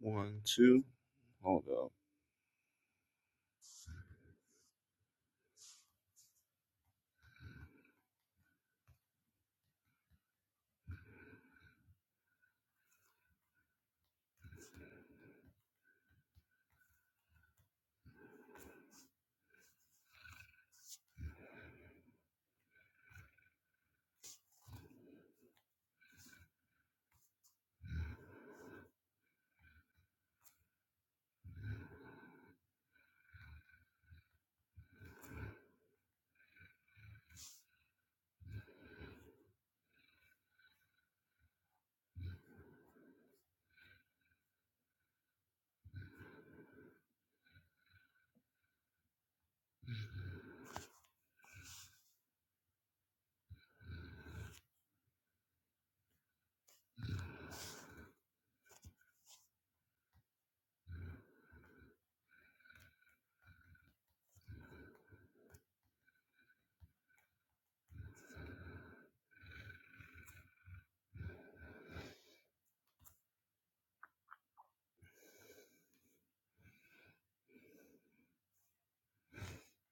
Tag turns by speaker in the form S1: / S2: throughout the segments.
S1: One, two. Hold up.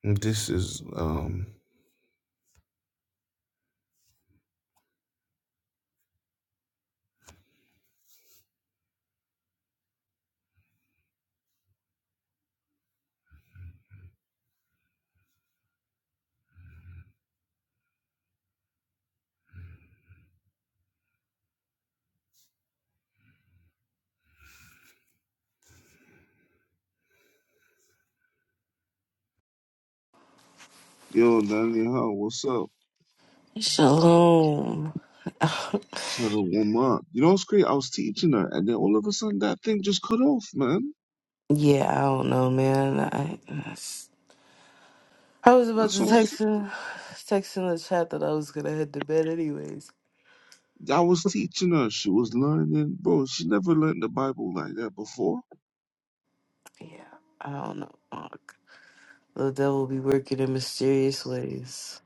S1: This is um Yo, Danny How, what's up?
S2: Shalom.
S1: She had a warm up. You know what's great? I was teaching her and then all of a sudden that thing just cut off, man.
S2: yeah, I don't know, man. I I was about
S1: That's
S2: to
S1: what I'm saying.
S2: text in, text in the chat that I was gonna head to bed anyways.
S1: I was teaching her. She was learning. Bro, she never learned the Bible like that before.
S2: Yeah, I don't know. Fuck. The devil be working in mysterious ways.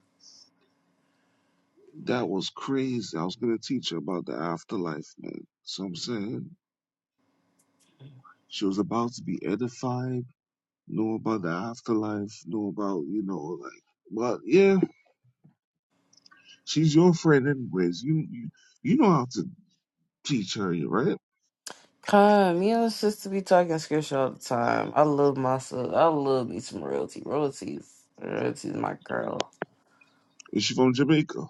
S1: That was crazy. I was gonna teach her about the afterlife, man. So I'm saying she was about to be edified, know about the afterlife, know about, you know, like but yeah, She's your friend anyways. You you, you know how to teach her, right?
S2: Come, you know, it's just to be talking scripture all the time. I love myself. I love me some royalty. Royalty's royalty's my girl.
S1: Is she from Jamaica?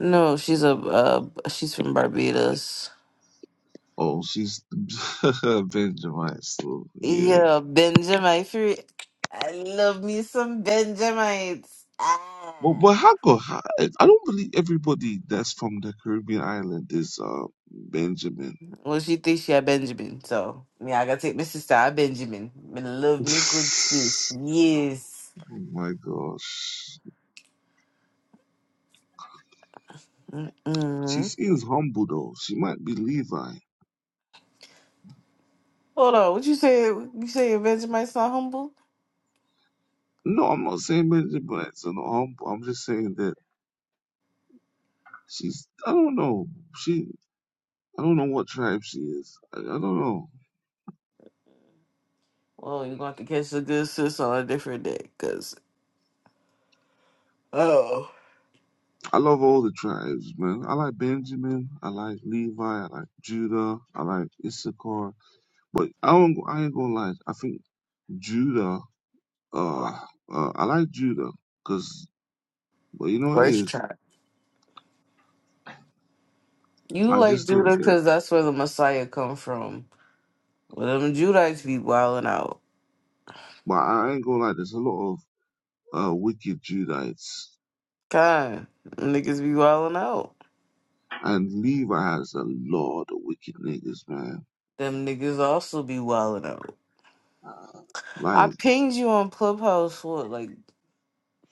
S2: No, she's a uh, she's from Barbados.
S1: Oh, she's Benjamin. So yeah.
S2: Yeah, Benjamite. free- I love me some Benjamites. Ah.
S1: But but how go? How, I I don't believe everybody that's from the Caribbean island is uh Benjamin.
S2: Well, she thinks she a Benjamin, so me, I gotta take my sister a Benjamin. Me love
S1: oh
S2: me good sis. Yes.
S1: my gosh. She
S2: Mm-mm.
S1: seems humble though. She might be Levi.
S2: Hold on, what you say? You say your Benjamite's not humble?
S1: No, I'm not saying Benjamin's not humble. I'm just saying that she's. I don't know. She. I don't know what tribe she is. I, I don't know.
S2: Well, you're gonna have to catch the good sis on a different day, cause oh,
S1: I love all the tribes, man. I like Benjamin. I like Levi. I like Judah. I like Issachar. But I don't. I ain't gonna lie. I think Judah. Uh, uh I like Judah because, but you know what it
S2: first
S1: is.
S2: try. You
S1: I
S2: like
S1: just think
S2: Judah,
S1: that.
S2: cause that's where the Messiah come from. Well, them Judites be wilding out.
S1: But I ain't gonna lie. There's a lot of uh wicked Judites,
S2: God, niggas be wildin' out.
S1: and Levi has a lot of wicked niggas, man.
S2: Them niggas also be wildin' out.
S1: Uh,
S2: I
S1: like,
S2: pinged you on Clubhouse. What, like,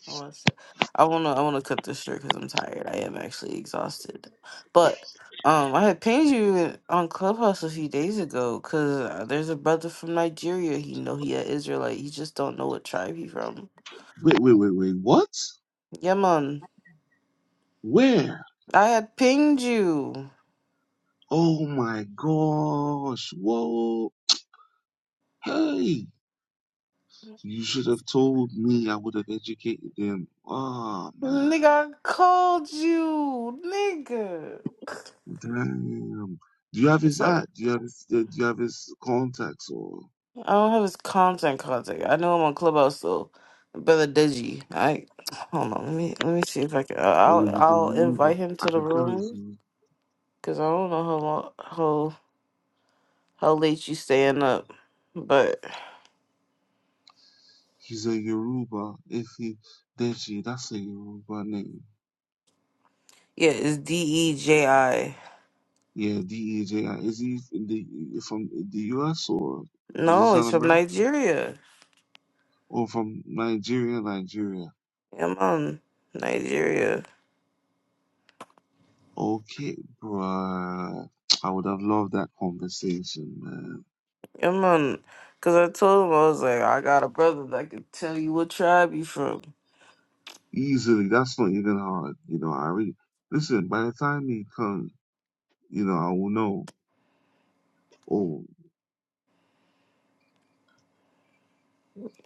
S2: I wanna, say, I wanna, I wanna cut this short because I'm tired. I am actually exhausted. But um, I had pinged you on Clubhouse a few days ago because uh, there's a brother from Nigeria. He know he a Israelite. He just don't know what tribe he from.
S1: wait, wait, wait, wait. What?
S2: Yeah, man.
S1: Where?
S2: I had pinged you.
S1: Oh my gosh! Whoa! Hey! You should have told me. I would have educated him. Oh man,
S2: Nigga, I called you. Nigga.
S1: damn. Do you have
S2: It's
S1: his
S2: alright.
S1: ad? Do you have his, uh, do you have his contacts or?
S2: I don't have his contact contact. I know I'm on Clubhouse though. Brother Deji. I hold on. Let me let me see if I can.
S1: Oh
S2: I'll
S1: yeah, he's a
S2: I'll
S1: Yoruba.
S2: invite him
S1: I
S2: to the
S1: can tell you,
S2: room because I don't know how long how how late you staying up. But
S1: he's a Yoruba. If he Deji, that's a Yoruba name.
S2: yeah, it's D E J I.
S1: Yeah, D E J I. Is he in the, from the U.S. or does he
S2: No, he's
S1: sound
S2: from
S1: American
S2: Nigeria.
S1: or from Nigeria? Nigeria.
S2: Yeah, man, Nigeria.
S1: Okay, bruh. I would have loved that conversation, man.
S2: Yeah, man. Cause I told him I was like, I got a brother that can tell you what tribe you from.
S1: easily. That's not even hard. You know, I already listen. By the time he comes, you know, I will know. Oh,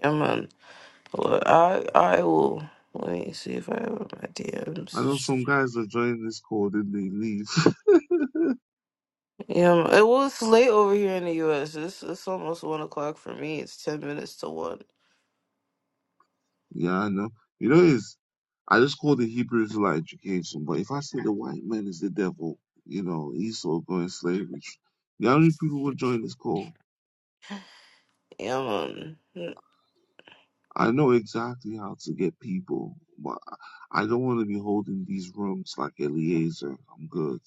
S2: Yeah, man. Well, I I will. Let me see if I have my
S1: I know
S2: DMs.
S1: some guys that join this call, then they leave.
S2: Yeah, it was late over here in the U.S. It's it's almost one o'clock for me. It's ten minutes to one.
S1: yeah, I know. You know, it's I just call the Hebrews like education, but if I say the white man is the devil, you know, Esau going slavery, the only people who join this call.
S2: Yeah, man.
S1: I know exactly how to get people, but I I don't want to be holding these rooms like Eliezer. I'm good.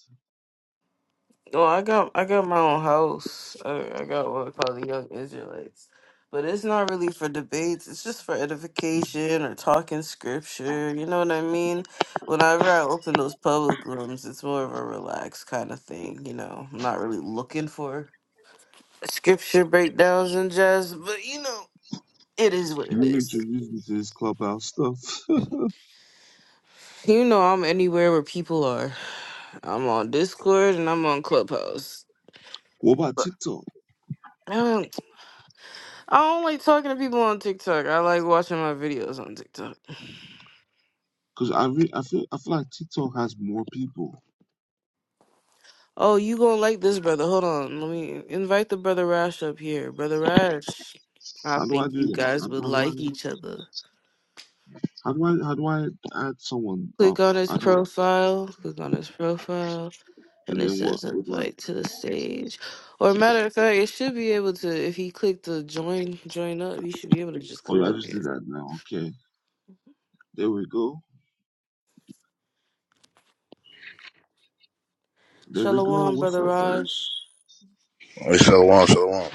S2: Well, I got I got my own house. I, I got what we call the Young Israelites, but it's not really for debates. It's just for edification or talking scripture. You know what I mean? Whenever I open those public rooms, it's more of a relaxed kind of thing. You know, I'm not really looking for. scripture breakdowns and jazz, but you know, it is what it
S1: You
S2: is.
S1: introduced me to this clubhouse stuff.
S2: You know, I'm anywhere where people are. I'm on Discord and I'm on Clubhouse.
S1: What about
S2: But
S1: TikTok?
S2: um, I don't like talking to people on TikTok. I like watching my videos on TikTok.
S1: Because I re- I feel I feel like TikTok has more people.
S2: Oh, you gonna like this, brother? Hold on, let me invite the brother Rash up here, brother Rash. I
S1: How do I
S2: think
S1: do
S2: you
S1: that?
S2: guys
S1: How,
S2: would
S1: how do I
S2: like each other.
S1: how do I how do I add someone
S2: Click
S1: up?
S2: on his
S1: I don't.
S2: profile. Click on his profile. and
S1: And
S2: it
S1: then what?
S2: says
S1: What do I-
S2: invite to the stage. Or matter of fact, it should be able to if he clicked the join join up, he should be able to just
S1: Oh
S2: come
S1: yeah, I
S2: up
S1: just
S2: here.
S1: did that now. Okay, there we go. There we go.
S2: Shalom,
S1: What's
S2: brother
S1: up,
S2: Raj.
S1: Rash?
S3: Hey, Shalom, shalom.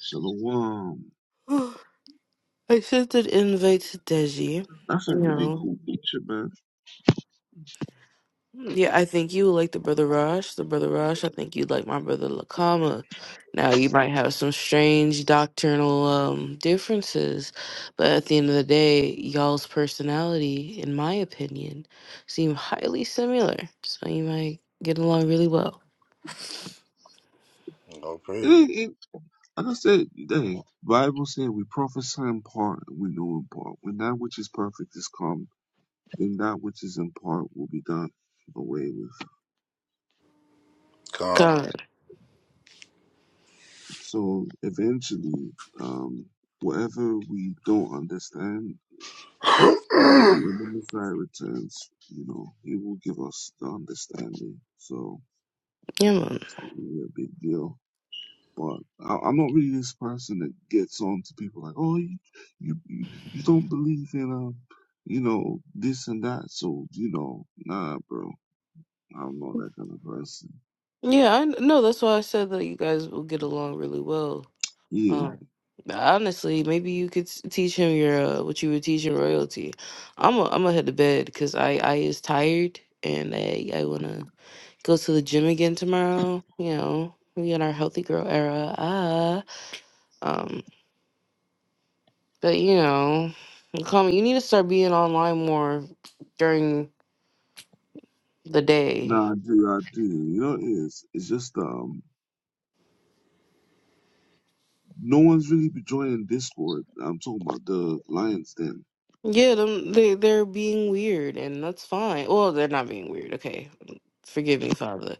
S1: Shalom.
S2: I sent an invite to Deji. You
S1: That's a really
S2: know.
S1: cool picture, man.
S2: Mm, Yeah, I think you would like the brother Raj, the brother Raj. I think you'd like my brother Lakama. Now you might have some strange doctrinal um differences, but at the end of the day, y'all's personality, in my opinion, seem highly similar. So you might get along really well.
S3: Go
S1: It
S3: praise it.
S1: ain't, it, like I said, dang. Bible said we prophesy in part, we know in part. When that which is perfect is come, then that which is in part will be done away with.
S3: Con.
S2: God,
S1: So eventually, um, whatever we don't understand, you know, when the Messiah returns, you know, he will give us the understanding. So
S2: yeah, man.
S1: it's not really a big deal. But I, I'm not really this person that gets on to people like, oh, you, you, you you don't believe in, um, you know, this and that. So, you know, nah, bro, I'm not that kind of person.
S2: Yeah, I know. That's why I said that you guys will get along really well.
S1: Yeah,
S2: Honestly, maybe you could s- teach him your uh, what you were teaching royalty. I'm i I'm gonna head to bed because I I is tired and I I wanna go to the gym again tomorrow. You know, we in our healthy girl era. Ah, um, but you know, call me. You need to start being online more during the day.
S1: nah, I do, I do. You know, what it is, it's just, um, No one's really joining Discord. I'm talking about the Lions Den.
S2: Yeah, them they they're being weird and that's fine. Well, they're not being weird. Okay, forgive me, Father.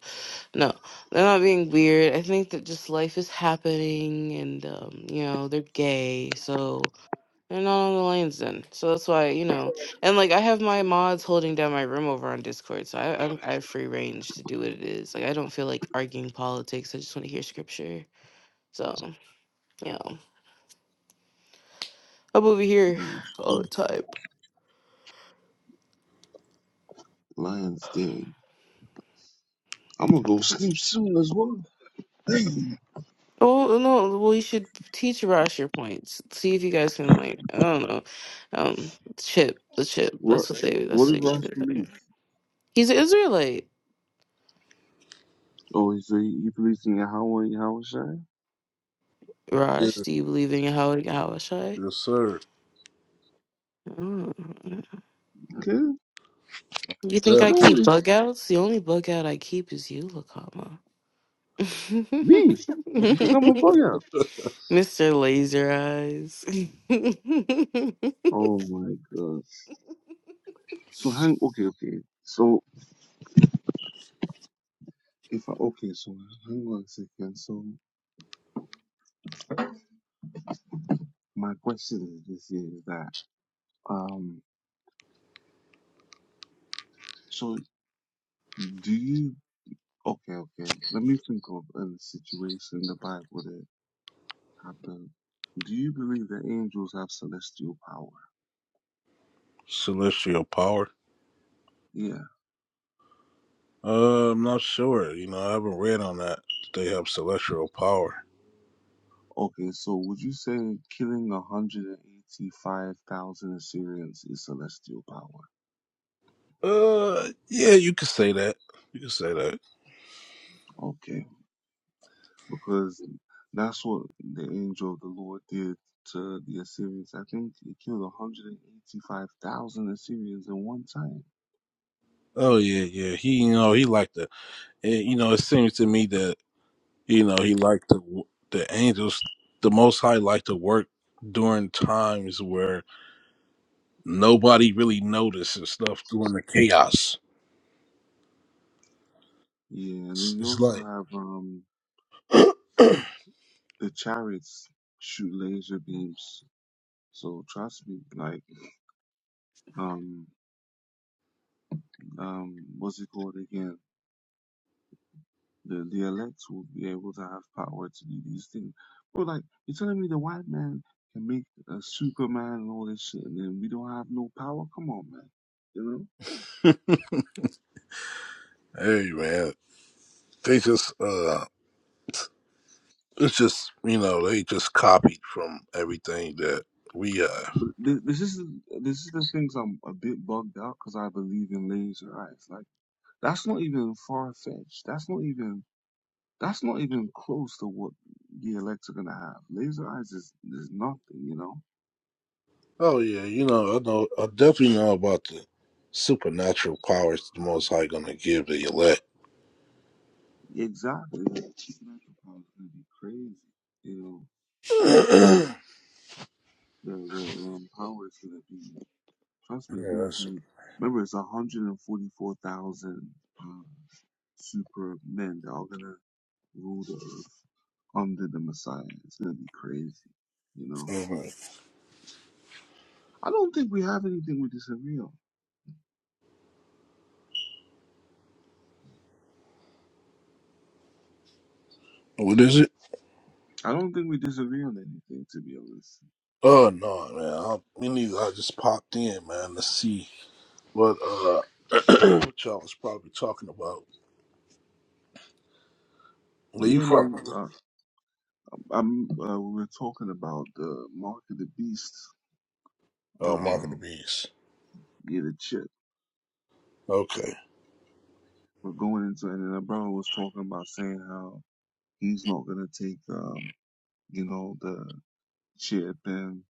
S2: No, they're not being weird. I think that just life is happening and, um, you know, they're gay, so they're not on the lanes then. So that's why, you know, and like I have my mods holding down my room over on Discord, so I, I'm, I have free range to do what it is. Like I don't feel like arguing politics. I just want to hear scripture. So, you know, I'm over here all
S1: Mhm.
S2: the time.
S1: Lions Den. I'm gonna go sleep soon as well.
S2: Oh no! Well, you should teach Ross your points. See if you guys can like I don't know, um, chip the chip.
S1: What?
S2: That's what they.
S1: What
S2: That's
S1: is
S2: what you
S1: Ross
S2: should do.
S1: police?
S2: He's an Israelite.
S1: Oh, so you, you policing your how how shy?
S3: yes,
S2: Raj, do you believe in Yahweh Yahweh
S3: yes, sir.
S2: Mm.
S1: Okay.
S2: You
S3: Yeah.
S2: think
S1: I
S2: I
S1: don't
S2: keep
S1: really
S2: bug outs? The only bug out I keep is you, Lakama.
S1: me. You think I'm a bug out?
S2: Mr. Laser Eyes.
S1: Oh my god. So hang okay, okay. So if I okay, so hang on a second. So my question is this is that um so do you Okay, okay. Let me think of a situation in the Bible that happened. Do you believe that angels have celestial power?
S3: Celestial power.
S1: Yeah.
S3: Uh, I'm not sure. You know, I haven't read on that. They have celestial power.
S1: Okay, so would you say killing 185,000 Assyrians is celestial power?
S3: Uh, yeah, you could say that. You could say that.
S1: Okay, because that's what the angel of the Lord did to the Assyrians. I think he killed 185,000 Assyrians in one time.
S3: Oh yeah, yeah. He, you know, he liked the. And, you know, it seems to me that you know he liked the the angels. The Most High liked to work during times where nobody really notices stuff during the chaos.
S1: Yeah, and
S3: It's,
S1: then you
S3: it's
S1: also
S3: like
S1: have um the chariots shoot laser beams So trust me, like um um what's it called again? The the elect will be able to have power to do these things. But like you're telling me the white man can make a Superman and all this shit, and then we don't have no power? Come on, man. You know,
S3: Hey man, they just uh, it's just you know they just copied from everything that we have.
S1: but thi- this is this is the things I'm a bit bugged out because I believe in laser eyes. Like that's not even far fetched. That's not even that's not even close to what the elects are gonna have. Laser eyes is is nothing. You know
S3: Oh yeah, you know I know I definitely know about the supernatural powers the Most High gonna give the elect.
S1: Exactly. Like supernatural power is gonna be crazy. You
S3: yeah,
S1: know, the the um power is gonna be trust me, it's gonna
S3: that's
S1: be remember it's one hundred and forty four thousand uh, super men that are gonna rule the earth under the Messiah. It's gonna be crazy, you know.
S3: okay.
S1: I don't think we have anything we disagree on.
S3: what is it?
S1: I don't think we disagree on anything, to be honest.
S3: Oh no, man, I, we need. I just popped in, man, to see what uh what y'all was probably talking about. Where you
S1: Yeah,
S3: from?
S1: man.
S3: brother?
S1: Uh, I'm, uh, we were talking about the mark of the beast.
S3: Oh, Mark of the
S1: Um,
S3: Beast.
S1: yeah, the chip.
S3: Okay.
S1: We're going into and then a brother was talking about saying how he's not gonna take um, you know, the chip and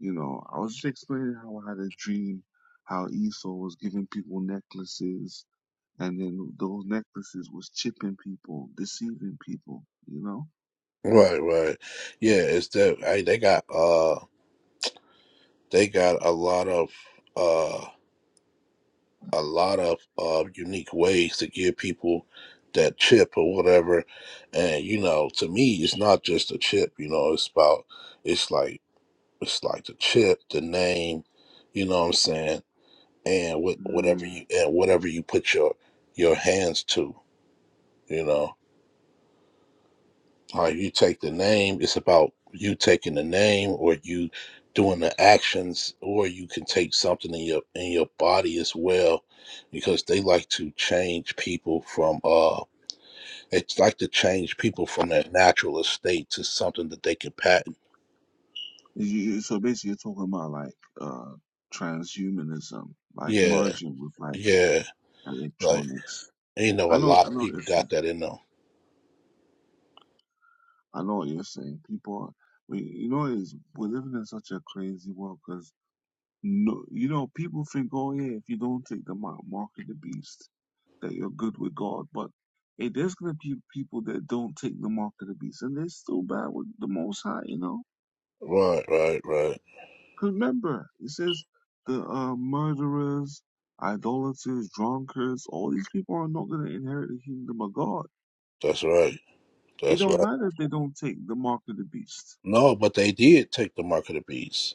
S1: you know, I was just explaining how I had a dream how Esau was giving people necklaces and then those necklaces was chipping people, deceiving people, you know?
S3: Right, right. Yeah, it's that I, they got uh they got a lot of uh a lot of uh unique ways to give people that chip or whatever. And you know, to me it's not just a chip, you know, it's about it's like it's like the chip, the name, you know what I'm saying, and what whatever
S1: Mm.
S3: you and whatever you put your your hands to, you know. or you take the name it's about you taking the name or you doing the actions or you can take something in your in your body as well because they like to change people from uh it's like to change people from their natural estate to something that they can patent
S1: You- you- So basically you're talking about like uh transhumanism, like
S3: yeah
S1: merging with like
S3: yeah like
S1: electronics.
S3: you know a
S1: I know
S3: lot
S1: I
S3: of
S1: know
S3: people
S1: this.
S3: got that in them
S1: I know what you're saying. People, we, you know, is we're living in such a crazy world because no, you know, people think, oh yeah, if you don't take the mark, mark of the beast, that you're good with God. But hey, there's gonna be people that don't take the mark of the beast, and they're still bad with the Most High, you know.
S3: right right right
S1: 'Cause remember, it says the uh, murderers, idolaters, drunkards, all these people are not gonna inherit the kingdom of God.
S3: that's right
S1: It
S3: that's
S1: don't
S3: right
S1: matter if they don't take the mark of the beast
S3: no but they did take the mark of the beast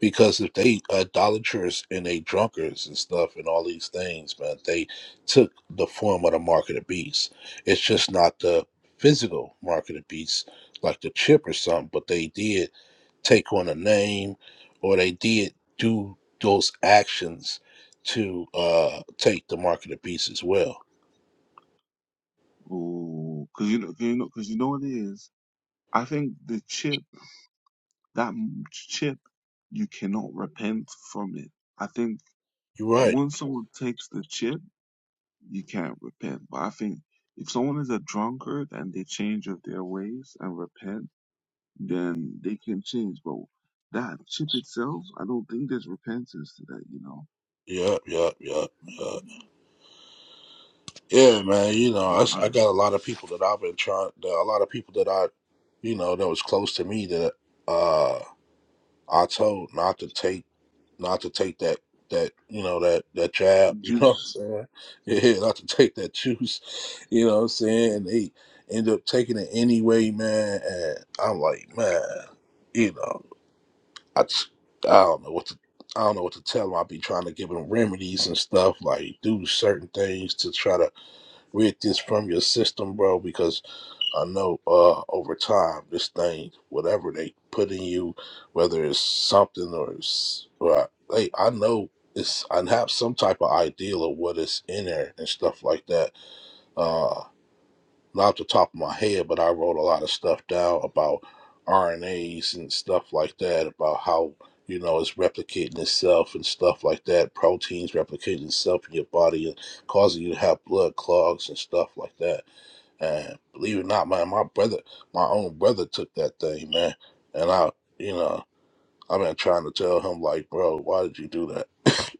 S3: because if they idolaters and they drunkards and stuff and all these things, man, they took the form of the mark of the beast. It's just not the physical mark of the beast, like the chip or something, but they did take on a name or they did do those actions to uh take the mark of the beast as well.
S1: Oh, cause you know, 'cause you know, cause you know what it is. I think the chip, that m- chip, you cannot repent from it. I think
S3: You're right.
S1: once someone takes the chip, you can't repent. But I think if someone is a drunkard and they change of their ways and repent, then they can change. But that chip itself, I don't think there's repentance to that. You know,
S3: Yep, yep, yep, yep. Yeah, man. You know, I, s-
S1: or uh,
S3: I got a lot of people that I've been trying. that A lot of people that I, you know, that was close to me that uh I told not to take, not to take that that you know that that jab. You know what I'm
S1: juice.
S3: saying? Yeah, not to take that juice. You know what I'm saying? And they end up taking it anyway, man. And I'm like, man, you know, I just, I don't know what to. I don't know what to tell them. I be trying to give them remedies and stuff, like do certain things to try to rid this from your system, bro, because I know uh over time this thing, whatever they put in you, whether it's something or it's well, hey, I know it's I have some type of ideal of what is in there and stuff like that. Uh not off the top of my head, but I wrote a lot of stuff down about RNAs and stuff like that, about how you know it's replicating itself and stuff like that, proteins replicating itself in your body and causing you to have blood clogs and stuff like that and believe it or not, man, my brother, my own brother took that thing, man. And I, you know, I've been trying to tell him, like, bro, why did you do that?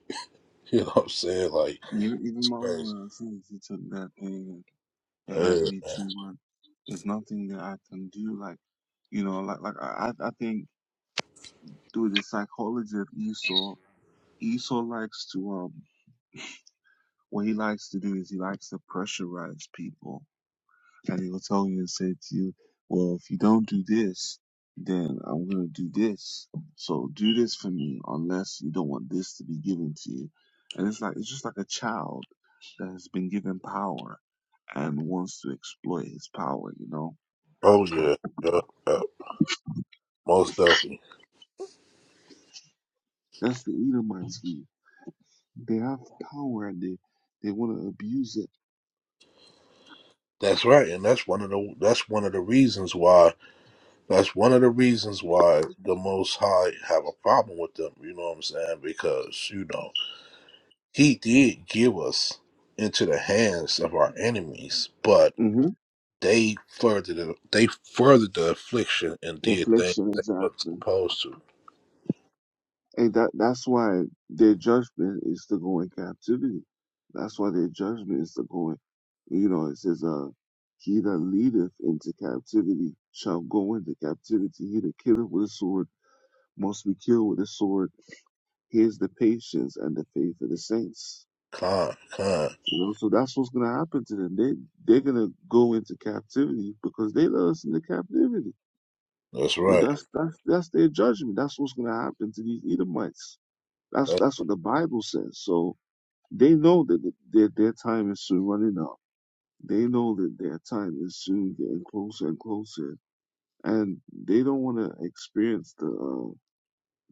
S3: you know what I'm saying? Like,
S1: You know, even
S3: it's
S1: my
S3: crazy.
S1: own uh, sins, he took that thing. It hurt
S3: Yeah.
S1: me too much. There's nothing that I can do. Like, you know, like like I I I think through the psychology of Esau, Esau likes to um what he likes to do is he likes to pressurize people, and he will tell you and say to you, well, if you don't do this, then I'm gonna do this. So do this for me, unless you don't want this to be given to you. And it's like it's just like a child that has been given power and wants to exploit his power, you know
S3: Oh yeah. Yeah. yeah. Most definitely.
S1: That's the Edomites here. They have power and they, they want to abuse it.
S3: That's right, and that's one of the that's one of the reasons why that's one of the reasons why the Most High have a problem with them. You know what I'm saying? Because you know He did give us into the hands of our enemies, but
S1: hmm
S3: They furthered the, they furthered the affliction and did things
S1: Affliction,
S3: they weren't
S1: exactly.
S3: supposed to.
S1: And that that's why their judgment is to go in captivity. That's why their judgment is to go in. You know, it says, uh, he that leadeth into captivity shall go into captivity. He that killeth with a sword must be killed with a sword. Here's the patience and the faith of the saints.
S3: Con, con.
S1: You know, so that's what's gonna happen to them. They they're gonna go into captivity because they led us into captivity.
S3: That's
S1: You know,
S3: right.
S1: that's that's that's their judgment. That's what's gonna happen to these Edomites. That's
S3: That's
S1: that's what the Bible says. So they know that th- their their time is soon running up. They know that their time is soon getting closer and closer, and they don't want to experience the uh,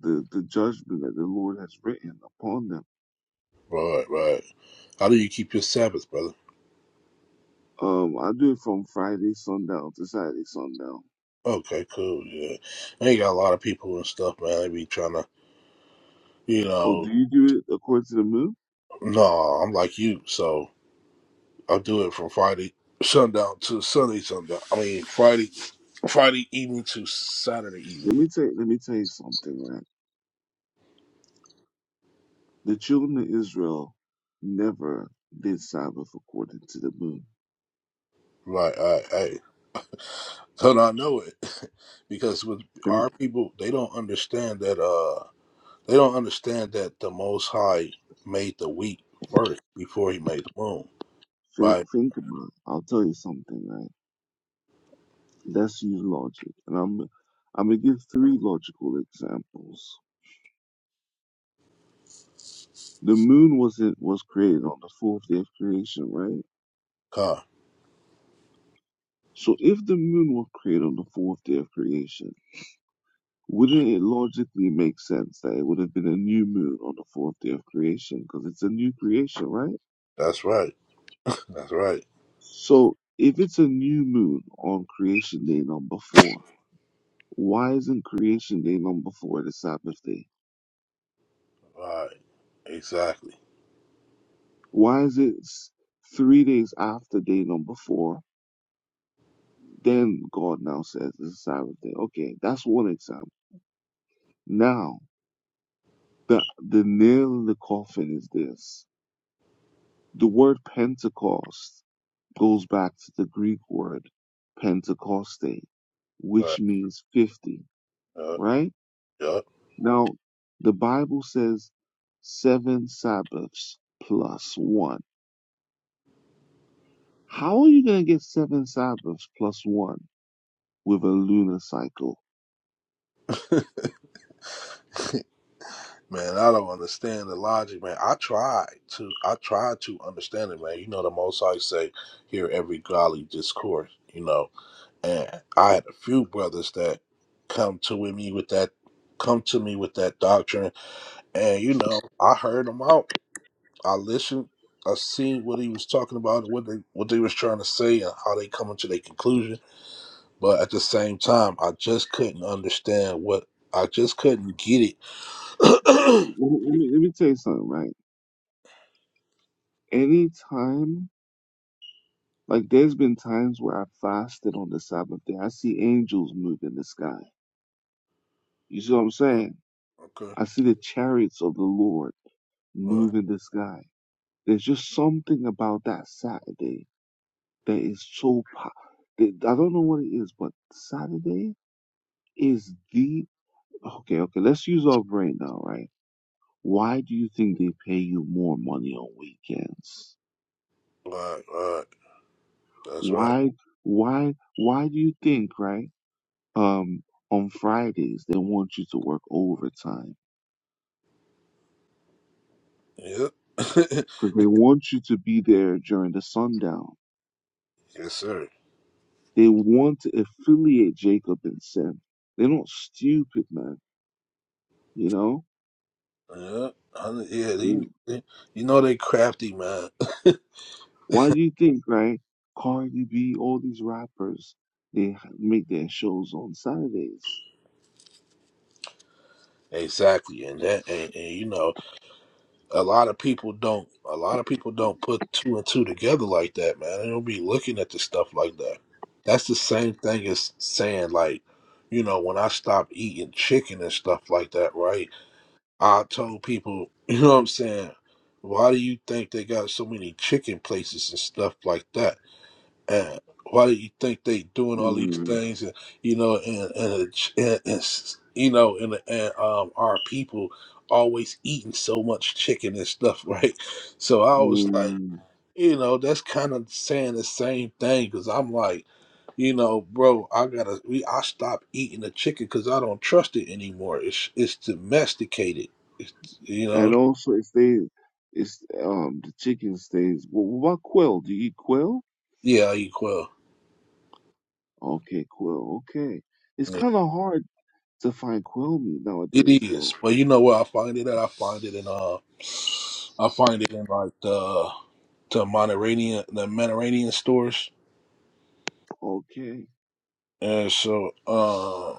S1: the the judgment that the Lord has written upon them
S3: right, right. How do you keep your Sabbath, brother?
S1: Um, I do it from Friday sundown to Saturday sundown.
S3: Okay, cool. Yeah, they got a lot of people and stuff, man. They be trying to, you
S1: Oh,
S3: know,
S1: do you do it according to the moon?
S3: no, I'm like you, so I'll do it from Friday sundown to Sunday sundown. I mean, Friday Friday evening to Saturday evening.
S1: Let me tell let me tell you something, right? The children of Israel never did Sabbath according to the moon.
S3: Right, right, right. So I know it because with
S1: Let me
S3: our people, they don't understand that. Uh, they don't understand that the Most High made the wheat first before He made the moon.
S1: think
S3: Right?
S1: think about it. I'll tell you something, right? Let's use logic. And I'm I'm gonna give three logical examples. The moon wasn't was created on the fourth day of creation, right?
S3: Huh?
S1: So if the moon was created on the fourth day of creation, Wouldn't it logically make sense that it would have been a new moon on the fourth day of creation? Because it's a new creation, right?
S3: That's right. That's right.
S1: So if it's a new moon on creation day number four, why isn't creation day number four the Sabbath day?
S3: Right. Exactly.
S1: Why is it s- three days after day number four? Then God now says it's a Sabbath day. Okay, that's one example. Now, the, the nail in the coffin is this. The word Pentecost goes back to the Greek word Pentecoste,
S3: Right.
S1: which means 50,
S3: Yep.
S1: right?
S3: Yep.
S1: Now, the Bible says seven Sabbaths plus one. How are you going to get seven Sabbaths plus one with a lunar cycle?
S3: Man, I don't understand the logic, man. I try to. I try to understand it, man. You know, the Most High say, "Hear every golly discourse." You know, And I had a few brothers that come to with me with that come to me with that doctrine. And you know, I heard them out. I listened. I seen what he was talking about and what they what they was trying to say and how they coming to their conclusion. But at the same time I just couldn't understand what I just couldn't get
S1: Let
S3: it.
S1: me, let me let me tell you something, right? Any time, like there's been times where I fasted on the Sabbath day, I see angels move in the sky. You see what I'm
S3: Mm,
S1: saying?
S3: okay.
S1: I see the chariots of the Lord
S3: All right.
S1: move in the sky. There's just something about that Saturday that is so. Pa- that- I don't know what it is, but Saturday is the. Okay, okay. Let's use our brain now, right? Why do you think they pay you more money on weekends?
S3: All right. All right. That's right.
S1: Why, why, why do you think, right? Um, on Fridays they want you to work overtime
S3: Yep.
S1: because they want you to be there during the sundown.
S3: yes, sir.
S1: They want to affiliate Jacob and Sim. They're not stupid, man. You know.
S3: Yeah. I- Yeah,
S1: they.
S3: you, you know they crafty, man.
S1: Why do you think, right? Cardi B, all these rappers, they h- make their shows on Saturdays.
S3: Exactly, and that, and, and you know, a lot of people don't. A lot of people don't put two and two together like that, man. They don't be looking at the stuff like that. That's the same thing as saying, like, you know, when I stopped eating chicken and stuff like that, right? I told people, you know what I'm saying? Why do you think they got so many chicken places and stuff like that? And why do you think they doing all these
S1: Mm,
S3: things? And you know, and and, it's- and, it's- you know, and, and um, our people always eating so much chicken and stuff, right? So I was like,
S1: mm.
S3: you know, that's kind of saying the same thing because I'm like, you know, bro, I gotta, we, I stop eating the chicken because I don't trust it anymore. It's it's domesticated, it's, you know.
S1: And also, if they, it's um the chicken stays. Well, what about quail? Do you eat quail?
S3: Yeah, I eat quail.
S1: Okay, quail. Okay. It's kind of hard to find quail meat
S3: It
S1: nowadays,
S3: is,
S1: though.
S3: but you know where I find it at? I find it in uh, I find it in like the the Monteranian the Monteranian stores,
S1: Okay.
S3: and so uh,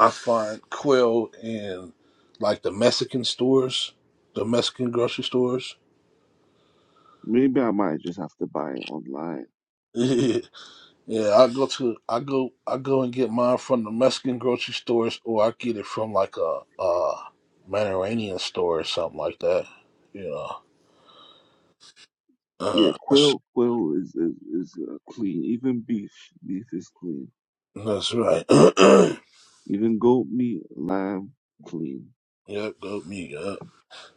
S3: I find quail in like the Mexican stores, the Mexican grocery stores.
S1: Maybe I might just have to buy it online.
S3: yeah, I go to I go I go and get mine from the Mexican grocery stores, or I get it from like a uh Monteranian store or something like that. You know,
S1: Yeah,
S3: uh, that's,
S1: quail, quail is is, is uh, clean. Even beef, beef is clean.
S3: that's right.
S1: You can goat meat, lime, clean.
S3: Yep, goat meat. Yep.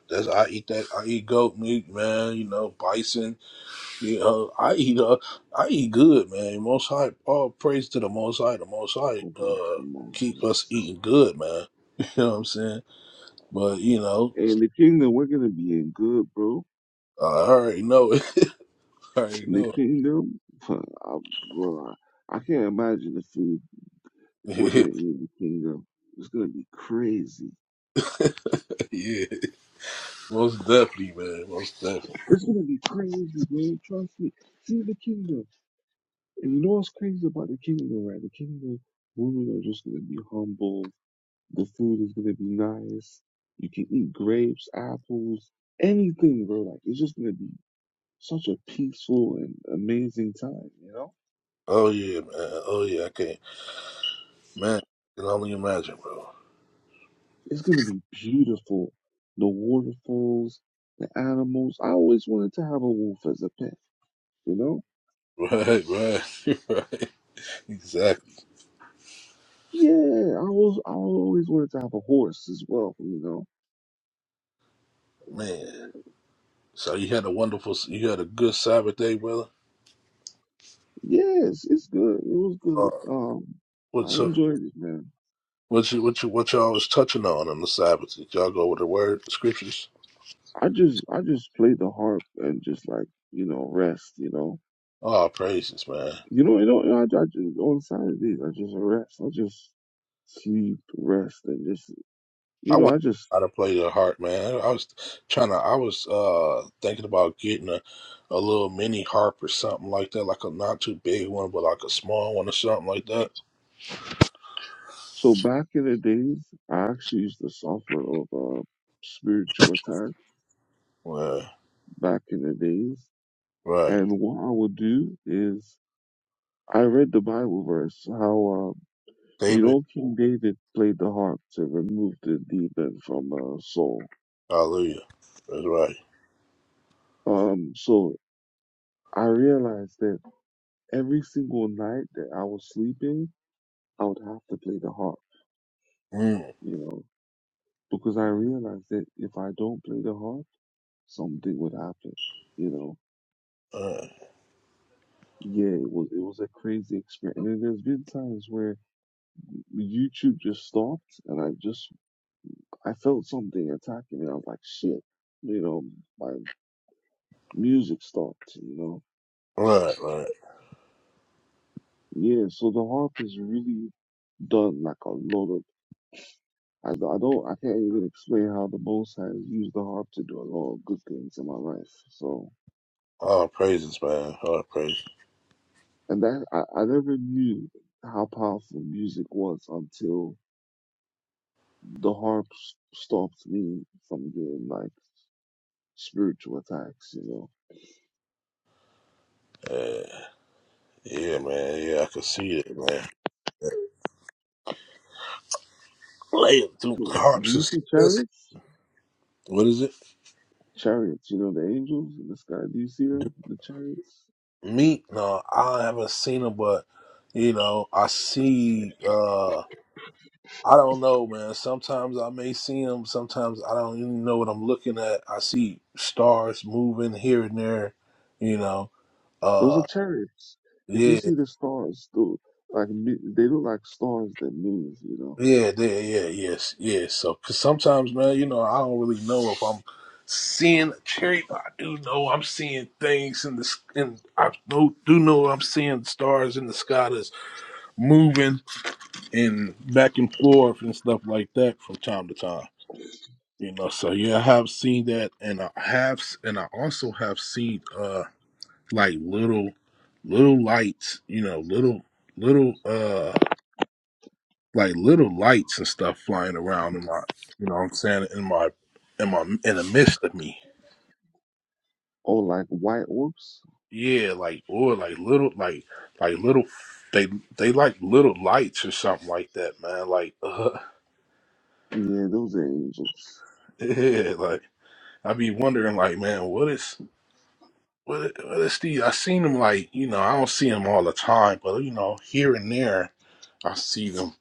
S3: That's I eat that. I eat goat meat, man. You know, bison. You know, I eat. Uh, I eat good, man. Most High. All praise to the Most High. The Most High.
S1: Go put
S3: Uh,
S1: the most of
S3: keep
S1: this
S3: us
S1: stuff.
S3: eating good, man. You know what I'm saying? But you know,
S1: And the kingdom, we're gonna be in good, bro.
S3: I already know it. I already
S1: In the
S3: know
S1: kingdom, I, bro, I can't imagine the food we're gonna
S3: it.
S1: eat in the kingdom. It's gonna be crazy.
S3: yeah, most definitely, man. Most definitely.
S1: It's gonna be crazy, man. Trust me. See the kingdom. And you know what's crazy about the kingdom, right? The kingdom, women are just gonna be humble. The food is gonna be nice. You can eat grapes, apples, anything, bro. Like it's just gonna be such a peaceful and amazing time, you know?
S3: Oh yeah, man. Oh yeah. I can't, man. I can only imagine, bro.
S1: It's going to be beautiful. The waterfalls, the animals. I always wanted to have a wolf as a pet, you know?
S3: Right, right, right. Exactly,
S1: Yeah, I was I always wanted to have a horse as well, you know.
S3: man. So you had a wonderful, you had a good Sabbath day, brother.
S1: Yes, it's good. It was
S3: Uh,
S1: good. Um I
S3: what's up?
S1: enjoyed it, man.
S3: What you what you what y'all was touching on on the Sabbath? Did y'all go over the word the scriptures?
S1: I just I just played the harp and just like, you know, rest, you know.
S3: Oh, praises, man!
S1: You know, you know, I, I just on Saturdays I just rest. I just sleep, rest and just you
S3: I
S1: know,
S3: want
S1: I just
S3: how to play your heart, man. I was trying to. I was uh thinking about getting a a little mini harp or something like that, like a not too big one, but like a small one or something like that.
S1: So back in the days, I actually used to suffer of uh, spiritual attack
S3: Yeah,
S1: back in the days.
S3: right.
S1: And what I would do is, I read the Bible verse how, uh, you
S3: David,
S1: know, King David played the harp to remove the demon from uh, Saul.
S3: hallelujah. That's right.
S1: Um, so I realized that every single night that I was sleeping, I would have to play the harp,
S3: Mm,
S1: you know, because I realized that if I don't play the harp, something would happen, you know.
S3: right,
S1: yeah, it was it was a crazy experience. And then there's been times where YouTube just stopped, and I just I felt something attacking me. I was like, shit, you know, my music stopped. You know,
S3: right, right.
S1: yeah. So the harp has really done like a lot of. I, I don't I can't even explain how the Most High has used the harp to do a lot of good things in my life. So
S3: All praises, man. All praises.
S1: and that I, I never knew how powerful music was until the harp s- stopped me from getting like spiritual attacks, you know.
S3: Yeah. Yeah, man. Yeah, I can see it, man. Playing through
S1: Do
S3: carps
S1: you
S3: is
S1: see
S3: this.
S1: chariots?
S3: What is it?
S1: Chariots, you know, the angels in the sky. Do you see
S3: Do
S1: them? The chariots?
S3: meat? No, I haven't seen them, but you know, I see. uh I don't know, man. Sometimes I may see them. Sometimes I don't even know what I'm looking at. I see stars moving here and there. You know.
S1: Those are
S3: Uh,
S1: chariots. If you
S3: yeah.
S1: see the stars, though, like mi- they look like stars that move, you know,
S3: Yeah, yeah, yeah, yes, yes. So, cause sometimes, man, you know, I don't really know if I'm seeing a cherry, but I do know I'm seeing things in the s- and I know, do know I'm seeing stars in the sky that's moving and back and forth and stuff like that from time to time. You know, so yeah, I have seen that, and I have, s- and I also have seen uh like little, little lights. You know, little, little uh. like little lights and stuff flying around in my you know what I'm saying in my in my in the midst of me.
S1: or like white orbs.
S3: Yeah, like or like little like like little they they like little lights or something like that, man. Like uh,
S1: Yeah, those are angels.
S3: yeah, like I be wondering like man, what is what is, what is the I seen them like, you know, I don't see them all the time, but you know, here and there I see them,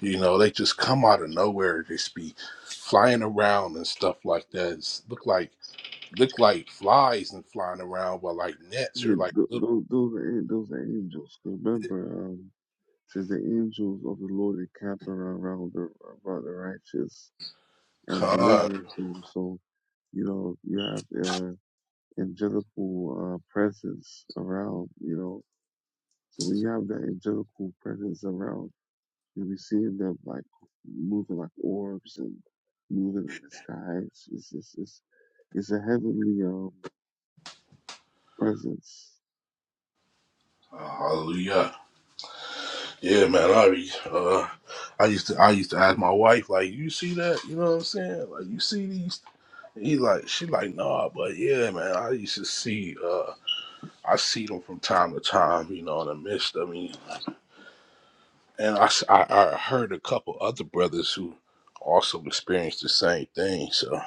S3: you know, they just come out of nowhere, just be flying around and stuff like that. It's look like look like flies and flying around, but like nets or
S1: Yeah,
S3: like
S1: th-
S3: little
S1: those, those are an- those are angels. 'Cause Remember, um, it says the angels of the Lord encamp around around the around the righteous and
S3: cod.
S1: deliver them. So you know you have. uh, angelical uh, presence around, you know. So when you have that angelical presence around, you'll be seeing them like moving like orbs and moving in the sky. It's it's it's, it's, it's a heavenly um, presence.
S3: Hallelujah. Yeah, man. I be, uh, I used to I used to ask my wife like, you see that? You know what I'm saying? Like, you see these? He like she like nah, but yeah, man. I used to see uh. I see them from time to time, you know, in the midst. I mean, and I, s- I, I heard a couple other brothers who also experienced the same thing. So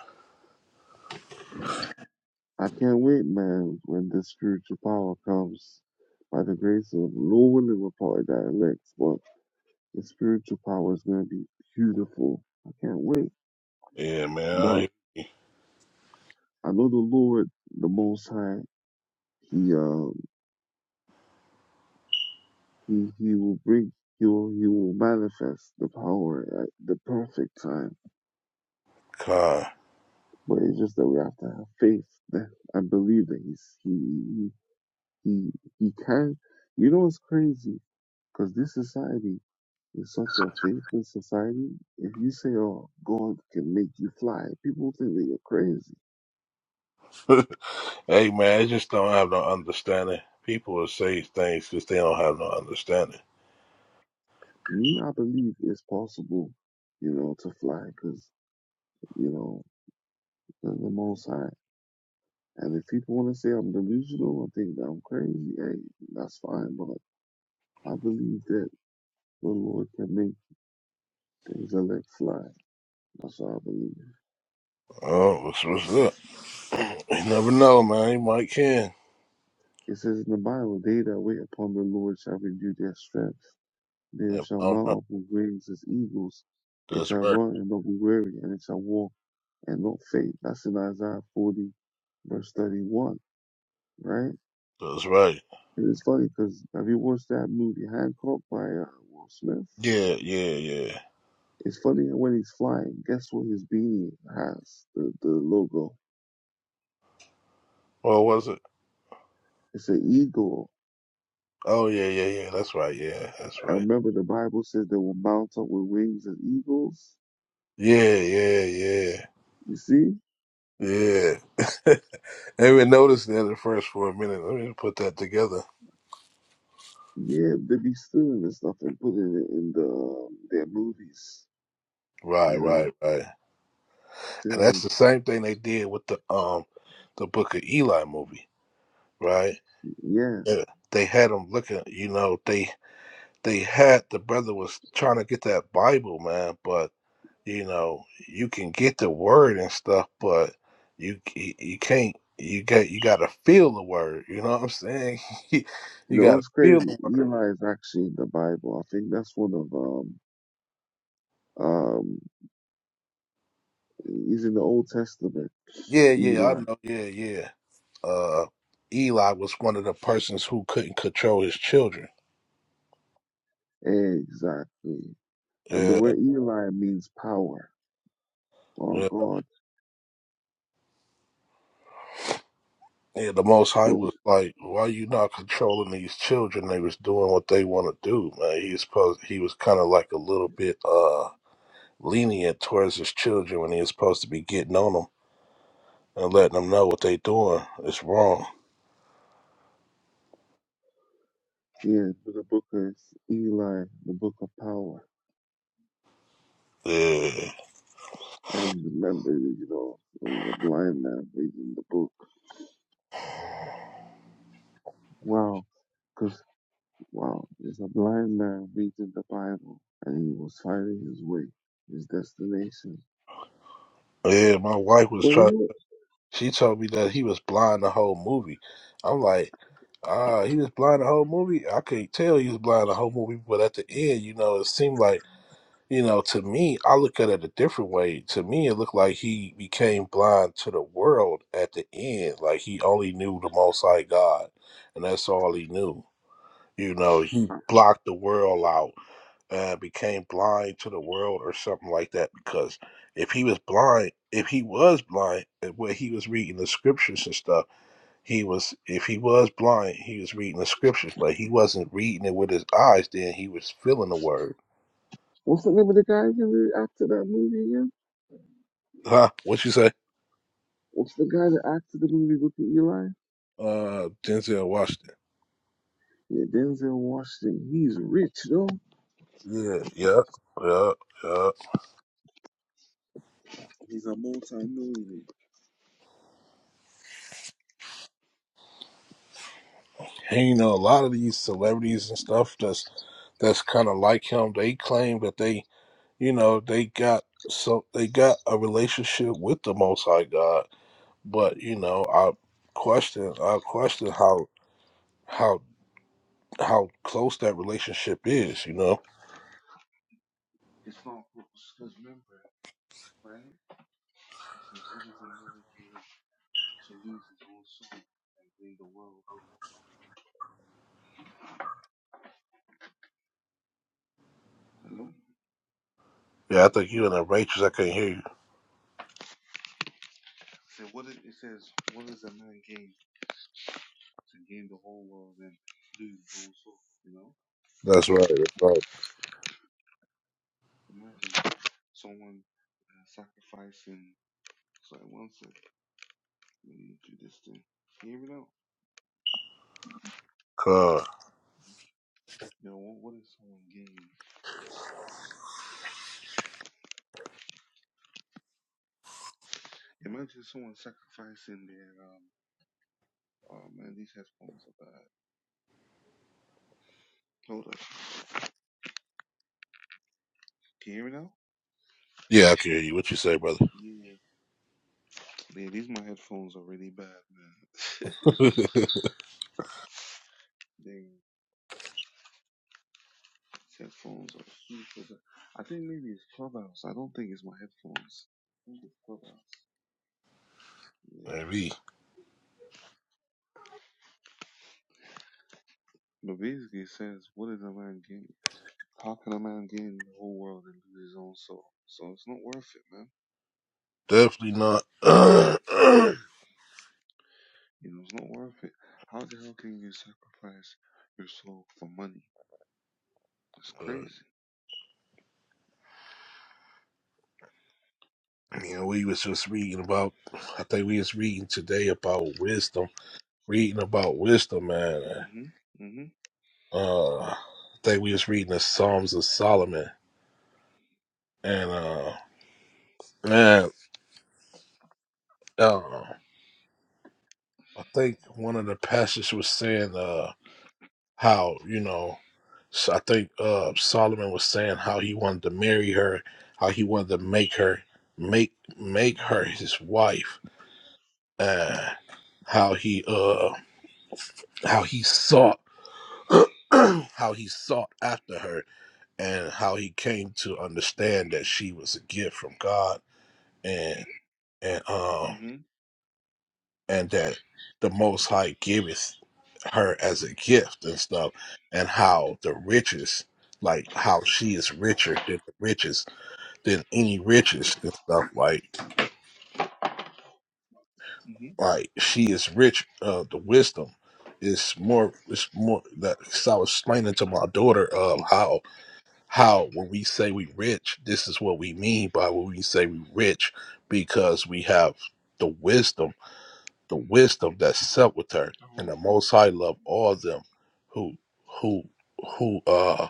S1: I can't wait, man, when this spiritual power comes by the grace of the Lord and the are part that elect. But the spiritual power is gonna be beautiful. I can't wait.
S3: yeah,
S1: But
S3: man, I,
S1: I know the Lord, the Most High. He uh He he will bring he will he will manifest the power at the perfect time.
S3: God.
S1: But it's just that we have to have faith that I believe that he's he he he, he can. You know what's crazy? Because this society is such a faithless society. If you say, "Oh, God can make you fly," people think that you're crazy.
S3: Hey man, I just don't have no understanding. People will say things because they don't have no understanding.
S1: Me, I believe it's possible, you know, to fly because you know the, the Most High. And if people want to say I'm delusional, I think that I'm crazy, hey, that's fine. But I believe that the Lord can make the elect fly. That's what I believe.
S3: Oh, what's what's up? You never know, man. You might can.
S1: It says in the Bible, they that wait upon the Lord shall renew their strength. They
S3: If
S1: shall
S3: I don't know.
S1: mount up with wings as eagles. They
S3: That's
S1: shall
S3: right.
S1: run and not be weary, and they shall walk and not faint. That's in Isaiah 40, verse 31, right?
S3: That's right.
S1: And it's funny because have you watched that movie Hancock by uh, Will Smith?
S3: Yeah, yeah, yeah.
S1: It's funny when he's flying, guess what his beanie has? The the logo.
S3: Or was it?
S1: It's an eagle.
S3: Oh yeah, yeah, yeah. That's right. Yeah, that's
S1: I
S3: right.
S1: remember the Bible says they will mount up with wings as eagles.
S3: Yeah, yeah,
S1: You see?
S3: yeah, yeah. I even noticed that at first for a minute. Let me put that together.
S1: Yeah, they be stealing this stuff and putting it in the um, their movies.
S3: Right,
S1: You know.
S3: right, right.
S1: See
S3: And
S1: how
S3: that's
S1: it-
S3: the same thing they did with the um the Book of Eli movie, right?
S1: Yeah.
S3: Yeah, they had him looking. You know, they they had the brother was trying to get that Bible, man. But you know, you can get the word and stuff, but you you, you can't. You got you got to feel the word. You know what I'm saying?
S1: You
S3: you
S1: know,
S3: got to
S1: it's
S3: feel
S1: crazy.
S3: the word.
S1: Eli is actually in the Bible. I think that's one of um um he's in the Old Testament.
S3: Yeah, yeah, I
S1: Eli.
S3: know. Yeah, yeah. Uh, Eli was one of the persons who couldn't control his children.
S1: Exactly. And the
S3: Yeah,
S1: word Eli means power
S3: yeah.
S1: or God.
S3: Yeah, the Most High
S1: So
S3: was like, "Why you not controlling these children? They was doing what they want to do, man." He was supposed, he was kind of like a little bit uh lenient towards his children when he was supposed to be getting on them and letting them know what they doing is wrong.
S1: Yeah, but the book is Eli, the book of power.
S3: Yeah,
S1: And remember, you know, it was a blind man reading the book. Wow, because, wow, there's a blind man reading the Bible, and he was finding his way, his destination.
S3: yeah. My wife was
S1: But you
S3: trying.
S1: know,
S3: She told me that he was blind the whole movie. I'm like, ah, he was blind the whole movie. I can't tell he was blind the whole movie, but at the end, you know, it seemed like You know, to me, I look at it a different way. To me, it looked like he became blind to the world at the end. Like he only knew the Most High God, and that's all he knew. You know, he
S1: uh,
S3: blocked the world out and became blind to the world or something like that. Because if he was blind, if he was blind, and when he was reading the scriptures and stuff, he was, if he was blind, he was reading the scriptures, but he wasn't reading it with his eyes, then he was feeling the word.
S1: what's the name of the guy again that acted that movie again?
S3: Huh? What you say?
S1: What's the guy that acted the movie with of Eli?
S3: Uh, Denzel Washington.
S1: Yeah, Denzel Washington. He's rich, though.
S3: Yeah, yeah, yeah, yeah.
S1: He's a multi-millionaire.
S3: And you know, a lot of these celebrities and stuff that's that's kind of like him. They claim that they, you know, they got so they got a relationship with the Most High God. But you know, I question, I question how how how close that relationship is. You know, Yeah, I think you in the Rachel's, I can't hear you. that's right. That's right.
S1: Imagine someone uh, sacrificing. So I once said, Let me do this thing. You never know.
S3: Come.
S1: You know, what, what is someone gaining? Imagine someone sacrificing their, um, oh man, these headphones are bad. Hold up. Can you hear me now?
S3: Yeah, I can hear you. What you say, brother?
S1: Yeah. Yeah, these my headphones are really bad, man. They, these headphones are super bad. I think maybe it's Clubhouse. I don't think it's my headphones. I think it's Clubhouse. Yeah.
S3: Amen.
S1: But basically it says, what is a man gain? How can a man gain the whole world and lose his own soul? So it's not worth it, man.
S3: Definitely not.
S1: You know, it's not worth it. How the hell can you sacrifice your soul for money? It's crazy.
S3: But, you know, we was just reading about. I think we was reading today about wisdom. Reading about wisdom, man. Uh, I think we was reading the Psalms of Solomon, and uh, man, uh, I think one of the passages was saying uh how you know, so I think uh Solomon was saying how he wanted to marry her, how he wanted to make her make make her his wife, and how he uh how he sought how he sought after her and how he came to understand that she was a gift from God and and um and that the most high giveth her as a gift and stuff and how the riches like how she is richer than the riches than any riches and stuff like like she is rich uh the wisdom is more it's more that 'cause I was explaining to my daughter um how how when we say we rich, this is what we mean by when we say we rich, because we have the wisdom, the wisdom that's set with her, and the Most High love all them who who who uh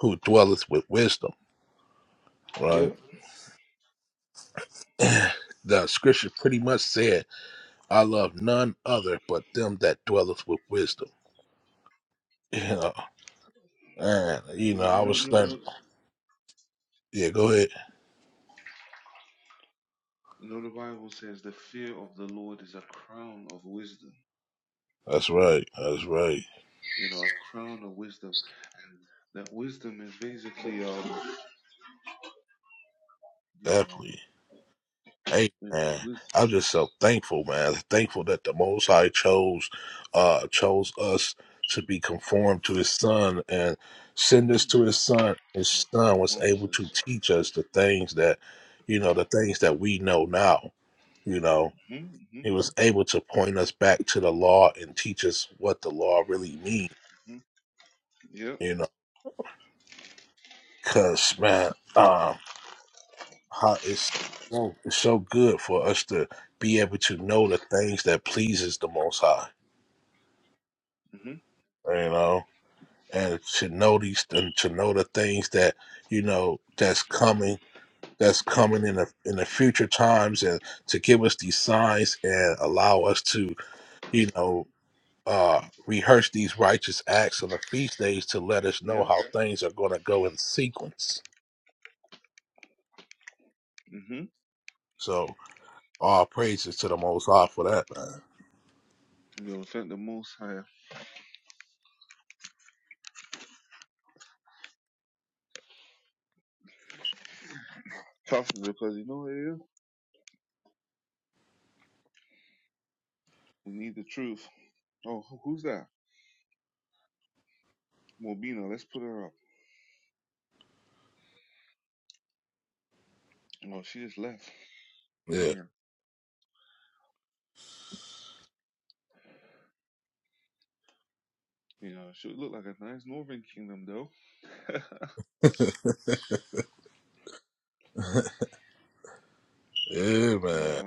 S3: who dwelleth with wisdom. Right. the scripture pretty much said, "I love none other but them that dwelleth with wisdom." You know, and you know, I was learning. Yeah, go ahead. That's right. That's right. Definitely. Hey man, I'm just so thankful, man. Thankful that the Most High chose, uh, chose us to be conformed to His Son and send us to His Son. His Son was able to teach us the things that, you know, the things that we know now. You know, He was able to point us back to the law and teach us what the law really means. You know, cause man, um, how it's so, it's so good for us to be able to know the things that pleases the Most High you know, and to know these and to know the things that you know that's coming, that's coming in the in the future times, and to give us these signs and allow us to, you know, uh, rehearse these righteous acts on the feast days to let us know how things are going to go in sequence. So all praises to the Most High for that, man.
S1: Oh,
S3: Yeah, yeah, man.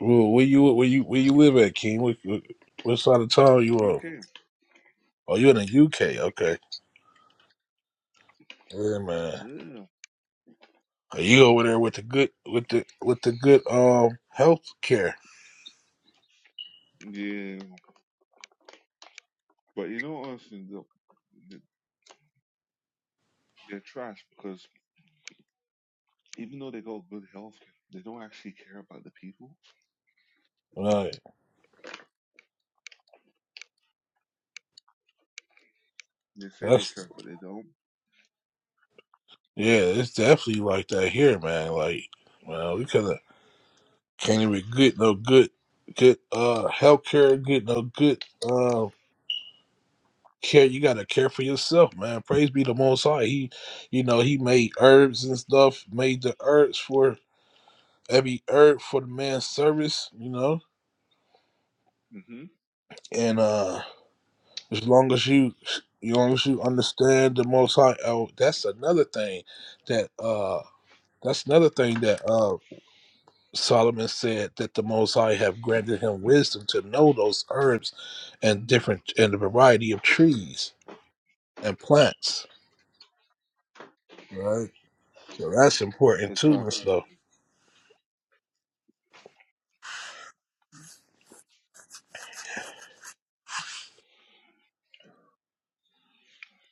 S3: Well, where you where you where you live at, King? What, what what side of town you on? Oh, you in the UK? Okay. Yeah, man. You over there with the good with the with the good um health care. Like that's yeah, it's definitely like that here, man. Like man, we kinda can't even get no good good uh health care, get no good uh care. You gotta care for yourself, man. Praise be the most high. He you know, he made herbs and stuff, made the herbs for every herb for the man's service, you know. And uh As long as you, as long as you understand the Most High, oh, that's another thing that uh, that's another thing that uh, Solomon said that the Most High have granted him wisdom to know those herbs and different and the variety of trees and plants. Right, so that's important too and stuff.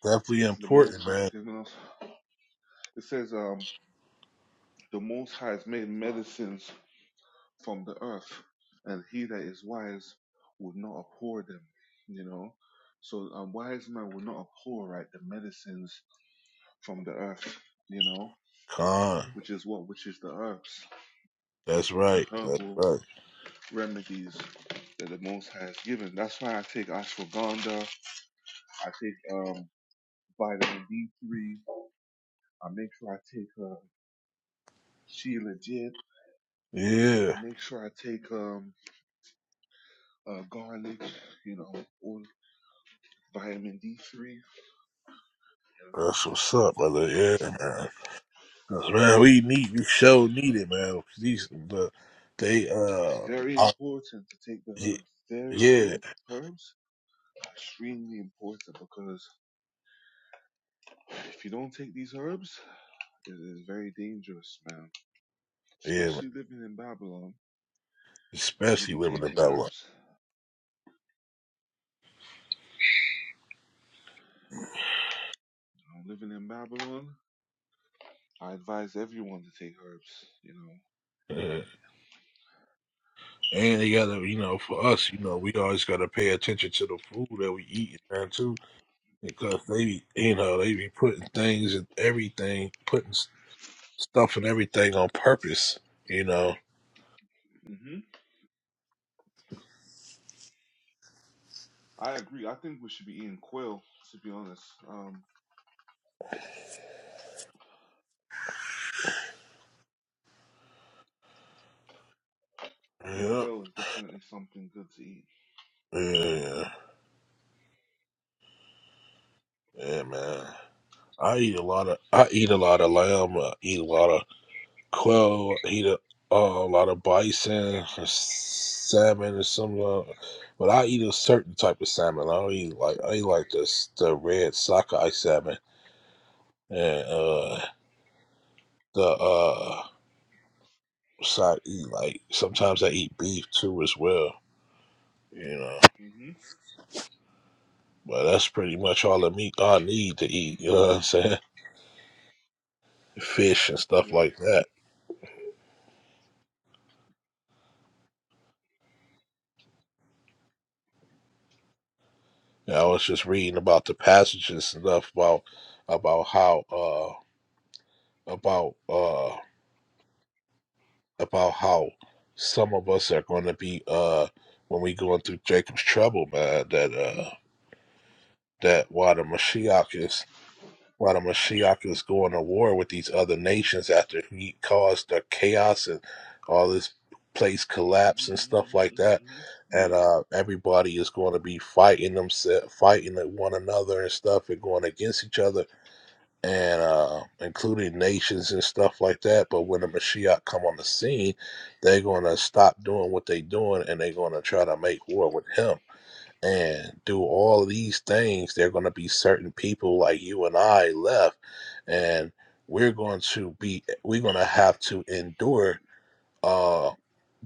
S3: Definitely important, man. Con, that's right, that's right. Yeah, that's what's up, brother. Yeah, man. 'Cause, man, we need we sure need it, man. These the they uh are- ye- yeah yeah, man. especially living in Dublin. Yeah. And they gotta, you know, for us, you know, we always gotta pay attention to the food that we eat, man, too, because they, be, you know, they be putting things in everything, putting s- stuff in everything on purpose, you know. Yeah, yeah, yeah, man. I eat a lot of, I eat a lot of lamb. I eat a lot of quail eat a, uh, a lot of bison or salmon or something. uh, But I eat a certain type of salmon. I don't eat like I eat like this the red sockeye salmon and uh the uh so I eat like sometimes I eat beef too as well. You know, but that's pretty much all the meat I need to eat. You know what I'm saying? Fish and stuff like that. And I was just reading about the passages and stuff about about how uh about uh. about how some of us are going to be uh when we going through Jacob's trouble, man. That uh that while the Mashiach is while the Mashiach is going to war with these other nations after he caused the chaos and all this place collapse and stuff like that, and uh everybody is going to be fighting themselves, fighting at one another and stuff, and going against each other and uh, including nations and stuff like that. But when the Mashiach come on the scene, they're going to stop doing what they're doing and they're going to try to make war with him and do all these things. There are going to be certain people like you and I left, and we're going to be we're going to have to endure. uh,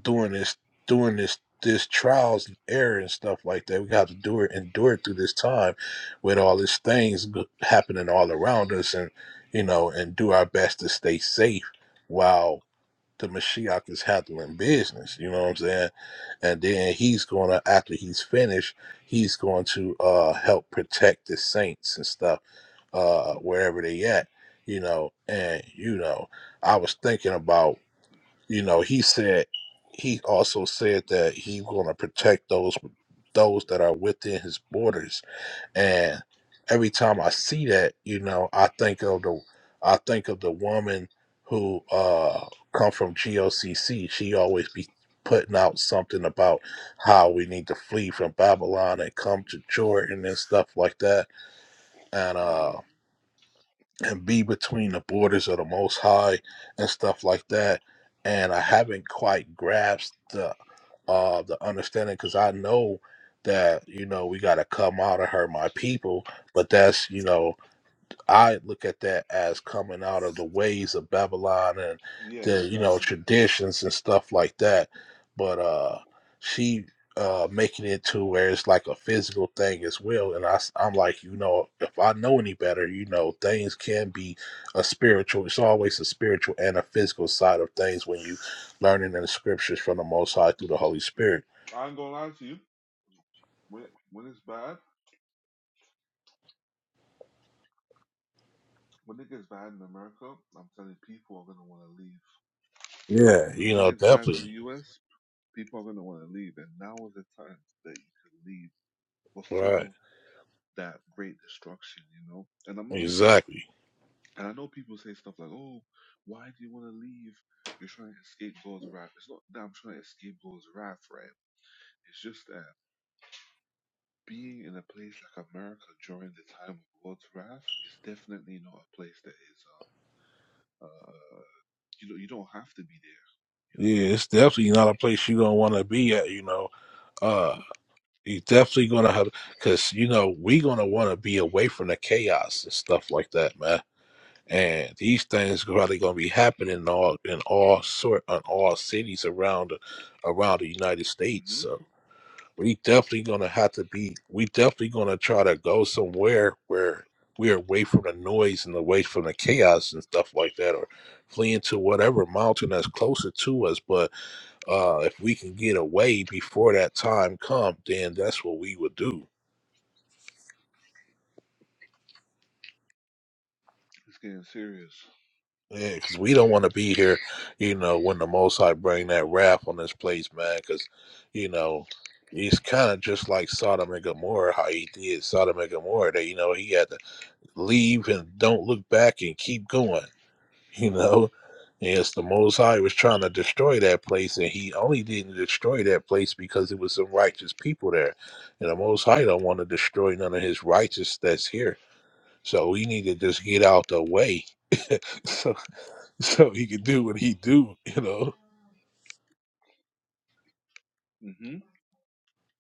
S3: during this during this this trials and error and stuff like that. We have to do it, endure it through this time with all these things go- happening all around us, and you know, and do our best to stay safe while the Mashiach is handling business. You know what I'm saying? And then he's gonna after he's finished, he's going to uh help protect the saints and stuff uh wherever they at. You know, and you know, I was thinking about you know he said he also said that he's going to protect those those that are within his borders and every time i see that you know i think of the i think of the woman who uh come from gocc she always be putting out something about how we need to flee from babylon and come to jordan and stuff like that and uh and be between the borders of the most high and stuff like that and i haven't quite grasped the uh the understanding because i know that you know we got to come out of her my people but that's you know I look at that as coming out of the ways of Babylon and the you know traditions and stuff like that. But uh, she uh, making it to where it's like a physical thing as well. And I, am like, you know, if I know any better, you know, things can be a spiritual. It's always a spiritual and a physical side of things when you learning in the scriptures from the Most High through the Holy Spirit. Yeah, you know, definitely. Right. Exactly. Yeah, it's definitely not a place you're gonna want to be at. You know Uh, you definitely gonna have because you know we gonna want to be away from the chaos and stuff like that, man. And these things probably gonna be happening in all in all sort on all cities around around the United States. So we definitely gonna have to be. We definitely gonna try to go somewhere where we're away from the noise and away from the chaos and stuff like that, or flee into whatever mountain that's closer to us. But uh, if we can get away before that time comes, then that's what we would do. Because we don't want to be here, you know, when the Most High bring that wrath on this place, man. Because, you know, it's kind of just like Sodom and Gomorrah, how he did Sodom and Gomorrah. That you know, he had to leave and don't look back and keep going. You know, yes, the Most High was trying to destroy that place, and He only didn't destroy that place because it was some righteous people there, and the Most High don't want to destroy none of His righteous that's here. So we need to just get out the way, so so He can do what He do. You know,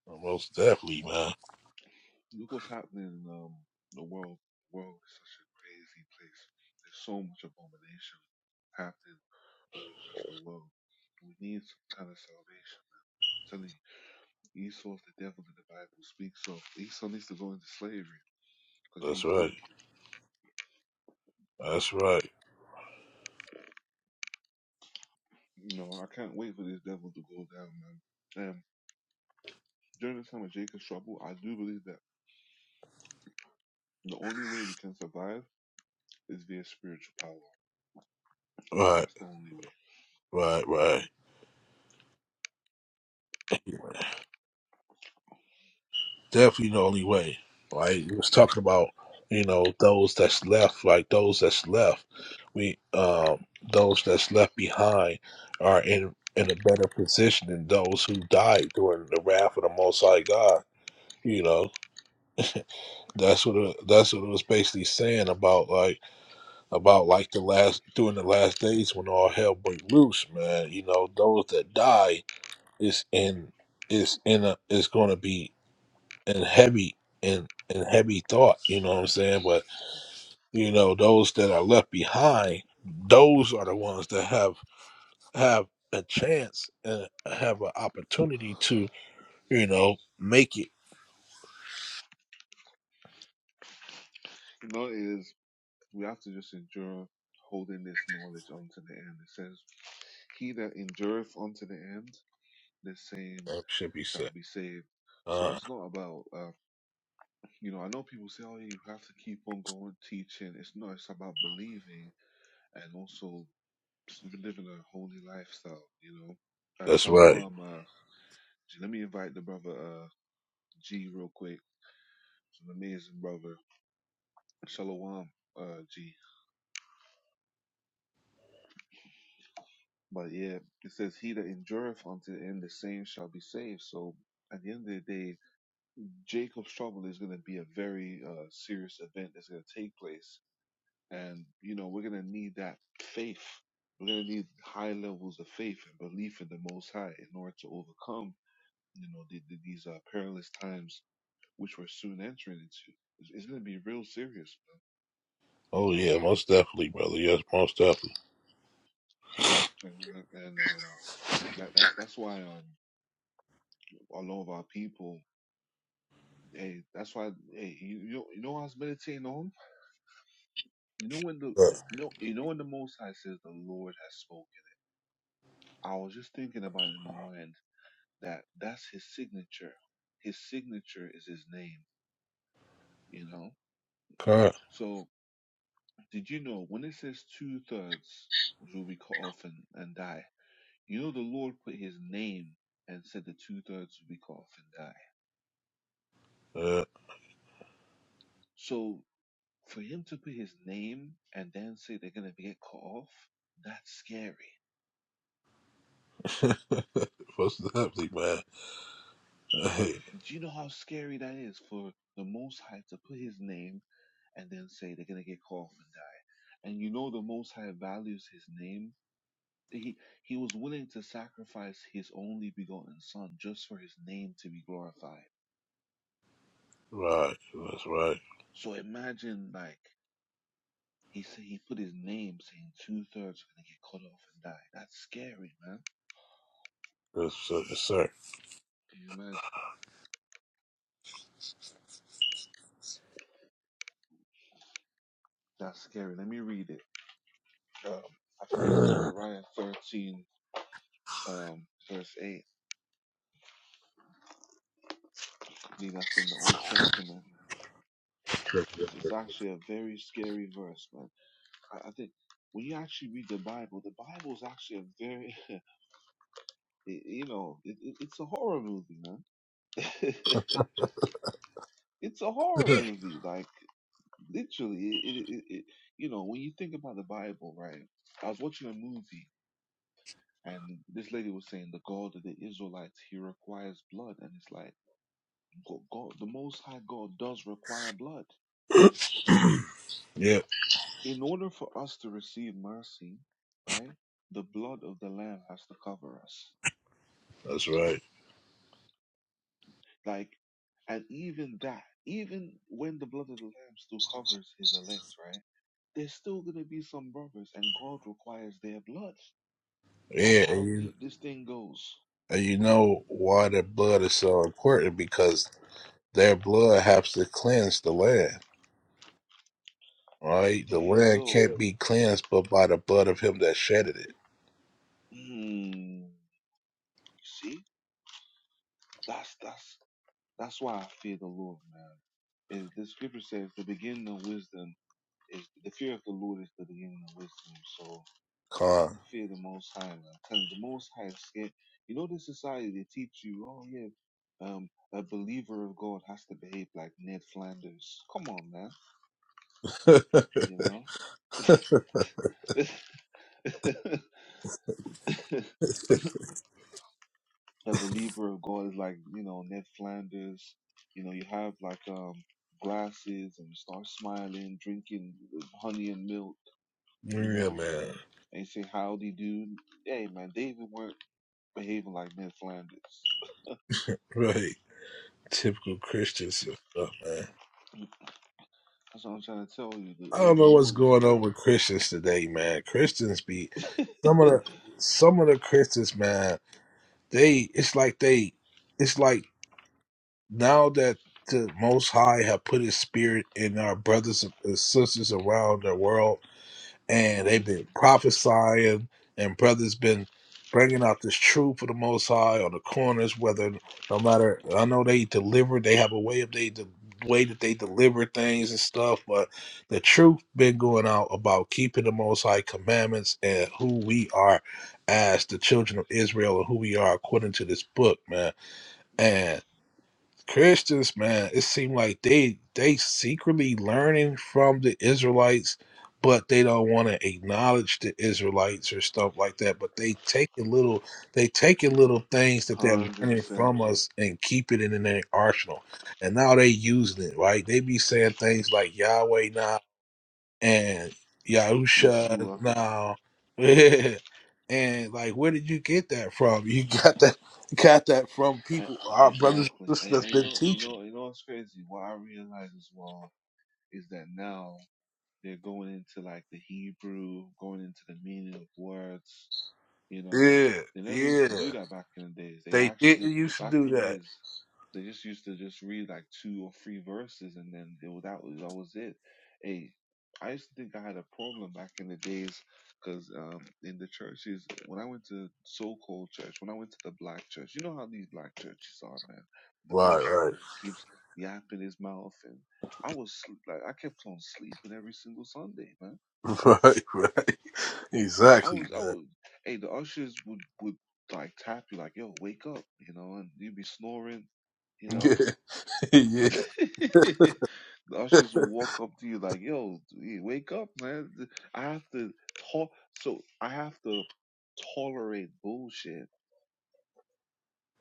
S3: Well, most definitely, man. That's right. That's right. Right. Right. Right. definitely the only way. Like we was talking about, you know, those that's left, like those that's left, we um those that's left behind are in in a better position than those who died during the wrath of the Most High God. You know, that's what it, that's what it was basically saying about like about like the last during the last days when all hell break loose, man. You know, those that die is in is in a is going to be and heavy and and heavy thought you know what i'm saying but you know those that are left behind those are the ones that have have a chance and have an opportunity to you know make it that should be said uh that's right oh yeah most definitely brother yes most definitely yeah. Correct. Yeah, most definitely man Hey, right that's right that's uh, yes, sir yeah that's right yeah And you know why their blood is so important because their blood helps to cleanse the land, right? The land can't be cleansed but by the blood of him that shedded it. Con. yeah, man. Right. Typical Christians and stuff, man. I don't know what's going on with Christians today, man. Christians be some of the some of the Christians, man. They it's like they it's like now that the Most High have put His Spirit in our brothers and sisters around the world, and they've been prophesying, and brothers been bringing out this truth for the Most High on the corners. Whether no matter, I know they deliver, they have a way of they the way that they deliver things and stuff, but the truth been going out about keeping the Most High commandments and who we are as the children of Israel and who we are according to this book, man. and. Christians, man, it seemed like they they secretly learning from the Israelites, but they don't want to acknowledge the Israelites or stuff like that. But they taking little they taking little things that they're learning from us and keep it in their arsenal. And now they using it, right? They be saying things like Yahweh Nah and Yahusha now. and like where did you get that from? You got that got that from people our brothers and sisters that's been teaching. Yeah, yeah. They didn't used to do that. Right, right. Right, right. Exactly, man. Yeah, yeah,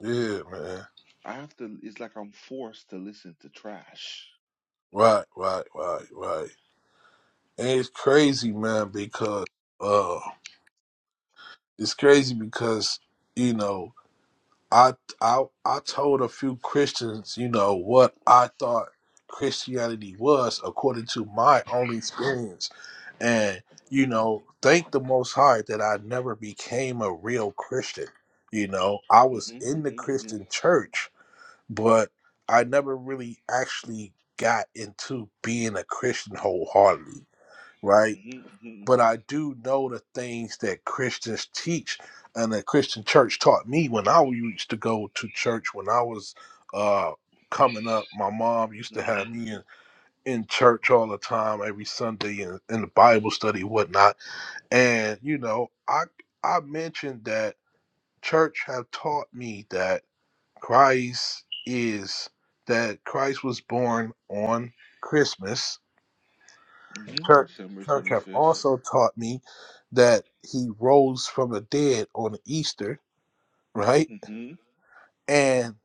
S3: yeah, man. Right, right, right, right. And it's crazy, man, because uh it's crazy because, you know, I I I told a few Christians, you know, what I thought Christianity was according to my own experience. And, you know, thank the most high that I never became a real Christian. You know, I was in the Christian church, but I never really actually got into being a Christian wholeheartedly, right? but I do know the things that Christians teach and the Christian church taught me when I used to go to church when I was uh coming up. My mom used to have me in, in church all the time every Sunday and in the Bible study whatnot. And you know, I I mentioned that church have taught me that Christ is that Christ was born on Christmas church church have also taught me that he rose from the dead on Easter, right? And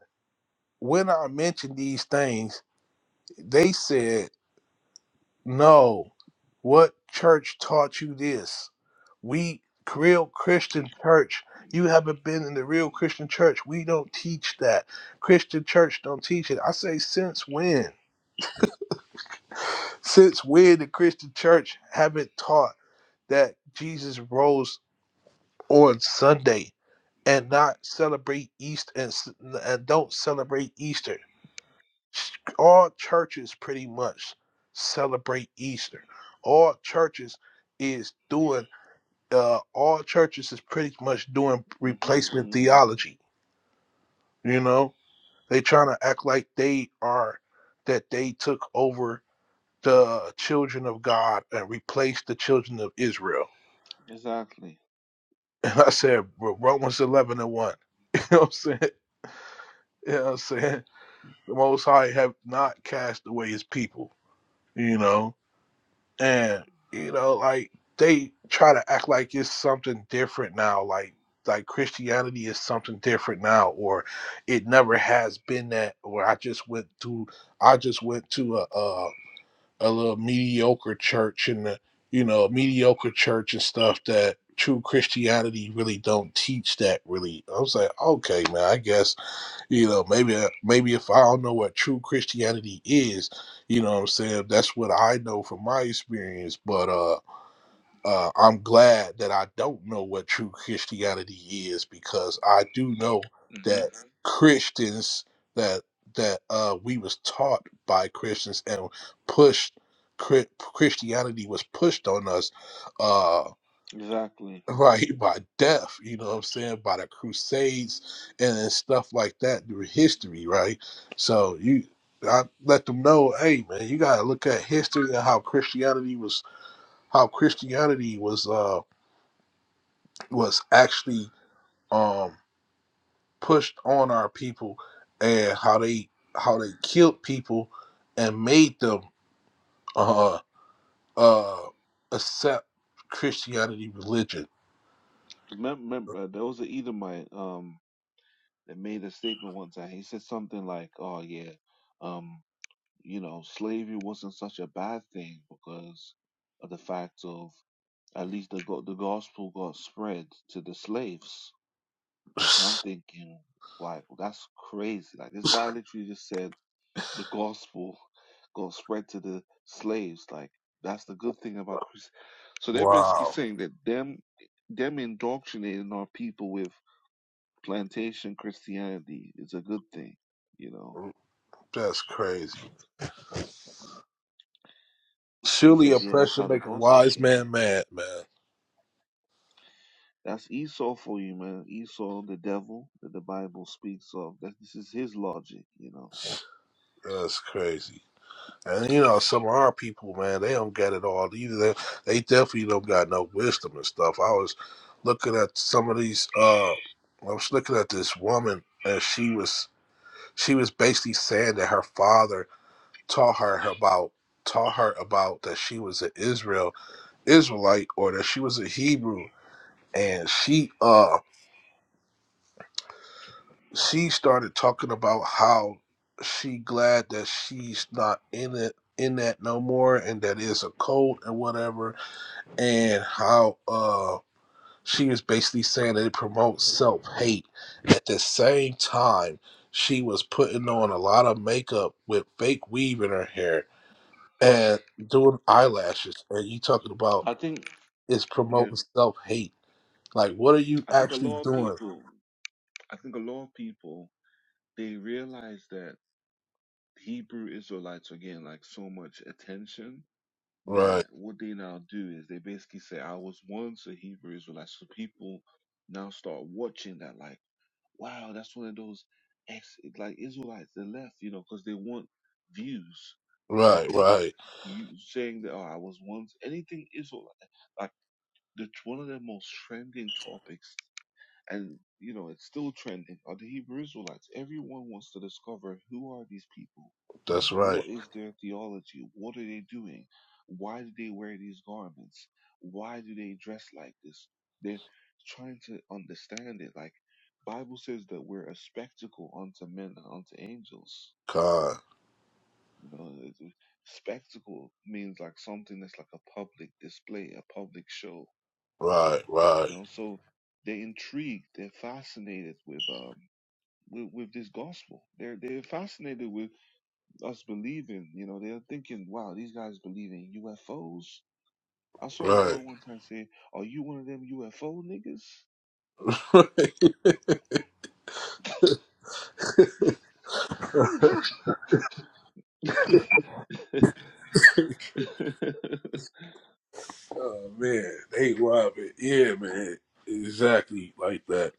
S3: when I mentioned these things, they said, "No, what church taught you this? We real Christian church. You haven't been in the real Christian church. We don't teach that. Christian church don't teach it." I say, since when? Since when the Christian church haven't taught that Jesus rose on Sunday? and not celebrate Easter and, s- and don't celebrate Easter. All churches pretty much celebrate Easter. All churches is doing. Uh, all churches is pretty much doing replacement theology. You know, they trying to act like they are that they took over the children of God and replaced the children of Israel. And I said "Well, Romans eleven and one. You know what I'm saying? You know what I'm saying? the Most High have not cast away His people, you know, and you know, like they try to act like it's something different now, like like Christianity is something different now, or it never has been that, or I just went to I just went to a a, a little mediocre church and the, you know mediocre church and stuff that true Christianity really don't teach that really. I was like, okay, man, I guess you know, maybe uh, maybe if I don't know what true Christianity is, you know what I'm saying? That's what I know from my experience. But uh, uh I'm glad that I don't know what true Christianity is because I do know that Christians that that uh we was taught by Christians and pushed Chri- Christianity was pushed on us Uh, right by death you know what i'm saying by the crusades and, and stuff like that through history right so you i let them know hey man you got to look at history and how christianity was how christianity was uh was actually um pushed on our people and how they how they killed people and made them uh uh accept christianity religion wow that's crazy Surely oppression make a wise man mad, man. That's crazy. And you know, some of our people, man, they don't get it all either. They, they definitely don't got no wisdom and stuff. I was looking at some of these. Uh, I was looking at this woman, and she was she was basically saying that her father taught her about taught her about that she was an Israel Israelite or that she was a Hebrew, and she uh she started talking about how she glad that she's not in it in that no more and that is a cult and whatever and how uh she was basically saying that it promotes self-hate at the same time she was putting on a lot of makeup with fake weave in her hair and doing eyelashes and you talking about it's promoting self-hate like what are you actually doing right right right that's right god Right, right, right. oh man, they robbing. Yeah, man, exactly like that.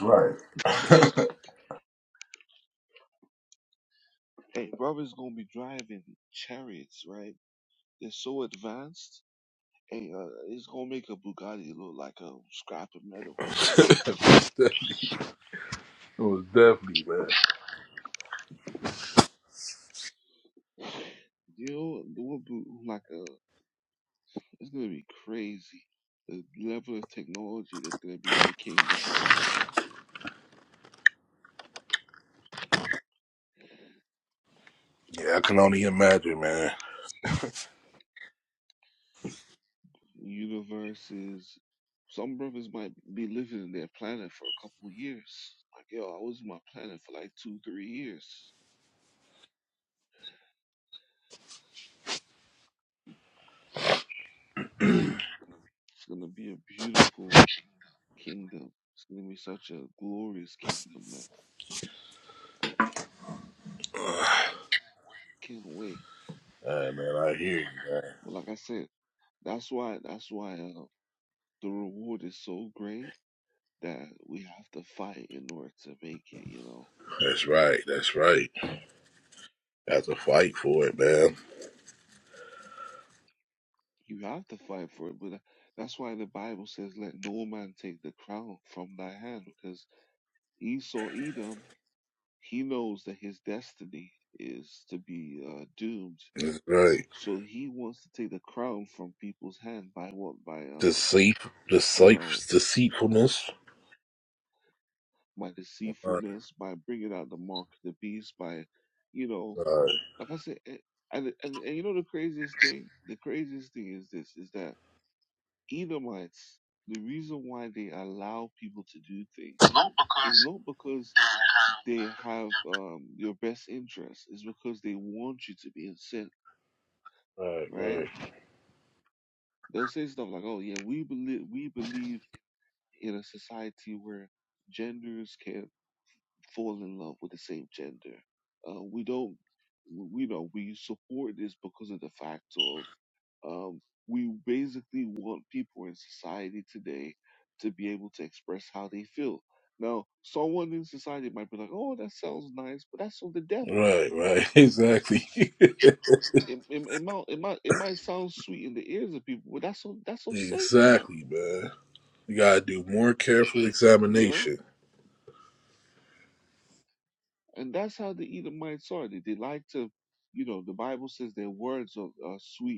S3: Right. it was definitely man. Yeah, I can only imagine, man. Alright, man, I hear you, man. That's right. That's right. Have to fight for it, man. That's right. Deceit, deceit, deceitfulness. Right, right, right, right, right. right. Exactly. exactly, man. You gotta do more careful examination.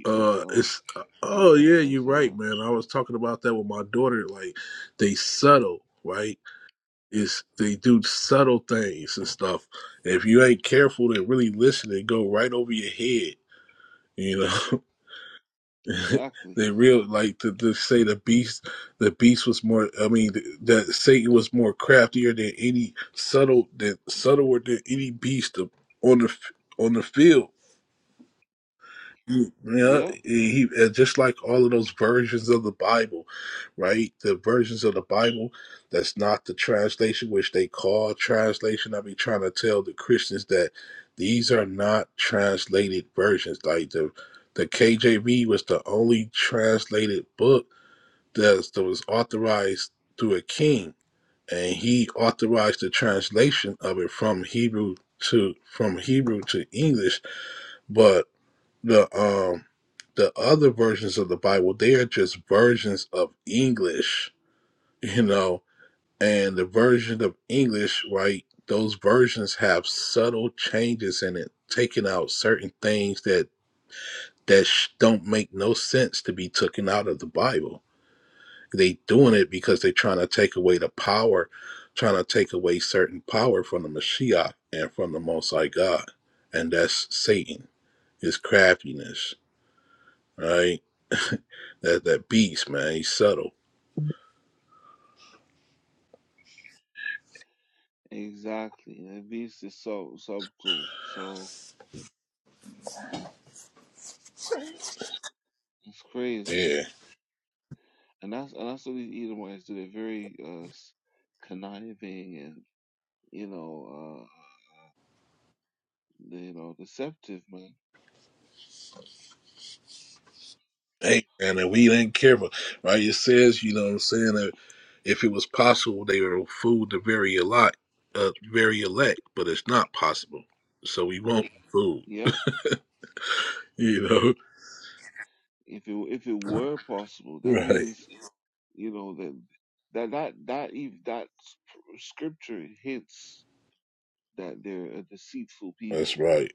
S3: Uh, it's oh yeah, you're right, man. I was talking about that with my daughter. Like they subtle, right? It's they do subtle things and stuff. If you ain't careful to really listen, they go right over your head. You know, they real like to, to say the beast. The beast was more. I mean, th- that Satan was more craftier than any subtle than subtler than any beast of- on the f- on the field Mm, Yeah, he uh, just like all of those versions of the Bible, right? The versions of the Bible that's not the translation, which they call translation. I be trying to tell the Christians that these are not translated versions. Like the the KJV was the only translated book that that was authorized through a king, and he authorized the translation of it from Hebrew to from Hebrew to English, but the um the other versions of the Bible, they are just versions of English, you know, and the version of English, right? Those versions have subtle changes in it, taking out certain things that that sh- don't make no sense to be taken out of the Bible. They doing it because they're trying to take away the power, trying to take away certain power from the Mashiach and from the Most High God, and that's Satan, his craftiness, right? That that beast, man, he's subtle. Yeah. Hey, man, if we ain't careful, right, it says, you know what I'm saying, that if it was possible they would fool the very elect uh very elect, but it's not possible. So we won't be fooled. You know? Right. That's right.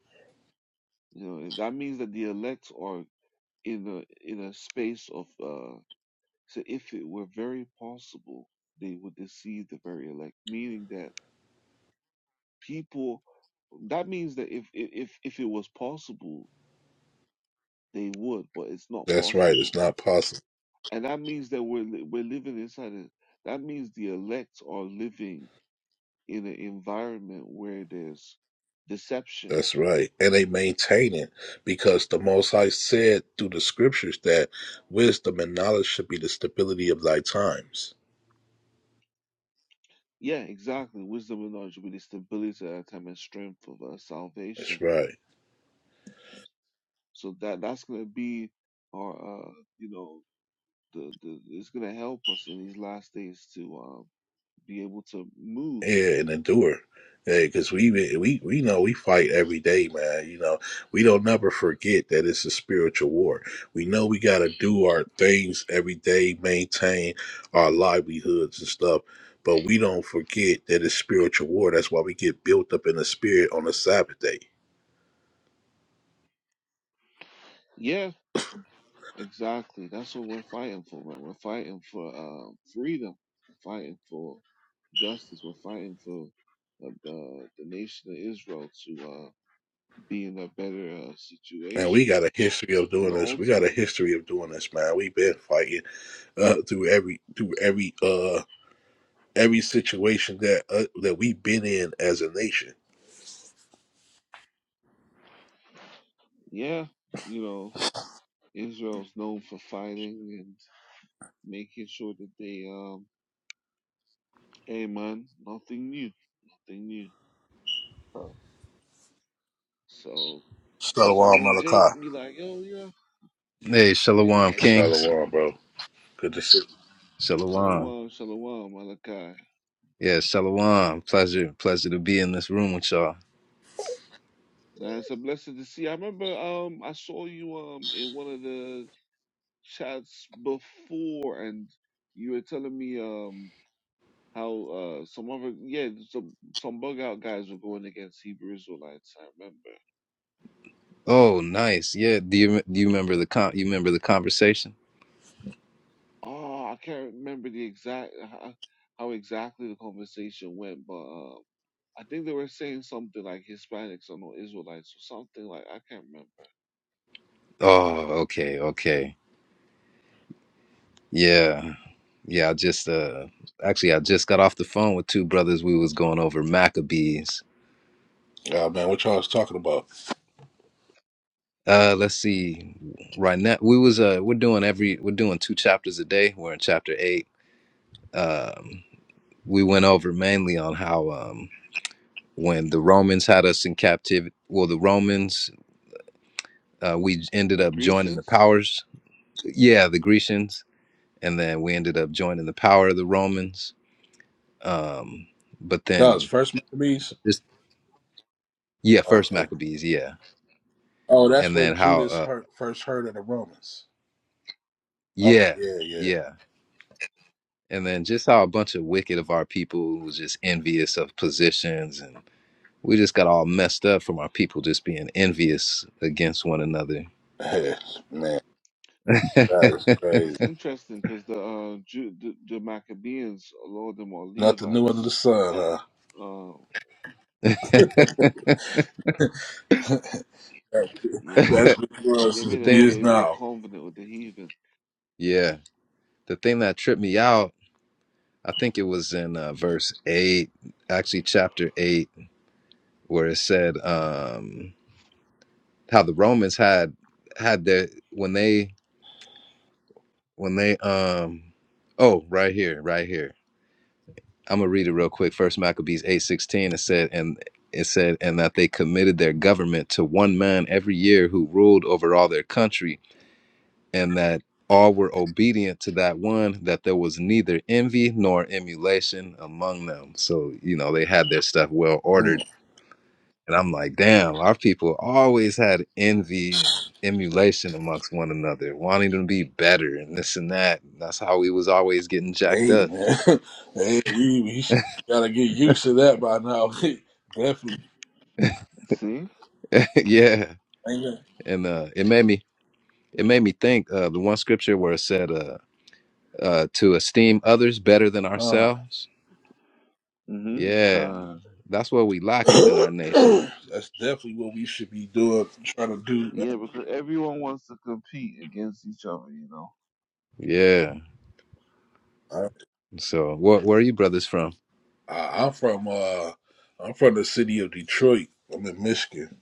S3: That's right. It's not possible. That's right. And they maintain it because the Most High said through the scriptures that wisdom and knowledge should be the stability of thy times. That's right. Yeah, and endure. Yeah, because we we we know we fight every day, man. You know, we don't never forget that it's a spiritual war. We know we got to do our things every day, maintain our livelihoods and stuff, but we don't forget that it's spiritual war. That's why we get built up in the spirit on the Sabbath day. Man, we got a history of doing this. We got a history of doing this, man. We've been fighting uh, through every through every uh every situation that uh, that we've been in as a nation Shalom Malachi.
S4: Hey, Shalom, Kings.
S3: Shalom, bro. Good to see
S4: Shalom. Yeah, Shalom. Pleasure, pleasure to be in this room with y'all. Oh, nice. Yeah. Do you do you remember the con? You remember the conversation? Oh, okay, okay. Yeah, yeah. I just uh, actually, I just got off the phone with two brothers. We was going over Maccabees.
S3: you. Oh, man, what y'all was talking about?
S4: Uh, let's see. Right now, we was uh, we're doing every we're doing two chapters a day. We're in chapter eight. Um, we went over mainly on how um when the Romans had us in captivity. Well, the Romans, uh, we ended up joining the powers. Yeah, the Grecians, and then we ended up joining the power of the Romans. Um, but
S3: That was
S4: then
S3: First Maccabees?
S4: this, yeah, first
S3: Okay.
S4: Maccabees, yeah,
S3: Oh, that's
S4: and
S3: when
S4: then how,
S3: Judas
S4: uh,
S3: heard, first heard of the Romans. Okay,
S4: yeah,
S3: yeah, yeah.
S4: yeah, and then just how a bunch of wicked of our people was just envious of positions and. We just got all messed up from our people just being envious against one another.
S3: Hey, man, that
S4: the
S3: is crazy. Nothing new under the sun, huh? That's what it was since years
S4: thing,
S3: now.
S4: yeah, the thing that tripped me out I think it was in uh, verse 8, actually chapter 8, where it said um how the Romans had had their when they when they um oh, right here, right here. I'm going to read it real quick. First Maccabees 8:16 it said and it said and that they committed their government to one man every year who ruled over all their country and that all were obedient to that one that there was neither envy nor emulation among them so you know they had their stuff well ordered
S3: Mm.
S4: And I'm like, damn, our people always had envy and emulation amongst one another, wanting to be better and this and that. And that's how we was always getting jacked
S3: Hey,
S4: up.
S3: man. hey, we, we gotta get used to that by now. definitely.
S4: yeah.
S3: Man.
S4: And uh it made me it made me think uh the one scripture where it said uh uh to esteem others better than
S3: Huh.
S4: ourselves. Yeah. That's what we lack within our nation.
S3: That's definitely what we should be doing, trying to do, man.
S4: Yeah.
S3: I,
S4: So where where are you brothers from?
S3: I, I'm from uh, I'm from the city of Detroit. I'm in Michigan.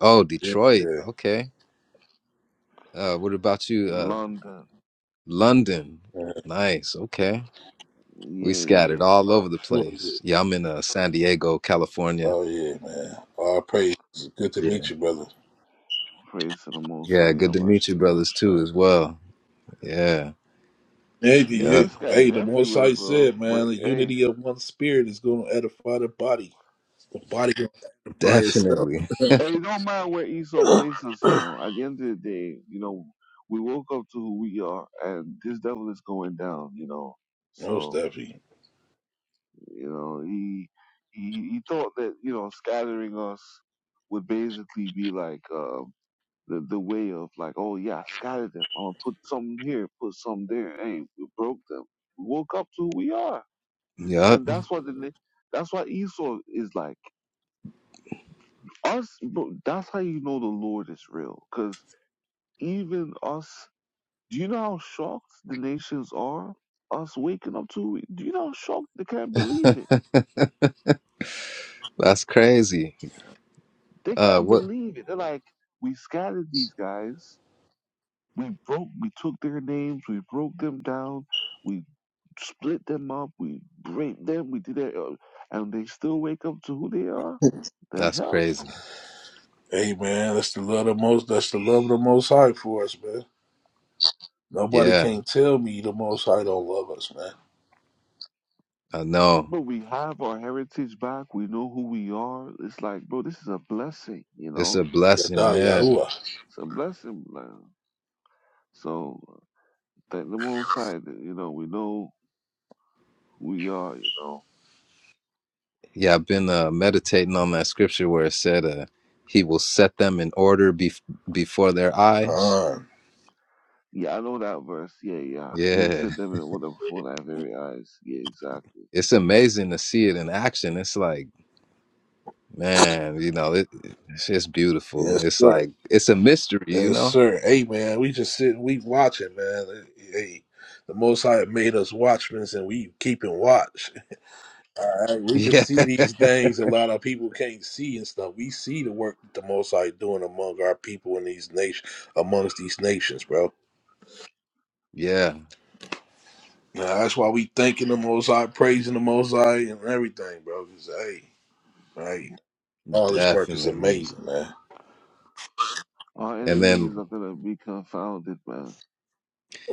S4: Oh,
S3: Yeah.
S4: Detroit.
S3: yeah.
S4: Okay. Uh what about you? Uh London.
S3: Uh,
S4: Nice. Okay. We scattered all over the
S3: what was it?
S4: place. Yeah, I'm in uh, San Diego, California.
S3: Oh yeah, man. All praise. Good to
S4: Yeah.
S3: meet you, brother.
S4: Yeah, good to meet you, brothers, too,
S1: uh,
S4: as well. Yeah.
S3: Hey, the,
S1: yeah,
S4: Yep.
S3: you, yeah. hey, the Most High said, man, the
S1: way.
S3: unity of one spirit is going to edify the body. The body going to
S4: Definitely.
S3: edify itself. most definitely.
S4: Yep. That's crazy. Uh, what? That's crazy.
S3: Hey, man, that's the love of the most. That's the love of the Most High for us, man. Nobody
S4: Yeah,
S3: can not tell me the Most High don't love us, man.
S4: I know. It's a blessing.
S3: Yada
S4: Yeah.
S1: Oh, thank the Most High. that Who we are, you know.
S4: Yeah, I've been uh, meditating on that scripture where it said, uh, He will set them in order bef before their eyes.
S3: Yahuwah.
S1: Yeah, I know that verse. Yeah, yeah. You
S4: Yeah.
S1: said them in order before thy very eyes. Yeah, exactly.
S4: It's amazing to see it in action. It's like, Man, you know, it, it's just beautiful.
S3: Yes,
S4: It's
S3: sir.
S4: like it's a mystery, you
S3: Yes,
S4: know?
S3: sir. Hey, man, we just sitting, we watching, man. Hey, the Most High made us watchmen, and we keeping watch. All right, we can
S4: Yeah.
S3: see these things a lot of people can't see and stuff. We see the work that the Most High doing among our people in these nations, amongst these nations, bro.
S4: Yeah,
S3: Now, that's why we thanking the Most High, praising the Most High, and everything, bro. Cause hey, right, all this work is
S4: definitely.
S3: amazing, man.
S4: And then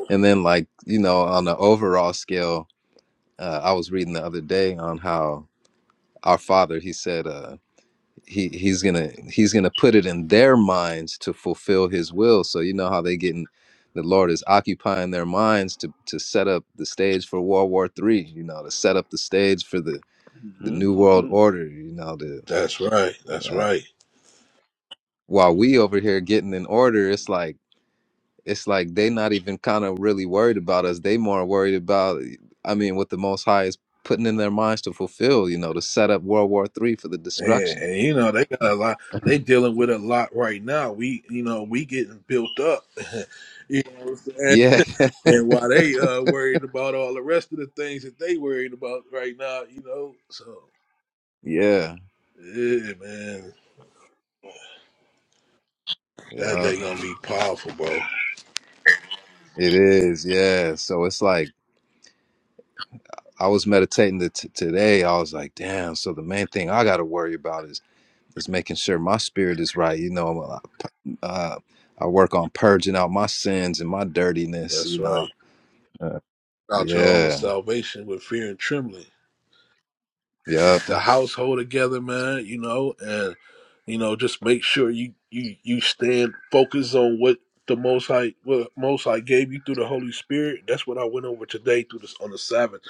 S4: and then like, you know, on the overall scale, uh, I was reading the other day on how our father, he said uh he he's going to he's going to put it in their minds to fulfill his will. So you know how they getting the Lord is occupying their minds to to set up the stage for World War 3, you know, to set up the stage for the the new world order, you know, to
S3: That's right. That's
S4: uh,
S3: right.
S4: while we over here getting in order it's like it's like they not even kind of really worried about us they more worried about i mean what the most high is putting in their minds to fulfill you know to set up world war three for the
S3: Man,
S4: destruction
S3: and you know they got a lot. They dealing with a lot right now. We, you know, we getting built up. you know what I'm saying?
S4: yeah
S3: And while they uh worried about all the rest of the things that they worried about right now, you know. So
S4: yeah
S3: yeah, man, that
S4: yeah
S3: they gonna be powerful, bro.
S4: it is yeah so it's like i was meditating the t- today i was like damn so the main thing i gotta worry about is is making sure my spirit is right you know uh, i work on purging out my sins and my dirtiness
S3: That's
S4: you know
S3: right.
S4: Uh,
S3: About your own
S4: yeah
S3: salvation with fear and trembling.
S4: Yeah,
S3: the household together, man. You know, and you know, just make sure you you you stand focused on what the Most High what Most High gave you through the Holy Spirit. That's what I went over today through this on the Sabbath,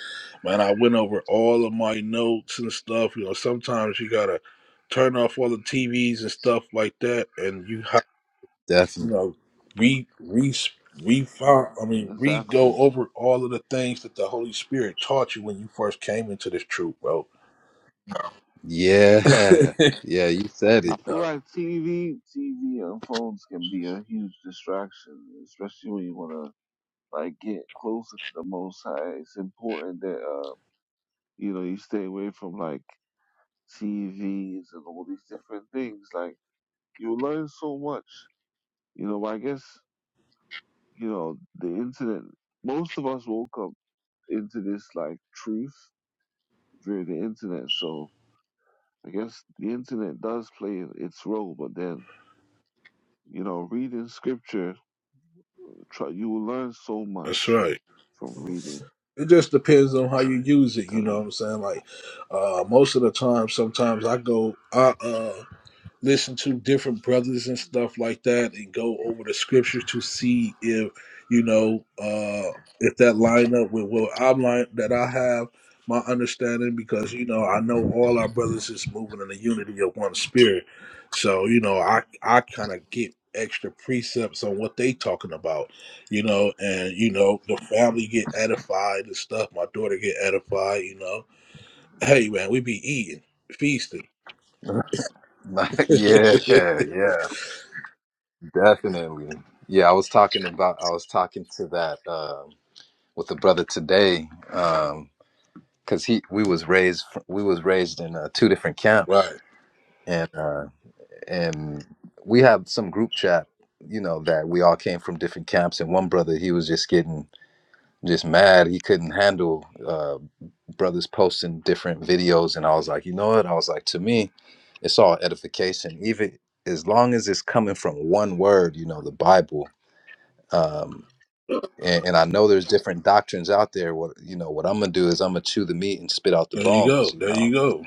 S3: man. I went over all of my notes and stuff. You know, sometimes you gotta turn off all the TVs and stuff like that, and you have you
S4: definitely.
S3: know re re refine. I mean, re go over all of the things that the Holy Spirit taught you when you first came into this truth, bro.
S4: Yeah. Yeah, you said
S3: Yeah.
S4: it.
S1: You learn so much. You know, I guess, you know, the internet, most of us woke up into this, like, truth through the internet. So I guess the internet does play its role, but then, you know, reading scripture Try you will learn so
S3: That's
S1: much
S3: right.
S1: from reading
S3: It just depends on how you use it, you know
S1: today.
S3: what I'm saying? Like uh most of the time sometimes I go I uh listen to different brothers and stuff like that and go over the scriptures to see if you know uh if that line up with what I'm line that I have my understanding because you know I know all our brothers is moving in the unity of one spirit. So, you know, I I kind of get extra precepts on what they talking about, you know, and you know, the family get edified and stuff, my daughter get edified, you know. Hey man, we be eating, feasting.
S4: yeah, yeah, definitely. Yeah, I was talking about I was talking to that um with the brother today um cuz he we was raised we was raised in uh, two different camps
S3: right.
S4: and uh and we have some group chat, you know, that we all came from different camps and one brother he was just getting just mad. He couldn't handle uh, brothers posting different videos and I was like, you know what? I was like, to me, it's all edification. Even as long as it's coming from one word, you know, the Bible. Um and, and I know there's different doctrines out there. What you know, what I'm gonna do is I'm gonna chew the meat and spit out the
S3: There you go.
S4: bones, you
S3: There you
S4: know.
S3: go.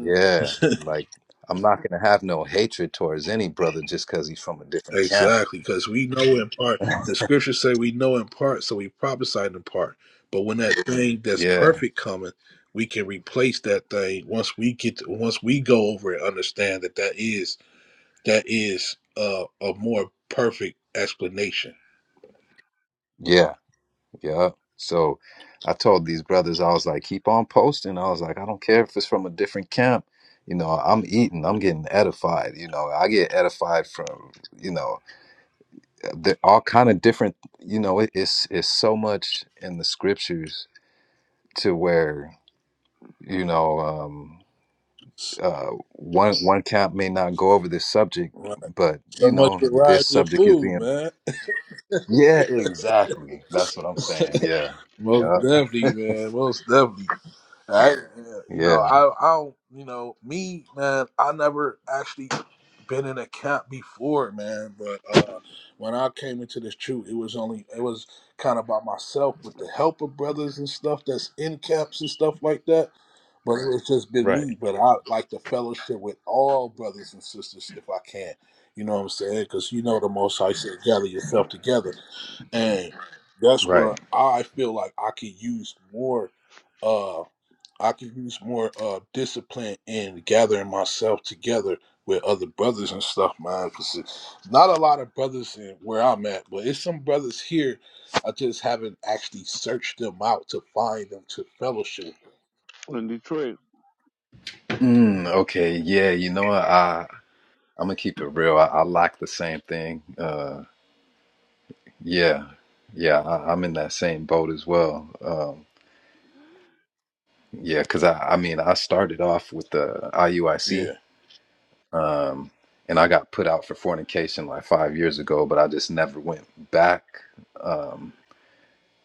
S4: Yeah. Like I'm not gonna have no hatred towards any brother just because he's from a different camp.
S3: Exactly, because we know in part. The scriptures say we know in part, so we prophesy in part. But when that thing that's
S4: Yeah.
S3: perfect cometh, we can replace that thing once we get to, once we go over and understand that that is that is uh, a more perfect explanation.
S4: Yeah. Yeah. So I told these brothers, I was like, keep on posting. I was like, I don't care if it's from a different camp. You know, I'm eating, I'm getting edified. You know, I get edified from, you know, the, all kind of different, you know, it, it's, it's so much in the scriptures to where, you know, um, uh, one, one camp may not go over this subject,
S3: Right.
S4: but
S3: So
S4: you
S3: much
S4: know, this
S3: variety of
S4: subject is
S3: food,
S4: being,
S3: man.
S4: yeah, exactly. That's what I'm saying. Yeah.
S3: Most
S4: Yeah.
S3: definitely, man. Most definitely. I, you know,
S4: Yeah.
S3: I, I don't, you know, me, man, I never actually been in a camp before, man. But uh, when I came into this troop, it was only, it was kind of by myself with the help of brothers and stuff that's in camps and stuff like that. But it's just been
S4: Right.
S3: me. But I like the fellowship with all brothers and sisters if I can. You know what I'm saying? Because you know the Most High said, gather yourself together, and that's
S4: Right.
S3: where I feel like I could use more. Uh, I could use more uh discipline in gathering myself together with other brothers and stuff, man. Cause it's not a lot of brothers in where I'm at, but it's some brothers here. I just haven't actually searched them out to find them to fellowship.
S4: Mm, okay, yeah, you know what? I I'm gonna keep it real. I, I like the same thing. Uh, yeah, yeah, I, I'm in that same boat as well. Um, yeah, because I I mean I started off with the IUIC,
S3: Yeah,
S4: um, and I got put out for fornication like five years ago, but I just never went back. Um,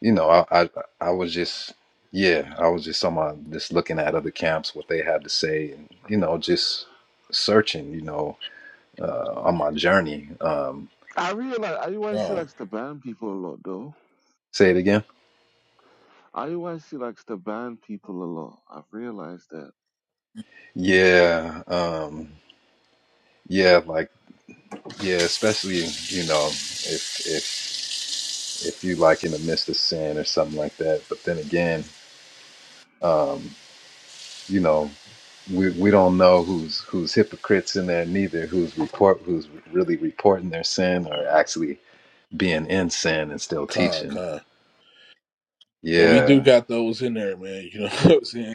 S4: you know, I I, I was just yeah, I was just on my just looking at other camps, what they had to say, and you know, just searching. You know uh, on my journey. Um,
S3: con,
S4: say it again. Yeah, um, yeah, like yeah, especially you know if if if you like in the midst of sin or something like that. But then again, um, you know we we don't know who's who's hypocrites in there neither. Who's report who's really reporting their sin or actually being in sin and still
S3: con,
S4: teaching.
S3: con. But we do
S4: Yeah.
S3: got those in there, man. You know what I'm saying?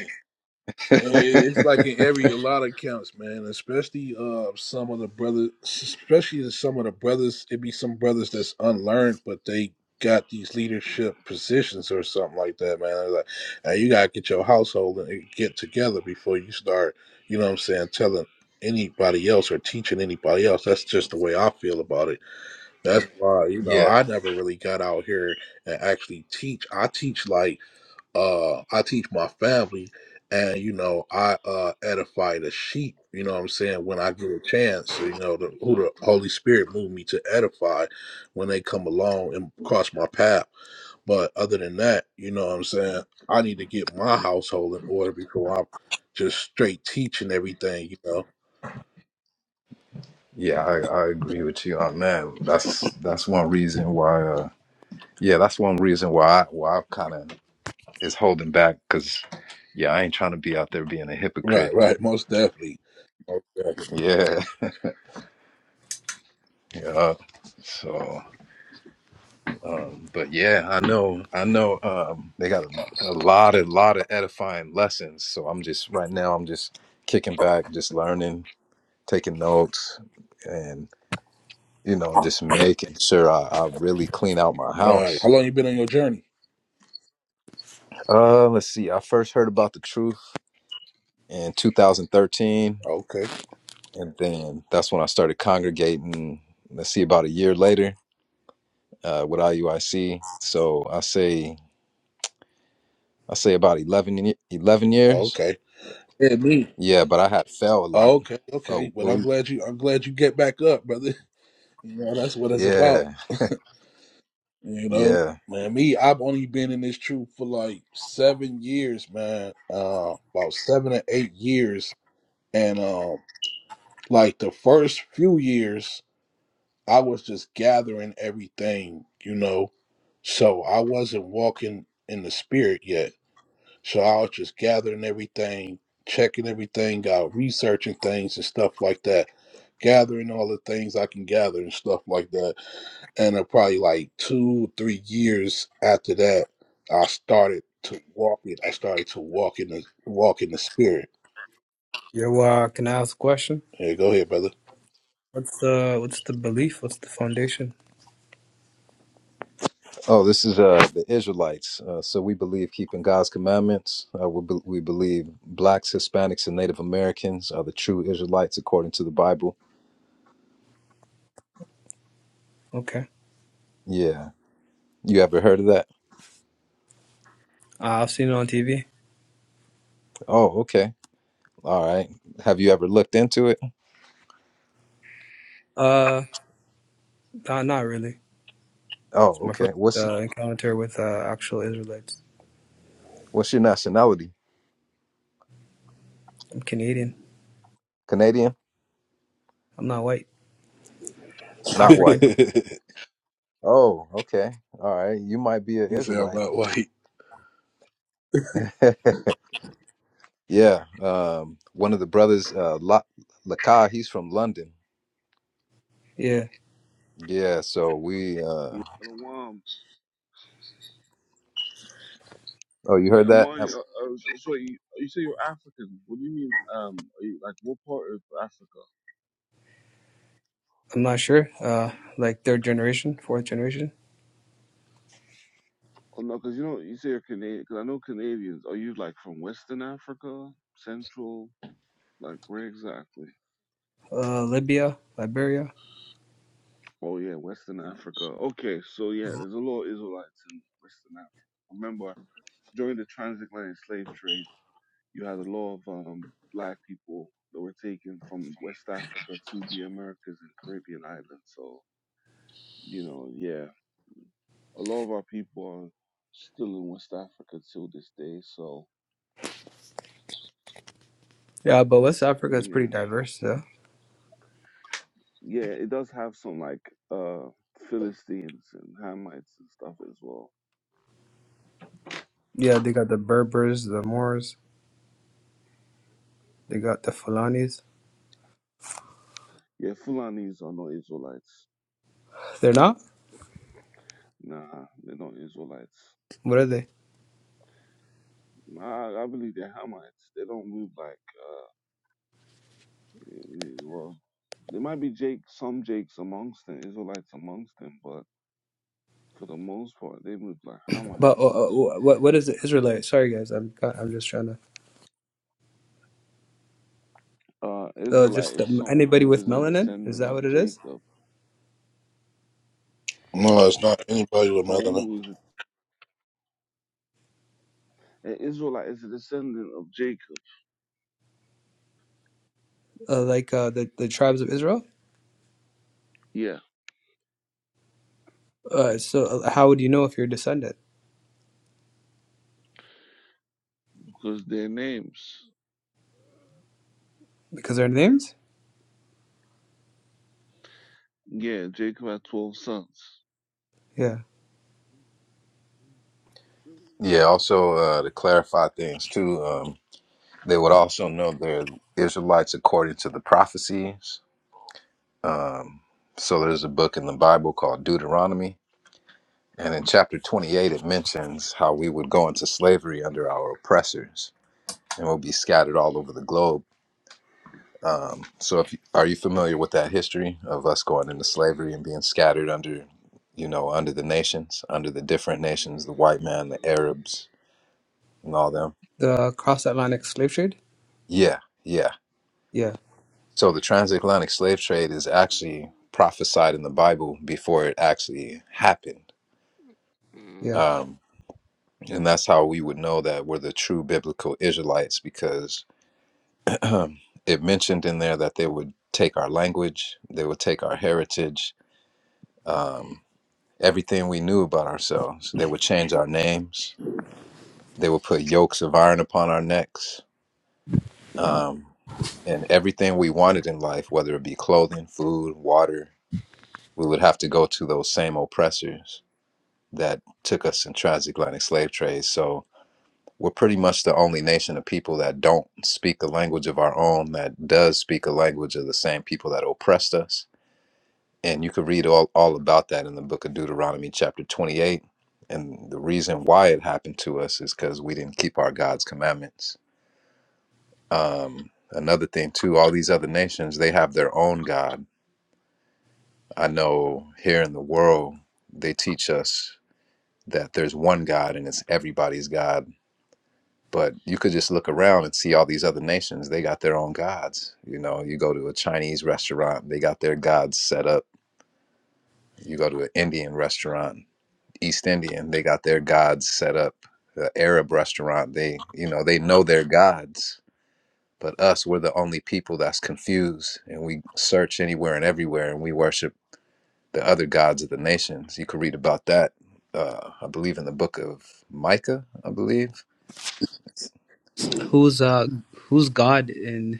S3: And it- It's like in every a lot of accounts, man. Especially uh some of the brothers, especially in some of the brothers. It be some brothers that's unlearned, but they got these leadership positions or something like that, man. They're like, hey, you gotta get your household and get together before you start. You know what I'm saying? Telling anybody else or teaching anybody else. That's just the way I feel about it. That's why you know
S4: Yeah,
S3: I never really got out here and actually teach. I teach like uh I teach my family and you know I uh edify the sheep, you know what I'm saying, when I get a chance, you know, the, who the Holy Spirit moved me to edify when they come along and cross my path. But other than that, you know what I'm saying, I need to get my household in order before I'm just straight teaching everything, you know.
S4: yeah, I, I agree with you on that. That's that's one reason why. uh Yeah, that's one reason why I, why I kind of is holding back because, yeah, I ain't trying to be out there being a
S3: Right,
S4: hypocrite.
S3: right, most definitely. Most definitely.
S4: Yeah, yeah. So, um, but yeah, I know, I know. Um, they got a, a lot, a lot of edifying lessons. So I'm just right now, I'm just kicking back, just learning, taking notes, and you know, just making sure I, I really clean out my
S3: Right. How
S4: house.
S3: long you been on your journey?
S4: Uh, let's see. I first heard about the truth in 2013
S3: Okay.
S4: and then that's when I started congregating. Let's see, about a year later uh, with IUIC. So I say I say about 11, ye- 11 years.
S3: Okay. Yeah, me.
S4: Yeah, but I had fell a lot.
S3: Okay,
S4: Oh,
S3: okay. Well,
S4: well,
S3: I'm
S4: we
S3: glad you. I'm glad you get back up, brother. You know that's what it's about.
S4: yeah
S3: You know,
S4: yeah.
S3: man. Me, I've only been in this truth for like seven years, man. Uh, about seven or eight years, and um, like the first few years, I was just gathering everything, you know. So I wasn't walking in the spirit yet. So I was just gathering everything, checking everything out, researching things and stuff like that, gathering all the things I can gather and stuff like that. And uh, probably like two, three years after that, I started to walk it. I started to walk in the walk in the spirit.
S5: Yo, uh, can I ask a question?
S3: Yeah, go ahead, brother.
S5: What's the what's the belief? What's the foundation?
S4: Oh, this is uh the Israelites. Uh, so we believe keeping God's commandments. Uh, we be- we believe blacks, Hispanics, and Native Americans are the true Israelites according to the Bible.
S5: Okay,
S4: Yeah, you ever heard of that?
S5: uh, I've seen it on TV.
S4: Oh, okay. All right. Have you ever looked into it?
S5: Uh, not not really. It's
S4: Oh,
S5: my
S4: okay.
S5: first
S4: What's
S5: uh, encounter with uh, actual Israelites.
S4: What's your nationality?
S5: I'm Canadian.
S4: Canadian?
S5: I'm not white.
S3: he
S4: Not white.
S5: African.
S4: Oh, okay. All right. You might be an
S3: said I'm
S4: Israelite.
S3: not white.
S4: yeah. Um, one of the brothers, uh, La- Lakai, he's from London.
S5: Yeah,
S4: Yeah. So we, uh,
S1: Shalom.
S4: oh, you
S1: Yeah,
S4: heard that?
S1: Amani.
S4: Um,
S1: Uh, uh, so so you,
S5: I'm not sure. Uh, like third generation, fourth generation. Uh, Libya, Liberia. Yeah, but West Africa is pretty diverse. Yeah, yeah. They got the Berbers, the Moors. They got the Fulanis. They're not. What are they? But uh, uh, what what is the Israelite? Sorry guys, I'm I'm just trying to. Uh, just the, anybody with melanin? Is that what it is?
S3: No, it's not anybody with melanin.
S5: Uh, like uh, the the tribes of Israel. Uh, so uh, how would you know if you're a descendant? Because their names? Yeah.
S4: Yeah. Also, uh, to clarify things too, um, they would also know they're Israelites according to the prophecies. So there's a book in the Bible called Deuteronomy. And in chapter 28, it mentions how we would go into slavery under our oppressors and we'll be scattered all over the globe. Um, so, if you, are you familiar with that history of us going into slavery and being scattered under, you know, under the nations, under the different nations, the white man, the Arabs, and all them?
S5: The cross Atlantic slave trade?
S4: Yeah, yeah.
S5: Yeah.
S4: So the transatlantic slave trade is actually prophesied in the Bible before it actually happened.
S5: Yeah.
S4: Um, and that's how we would know that we're the true biblical Israelites because it mentioned in there that they would take our language, they would take our heritage, um, everything we knew about ourselves. They would change our names. They would put yokes of iron upon our necks. Um, and everything we wanted in life, whether it be clothing, food, water, we would have to go to those same oppressors that took us in transatlantic slave trade. So we're pretty much the only nation of people that don't speak the language of our own, that does speak a language of the same people that oppressed us And you could read all, all about that in the book of Deuteronomy, chapter 28. And the reason why it happened to us is because we didn't keep our God's commandments. Um, another thing, too, all these other nations, they have their own God. I know here in the world, they teach us that there's one God and it's everybody's God. But you could just look around and see all these other nations, they got their own gods. You know, you go to a Chinese restaurant, they got their gods set up. You go to an Indian restaurant, East Indian. They got their gods set up. The Arab restaurant, they you know they know their gods, but us we're the only people that's confused, and we search anywhere and everywhere, and we worship the other gods of the nations. You could read about that, uh, I believe, in the book of Micah. I believe
S5: Who's uh who's God in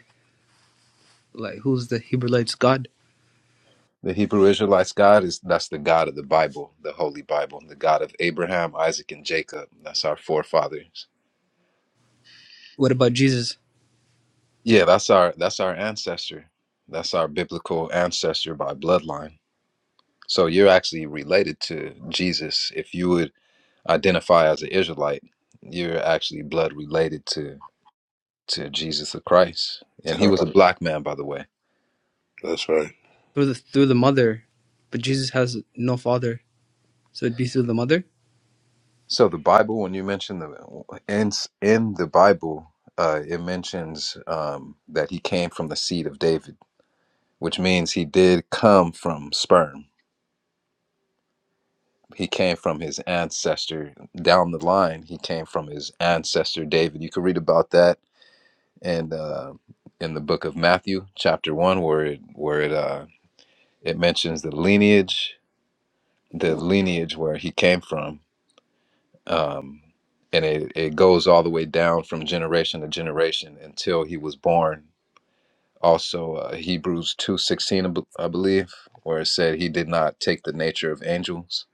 S5: like who's the Hebrewite's God?
S4: the Hebrew Israelites' God is that's the God of the Bible, the Holy Bible, the God of Abraham, Isaac, and Jacob. That's our forefathers.
S5: What about Jesus?
S4: Yeah, that's our that's our ancestor. That's our biblical ancestor by bloodline So you're actually related to Jesus. If you would identify as an Israelite, you're actually blood related to to Jesus the Christ, and he was
S3: Correct.
S4: a black man, by the way.
S3: That's right.
S5: Through the through the mother, but Jesus has no father, so it'd be through the mother.
S4: So the Bible, when you mention the in in the Bible, uh, it mentions um, that he came from the seed of David, which means he did come from sperm. He came from his ancestor down the line. He came from his ancestor David. You could read about that and uh, in the book of Matthew, chapter one, where it where it uh, it mentions the lineage, the lineage where he came from, um, and it it goes all the way down from generation to generation until he was born. Also, uh, Hebrews two sixteen, I b- I believe, where it said he did not take the nature of angels,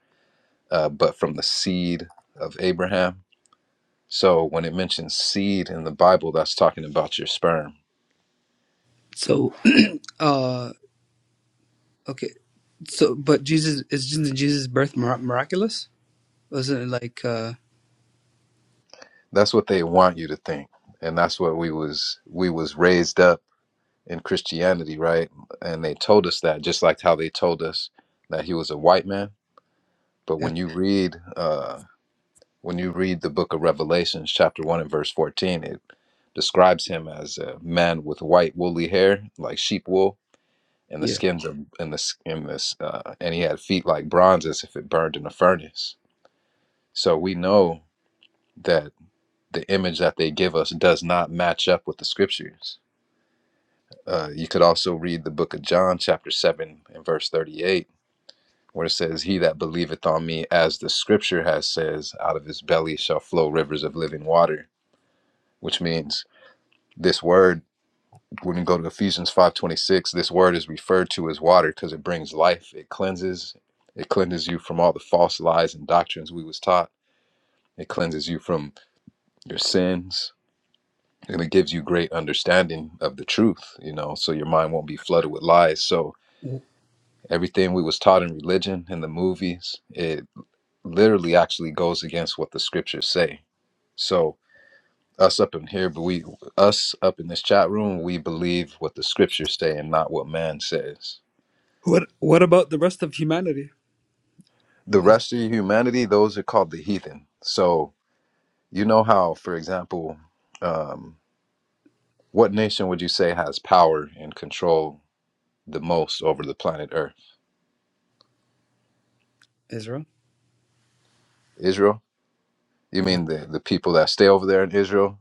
S4: uh, but from the seed of Abraham. So when it mentions seed in the Bible, that's talking about your sperm
S5: So uh Okay, so but Jesus is isn't Jesus' birth mir- miraculous? Wasn't it like uh
S4: That's what they want you to think, and that's what we was we was raised up in Christianity, right? And they told us that, just like how they told us that he was a white man. But
S5: yeah
S4: when you read uh, when you read the book of Revelations, chapter one and verse fourteen, it describes him as a man with white woolly hair, like sheep wool, and the
S5: yeah?
S4: skins of and the s- and this uh, and he had feet like bronze, as if it burned in a furnace. So we know that the image that they give us does not match up with the scriptures. Uh, you could also read the book of John, chapter 7, and verse 38, where it says, He that believeth on me, as the scripture has says, out of his belly shall flow rivers of living water, which means this word when we go to ephesians 5.26 this word is referred to as water because it brings life it cleanses it cleanses you from all the false lies and doctrines we was taught it cleanses you from your sins and it gives you great understanding of the truth you know so your mind won't be flooded with lies so
S5: Wh-
S4: everything we was taught in religion and the movies it literally actually goes against what the scriptures say so us up in here but we us up in this chat room we believe what the scriptures say and not what man says
S5: What what about the rest of humanity?
S4: the
S5: Is
S4: rest of humanity those are called the heathen so you know how for example um, what nation would you say has power and control the most over the planet earth
S5: Israel?
S4: israel You
S5: What,
S4: mean the the people that stay over there in Israel?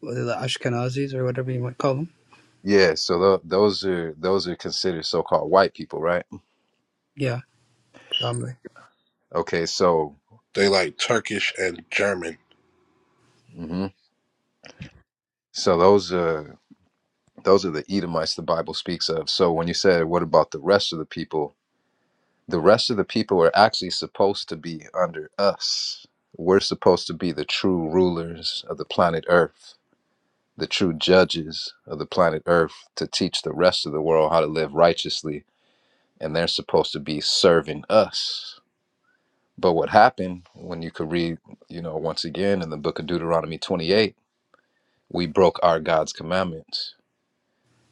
S5: what the Ashkenazis or whatever you might call them?
S4: Yeah. So tho- those are those are considered so-called white people, right?
S5: Yeah, probably.
S4: Okay. So
S3: They like Turkish and German.
S4: hmm so those are those are the Edomites the Bible speaks of. So when you said, what about the rest of the people? The rest of the people are actually supposed to be under us. We're supposed to be the true rulers of the planet Earth, the true judges of the planet Earth, to teach the rest of the world how to live righteously, and they're supposed to be serving us But what happened when you could read, you know, once again in the book of Deuteronomy 28, we broke our God's commandments.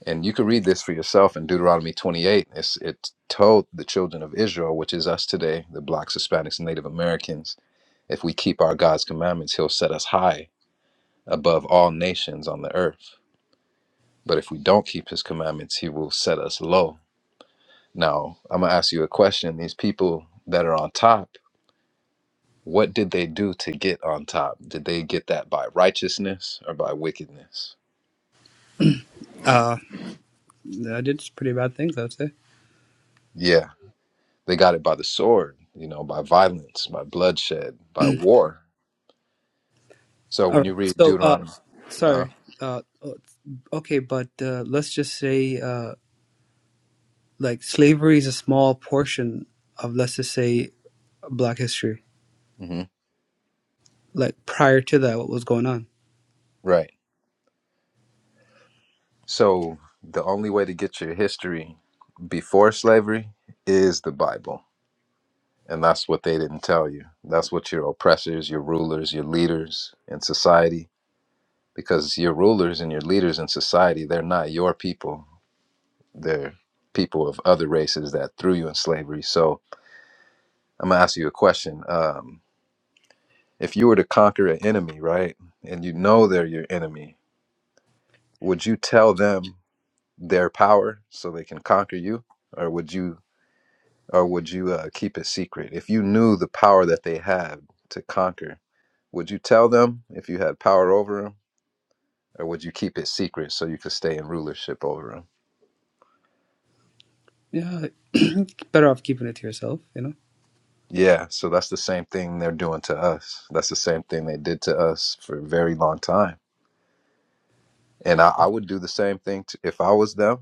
S4: And you could read this for yourself in Deuteronomy 28. It's, it told the children of Israel, which is us today, the blacks, Hispanics, and Native Americans, if we keep our God's commandments, he'll set us high above all nations on the earth. But if we don't keep his commandments, he will set us low. Now, I'm going to ask you a question. These people that are on top, What did they do to get on top? Did they get that by righteousness or by wickedness?
S5: Uh, I did some pretty bad things, I would say.
S4: Yeah, they got it by the sword, you know, by violence, by bloodshed, by war. So
S5: All
S4: when you
S5: right.
S4: read
S5: So uh,
S4: Deuteronomy, uh huh,
S5: sorry. Uh, o- okay, but uh, let's just say uh, like slavery is a small portion of let's just say Black history.
S4: hmm
S5: Like prior to that, what was going on?
S4: right. So the only way to get your history before slavery is the Bible. And that's what they didn't tell you. That's what your oppressors, your rulers, your leaders in society, because your rulers and your leaders in society, they're not your people. they're people of other races that threw you in slavery. So I'm gonna ask you a question. Um, if you were to conquer an enemy, right, and you know they're your enemy, would you tell them their power so they can conquer you, or would you, or would you uh, keep it secret? If you knew the power that they have to conquer, would you tell them if you had power over them, or would you keep it secret so you could stay in rulership over them?
S5: Yeah, better off keeping it to yourself, you know.
S4: Yeah, so that's the same thing they're doing to us. That's the same thing they did to us for a very long time. And I, I would do the same thing to, if I was them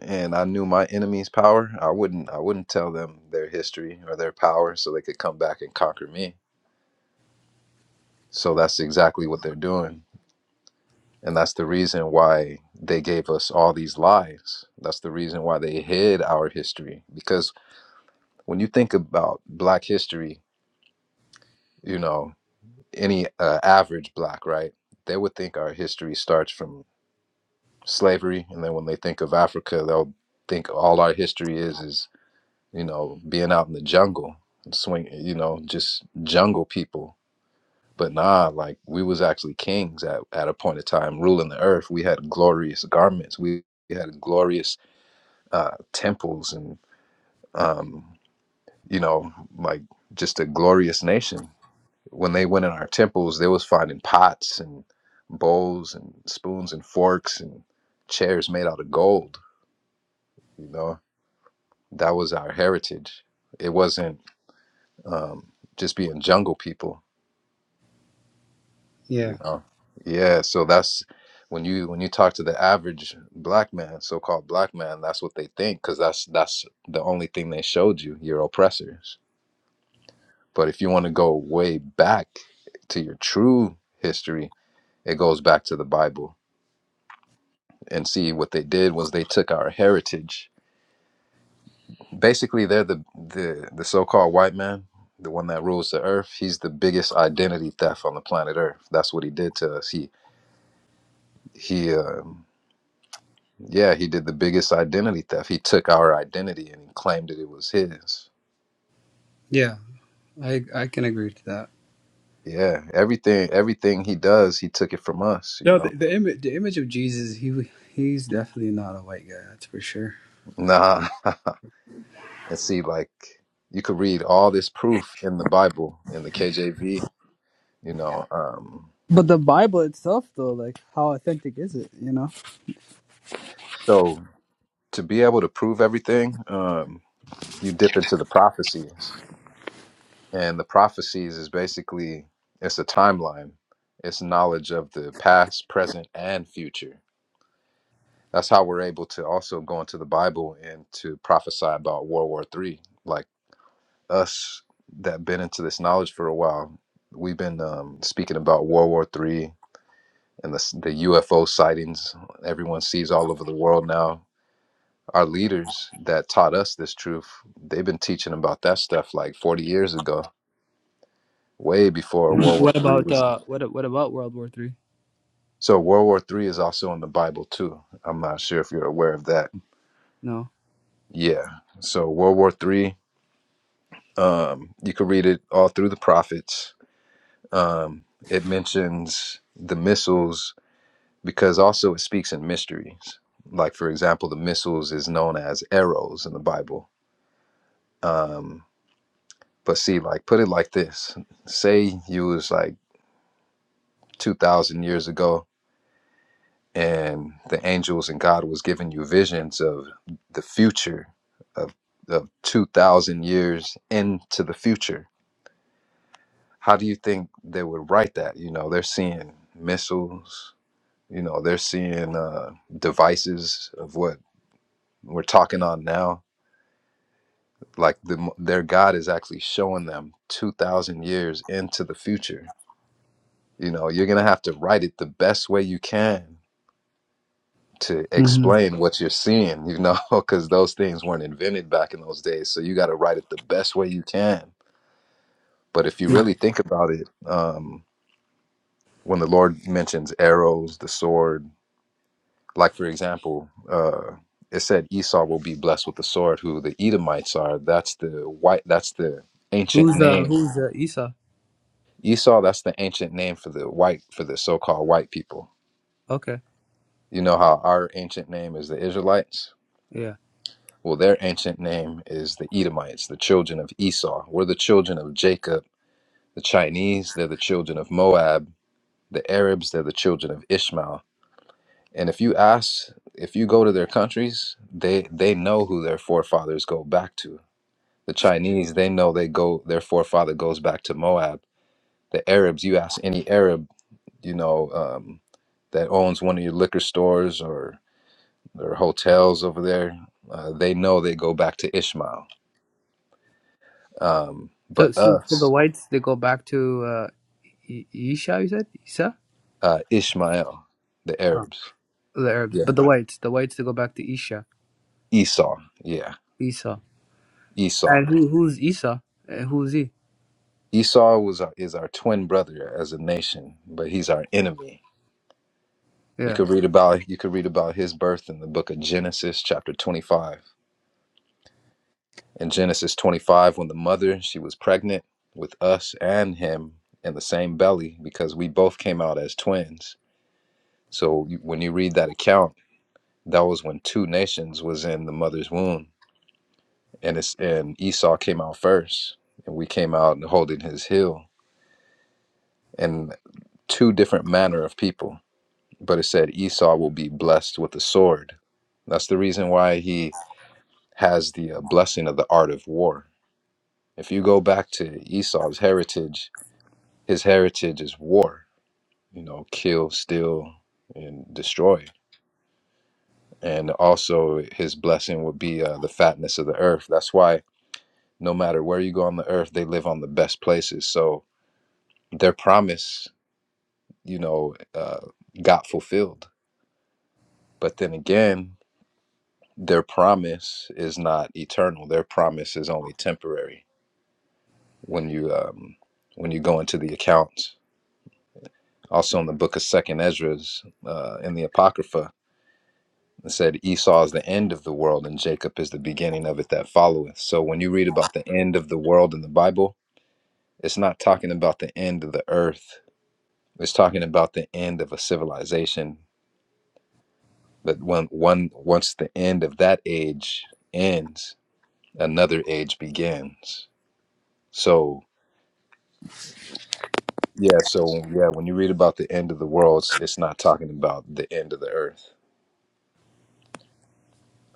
S4: and I knew my enemy's power. I wouldn't I wouldn't tell them their history or their power so they could come back and conquer me. So that's exactly what they're doing. And that's the reason why they gave us all these lies. That's the reason why they hid our history because when you think about black history, you know, any uh, average black, right, they would think our history starts from slavery, and then when they think of Africa, they'll think all our history is is you know being out in the jungle and swing, you know, just jungle people. But nah, like we was actually kings at at a point of time, ruling the earth. We had glorious garments. We, we had glorious uh, temples and um, you know like just a glorious nation When they went in our temples, they was finding pots and bowls and spoons and forks and chairs made out of gold. You know, that was our heritage. It wasn't um, just being jungle people.
S5: Yeah,
S4: You know, yeah. So that's when you when you talk to the average black man, so-called black man, that's what they think because that's that's the only thing they showed you. Your oppressors. But if you want to go way back to your true history, it goes back to the Bible and see what they did was they took our heritage. Basically, they're the the the so-called white man, the one that rules the earth. He's the biggest identity theft on the planet Earth. That's what he did to us. He he um, yeah, he did the biggest identity theft. He took our identity and he claimed that it was his.
S5: yeah, I I can agree to that.
S4: Yeah, everything everything he does, he took it from us, you
S5: No,
S4: know.
S5: the the, ima- the image of Jesus, he he's definitely not a white guy. That's for sure.
S4: Nah. and see like you could read all this proof in the Bible in the KJV, you know. Um
S5: But the Bible itself, though, like how authentic is it? You know.
S4: so to be able to prove everything, um, you dip into the prophecies, and the prophecies is basically it's a timeline. It's knowledge of the past, present, and future. That's how we're able to also go into the Bible and to prophesy about World War Three. Like us that been into this knowledge for a while, we've been um, speaking about World War Three and the, s- the UFO sightings. Everyone sees all over the world now Our leaders that taught us this truth, they've been teaching about that stuff like 40 years ago, way before World War
S5: What
S4: Three
S5: about
S4: was.
S5: uh? What what about World War Three?
S4: So World War Three is also in the Bible too. I'm not sure if you're aware of that.
S5: No.
S4: Yeah. So World War Three, um, you could read it all through the prophets. Um, it mentions the missiles because also it speaks in mysteries. Like for example, the missiles is known as arrows in the Bible. Um, but see, like put it like this: say you was like 2,000 years ago, and the angels and God was giving you visions of the future, of, of 2,000 years into the future. How do you think they would write that? You know, they're seeing missiles, you know, they're seeing uh, devices of what we're talking on now. Like the, their God is actually showing them 2,000 years into the future. You know, you're going to have to write it the best way you can to
S5: hmm
S4: explain what you're seeing, you know, because those things weren't invented back in those days. So you got to write it the best way you can. But if you
S5: Yeah.
S4: really think about it, um, when the Lord mentions arrows, the sword, like for example, uh, it said Esau will be blessed with the sword, who the Edomites are. That's the white. That's the ancient
S5: Who's uh
S4: name.
S5: Who's uh, Esau?
S4: Esau. That's the ancient name for the white, for the so-called white people.
S5: Okay.
S4: You know how our ancient name is the Israelites
S5: Yeah.
S4: Well, their ancient name is the Edomites, the children of Esau. We're the children of Jacob. The Chinese, they're the children of Moab. The Arabs, they're the children of Ishmael. And if you ask, if you go to their countries, they they know who their forefathers go back to. The Chinese, they know they go their forefather goes back to Moab. The Arabs, you ask any Arab, you know, um, that owns one of your liquor stores or or hotels over there, uh, they know they go back to Ishmael Um,
S5: So
S4: but
S5: so for the
S4: us,
S5: whites, they go back to uh, E- Esau. You said Esau.
S4: uh, Ishmael, the
S5: Oh.
S4: Arabs.
S5: The Arabs,
S4: Yeah.
S5: but the whites, the whites, they go back to Esau.
S4: Esau. Yeah.
S5: Esau.
S4: Esau.
S5: And who who's Isa? Uh, who's he?
S4: Esau was our, is our twin brother as a nation, but he's our enemy. You
S5: Yeah.
S4: could read about you could read about his birth in the book of Genesis, chapter twenty-five. In Genesis twenty-five, when the mother she was pregnant with us and him in the same belly, because we both came out as twins. So you- when you read that account, that was when two nations was in the mother's womb and it's and Esau came out first, and we came out holding his heel, and two different manner of people. But it said Esau will be blessed with the sword. That's the reason why he has the uh, blessing of the art of war. If you go back to Esau's heritage, his heritage is war. You know, kill, steal, and destroy. And also, his blessing would be uh, the fatness of the earth. That's why no matter where you go on the earth, they live on the best places. So their promise you know, uh, got fulfilled. But then again, their promise is not eternal. Their promise is only temporary. When you um, when you go into the accounts, also in the book of Second Esdras uh, in the Apocrypha, it said Esau is the end of the world and Jacob is the beginning of it that followeth. So when you read about the end of the world in the Bible, it's not talking about the end of the earth. It's talking about the end of a civilization But when one once the end of that age ends, another age begins. So yeah, so yeah, when you read about the end of the world, it's, it's not talking about the end of the earth.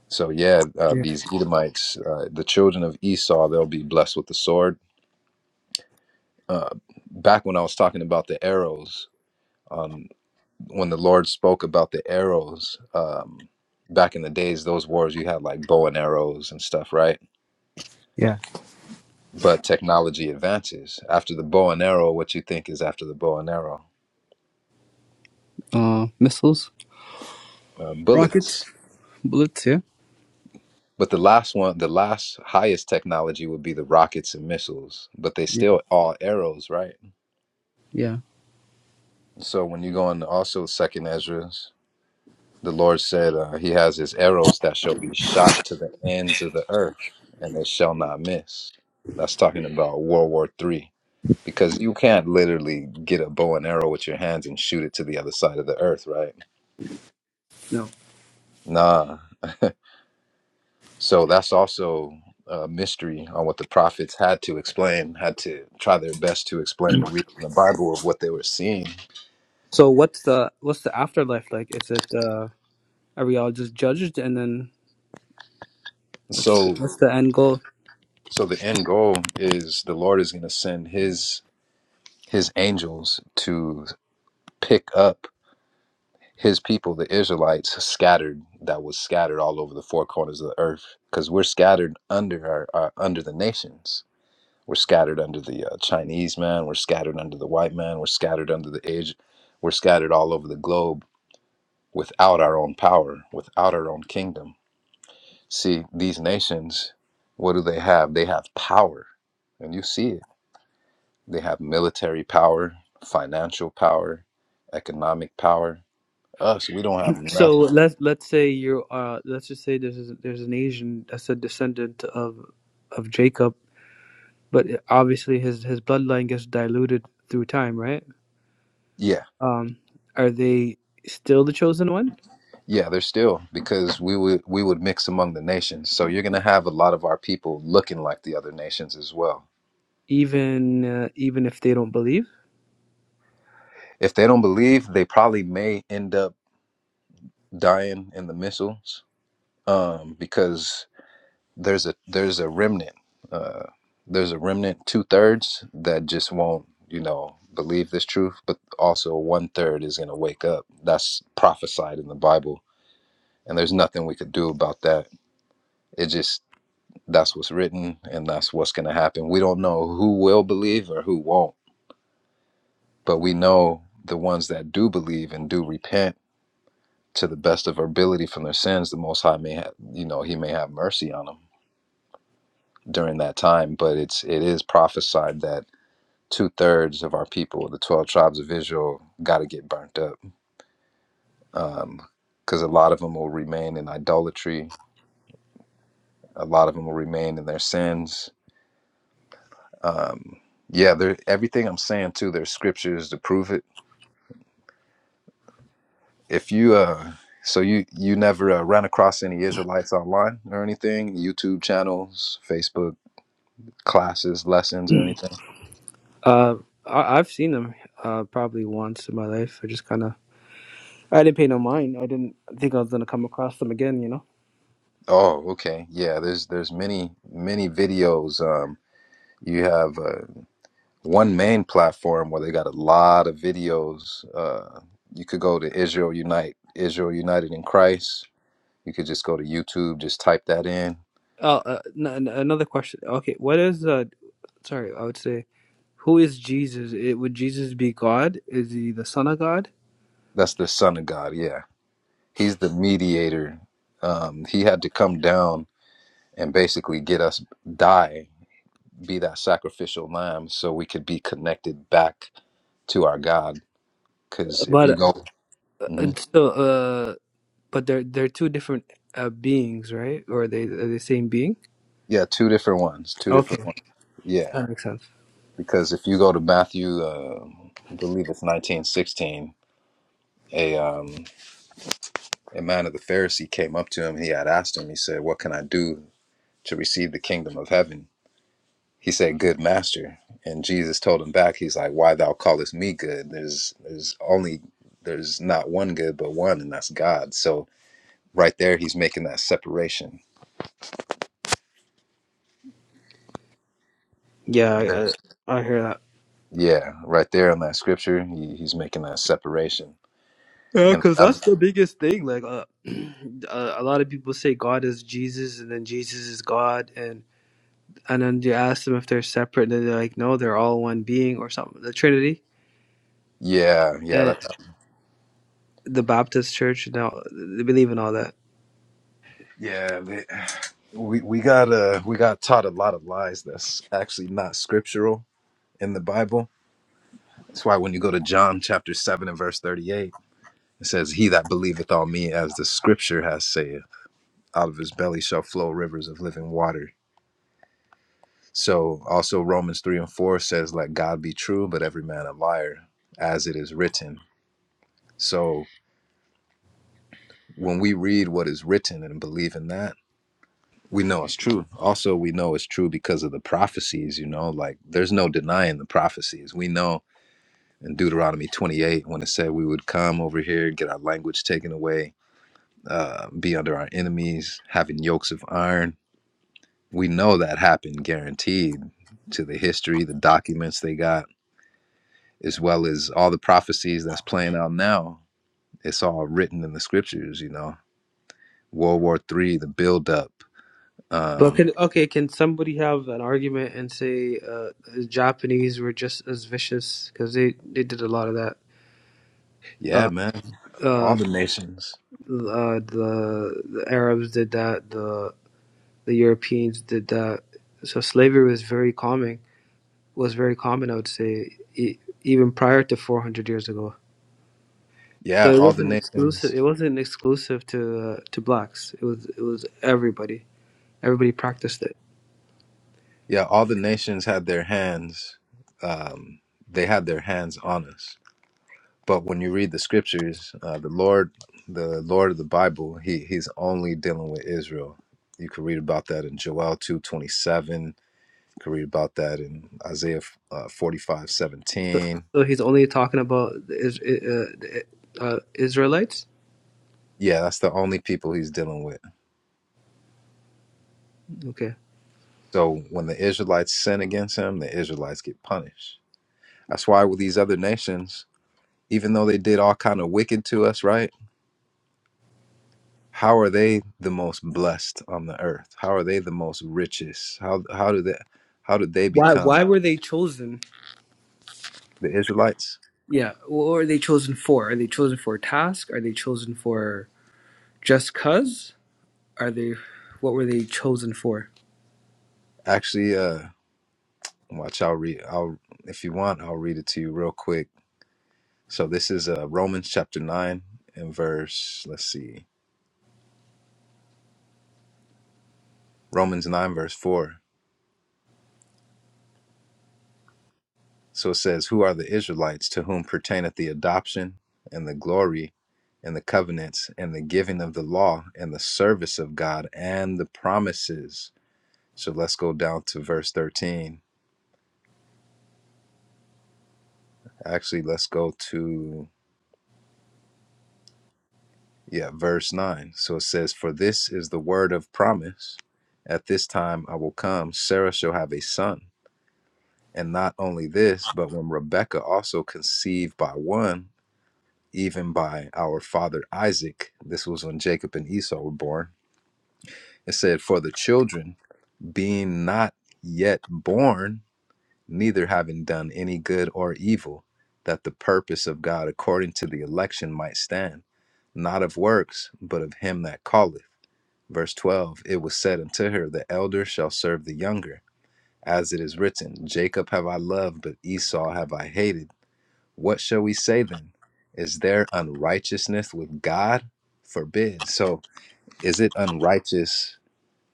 S4: So yeah, uh,
S5: Yeah.
S4: these Edomites, uh, the children of Esau, they'll be blessed with the sword. Uh, back when I was talking about the arrows, um, when the Lord spoke about the arrows, um, back in the days, those wars you had like bow and arrows and stuff, right?
S5: Yeah.
S4: but technology advances. After the bow and arrow, what you think is after the bow and arrow,
S5: Uh, missiles,
S4: uh, bullets.
S5: rockets, bullets. Yeah.
S4: But the last one, the last highest technology would be the rockets and missiles, but they
S5: Yeah.
S4: still all arrows, right?
S5: Yeah.
S4: So when you go into also Second Ezra's, the Lord said uh, He has His arrows that shall be shot to the ends of the earth, and they shall not miss. That's talking about World War Three, because you can't literally get a bow and arrow with your hands and shoot it to the other side of the earth, right?
S5: No.
S4: Nah, So that's also a mystery on what the prophets had to explain, had to try their best to explain the reading the Bible of what they were seeing.
S5: So what's the what's the afterlife like? Is it uh are we all just judged and then what's the,
S4: So
S5: what's the end goal?
S4: so the end goal is the Lord is gonna send his his angels to pick up his people, the Israelites, scattered that was scattered all over the four corners of the earth. Because we're scattered under our, our under the nations. We're scattered under the uh, Chinese man. We're scattered under the white man. We're scattered under the age. We're scattered all over the globe without our own power, without our own kingdom. See, these nations, what do they have? They have power. And you see it. They have military power, financial power, economic power. Us, we don't have
S5: So
S4: nothing.
S5: let's let's say you're uh let's just say there's there's an Asian that's a descendant of of Jacob, but obviously his his bloodline gets diluted through time, right?
S4: Yeah,
S5: Um, are they still the chosen one?
S4: yeah, they're still because we would we would mix among the nations. So you're gonna have a lot of our people looking like the other nations as well.
S5: even uh, even if they don't believe.
S4: If they don't believe, they probably may end up dying in the missiles, um, because there's a there's a remnant uh there's a remnant two-thirds that just won't you know believe this truth but also one-third is going to wake up that's prophesied in the bible and there's nothing we could do about that it just that's what's written and that's what's going to happen we don't know who will believe or who won't but we know the ones that do believe and do repent to the best of our ability from their sins the most high may have you know he may have mercy on them during that time but it's it is prophesied that two thirds of our people, the 12 tribes of Israel, got to get burnt up because um, a lot of them will remain in idolatry. A lot of them will remain in their sins. Um, yeah, there, everything I'm saying too, there's scriptures to prove it. If you, uh, so you you never uh, ran across any Israelites online or anything, YouTube channels, Facebook classes, lessons, or anything.
S5: Uh, I, I've seen them uh, probably once in my life. I just kind of I didn't pay no mind. I didn't think I was gonna come across them again. You know.
S4: Oh, okay, yeah. There's there's many many videos. Um, you have. uh, one main platform where they got a lot of videos. Uh, you could go to Israel Unite, Israel United in Christ. You could just go to YouTube, just type that in.
S5: Oh, uh, n- n- another question. Okay, what is uh? Sorry, I would say who is Jesus? It, would Jesus be God? Is he the Son of God?
S4: That's the Son of God. Yeah, He's the mediator. Um, he had to come down and basically get us die, be that sacrificial lamb, so we could be connected back to our God. Because if you
S5: But
S4: go,
S5: uh,
S4: Mhm.
S5: it's still, uh, but they're they're two different uh, beings, right? Or are they are they the same being?
S4: yeah, two different ones, two
S5: Okay,
S4: different ones. yeah.
S5: that makes sense.
S4: because if you go to Matthew, uh, I believe it's nineteen sixteen, a um, a man of the Pharisee came up to him. He had asked him. He said, "What can I do to receive the kingdom of heaven?" He said, "Good master." And Jesus told him back. He's like, "Why thou callest me good? There's there's only there's not one good but one, and that's God." So right there, he's making that separation.
S5: Yeah, I,
S4: There's
S5: I, I hear that.
S4: yeah, right there in that scripture, he, he's making that separation.
S5: Yeah,
S4: And
S5: because
S4: I,
S5: that's the biggest thing. Like, uh, a a lot of people say God is Jesus, and then Jesus is God, and and then you ask them if they're separate, and then they're like, no, they're all one being or something. The Trinity,
S4: yeah, yeah,
S5: and
S4: that,
S5: the Baptist Church, now they believe in all that.
S4: yeah. we we got uh we got taught a lot of lies that's actually not scriptural in the Bible. That's why when you go to John chapter seven and verse thirty eight, it says, "He that believeth on me, as the Scripture has said, out of his belly shall flow rivers of living water." So also Romans three and four says, "Let God be true, but every man a liar, as it is written." So when we read what is written and believe in that, we know it's true. Also, we know it's true because of the prophecies. You know, like there's no denying the prophecies. We know in Deuteronomy 28 when it said we would come over here, get our language taken away, uh, be under our enemies, having yokes of iron. We know that happened, guaranteed, to the history, the documents they got, as well as all the prophecies that's playing out now. It's all written in the scriptures, you know. World War Three, the buildup.
S5: But
S4: Um,
S5: can okay, can somebody have an argument and say uh, the Japanese were just as vicious because they they did a lot of that.
S4: yeah,
S5: Uh,
S4: man. All
S5: uh,
S4: the nations.
S5: uh, the the Arabs did that. The the Europeans did that so slavery was very common was very common, I would say, e- even prior to 400 years ago. So
S4: Yeah,
S5: it
S4: all the
S5: wasn't exclusive. It
S4: nations.
S5: wasn't exclusive to uh, to blacks. It was it was everybody. Everybody practiced it.
S4: Yeah, all the nations had their hands. Um, they had their hands on us but when you read the scriptures uh, the lord the lord of the bible he he's only dealing with israel you can read about that in joel 2 27. you can read about that in isaiah uh, 45
S5: So, so he's only talking about the, Is- uh, the uh, Israelites.
S4: yeah that's the only people he's dealing with
S5: Okay.
S4: so when the israelites sin against him the israelites get punished that's why with these other nations even though they did all kind of wicked to us right how are they the most blessed on the earth how are they the most richest how how do they how did they
S5: Why
S4: become
S5: why were they chosen?
S4: the Israelites.
S5: Yeah. What were they chosen for? Are they chosen for a task? Are they chosen for just cuz? Are they what were they chosen for?
S4: Actually, uh, watch. I'll read. I'll if you want, I'll read it to you real quick. So this is uh, Romans chapter nine and verse. Let's see, Romans nine verse four. So it says, "Who are the Israelites to whom pertaineth the adoption and the glory and the covenants and the giving of the law and the service of God and the promises." So let's go down to verse thirteen. Actually, let's go to Yeah, verse 9. So it says, For this is the word of promise. At this time I will come, Sarah shall have a son. And not only this, but when Rebekah also conceived by one, even by our father Isaac, this was when Jacob and Esau were born, it said, For the children, being not yet born, neither having done any good or evil, that the purpose of God according to the election might stand, not of works, but of him that calleth. Verse 12 It was said unto her, The elder shall serve the younger. As it is written, Jacob have I loved, but Esau have I hated. What shall we say then? Is there unrighteousness with God? Forbid. So is it unrighteous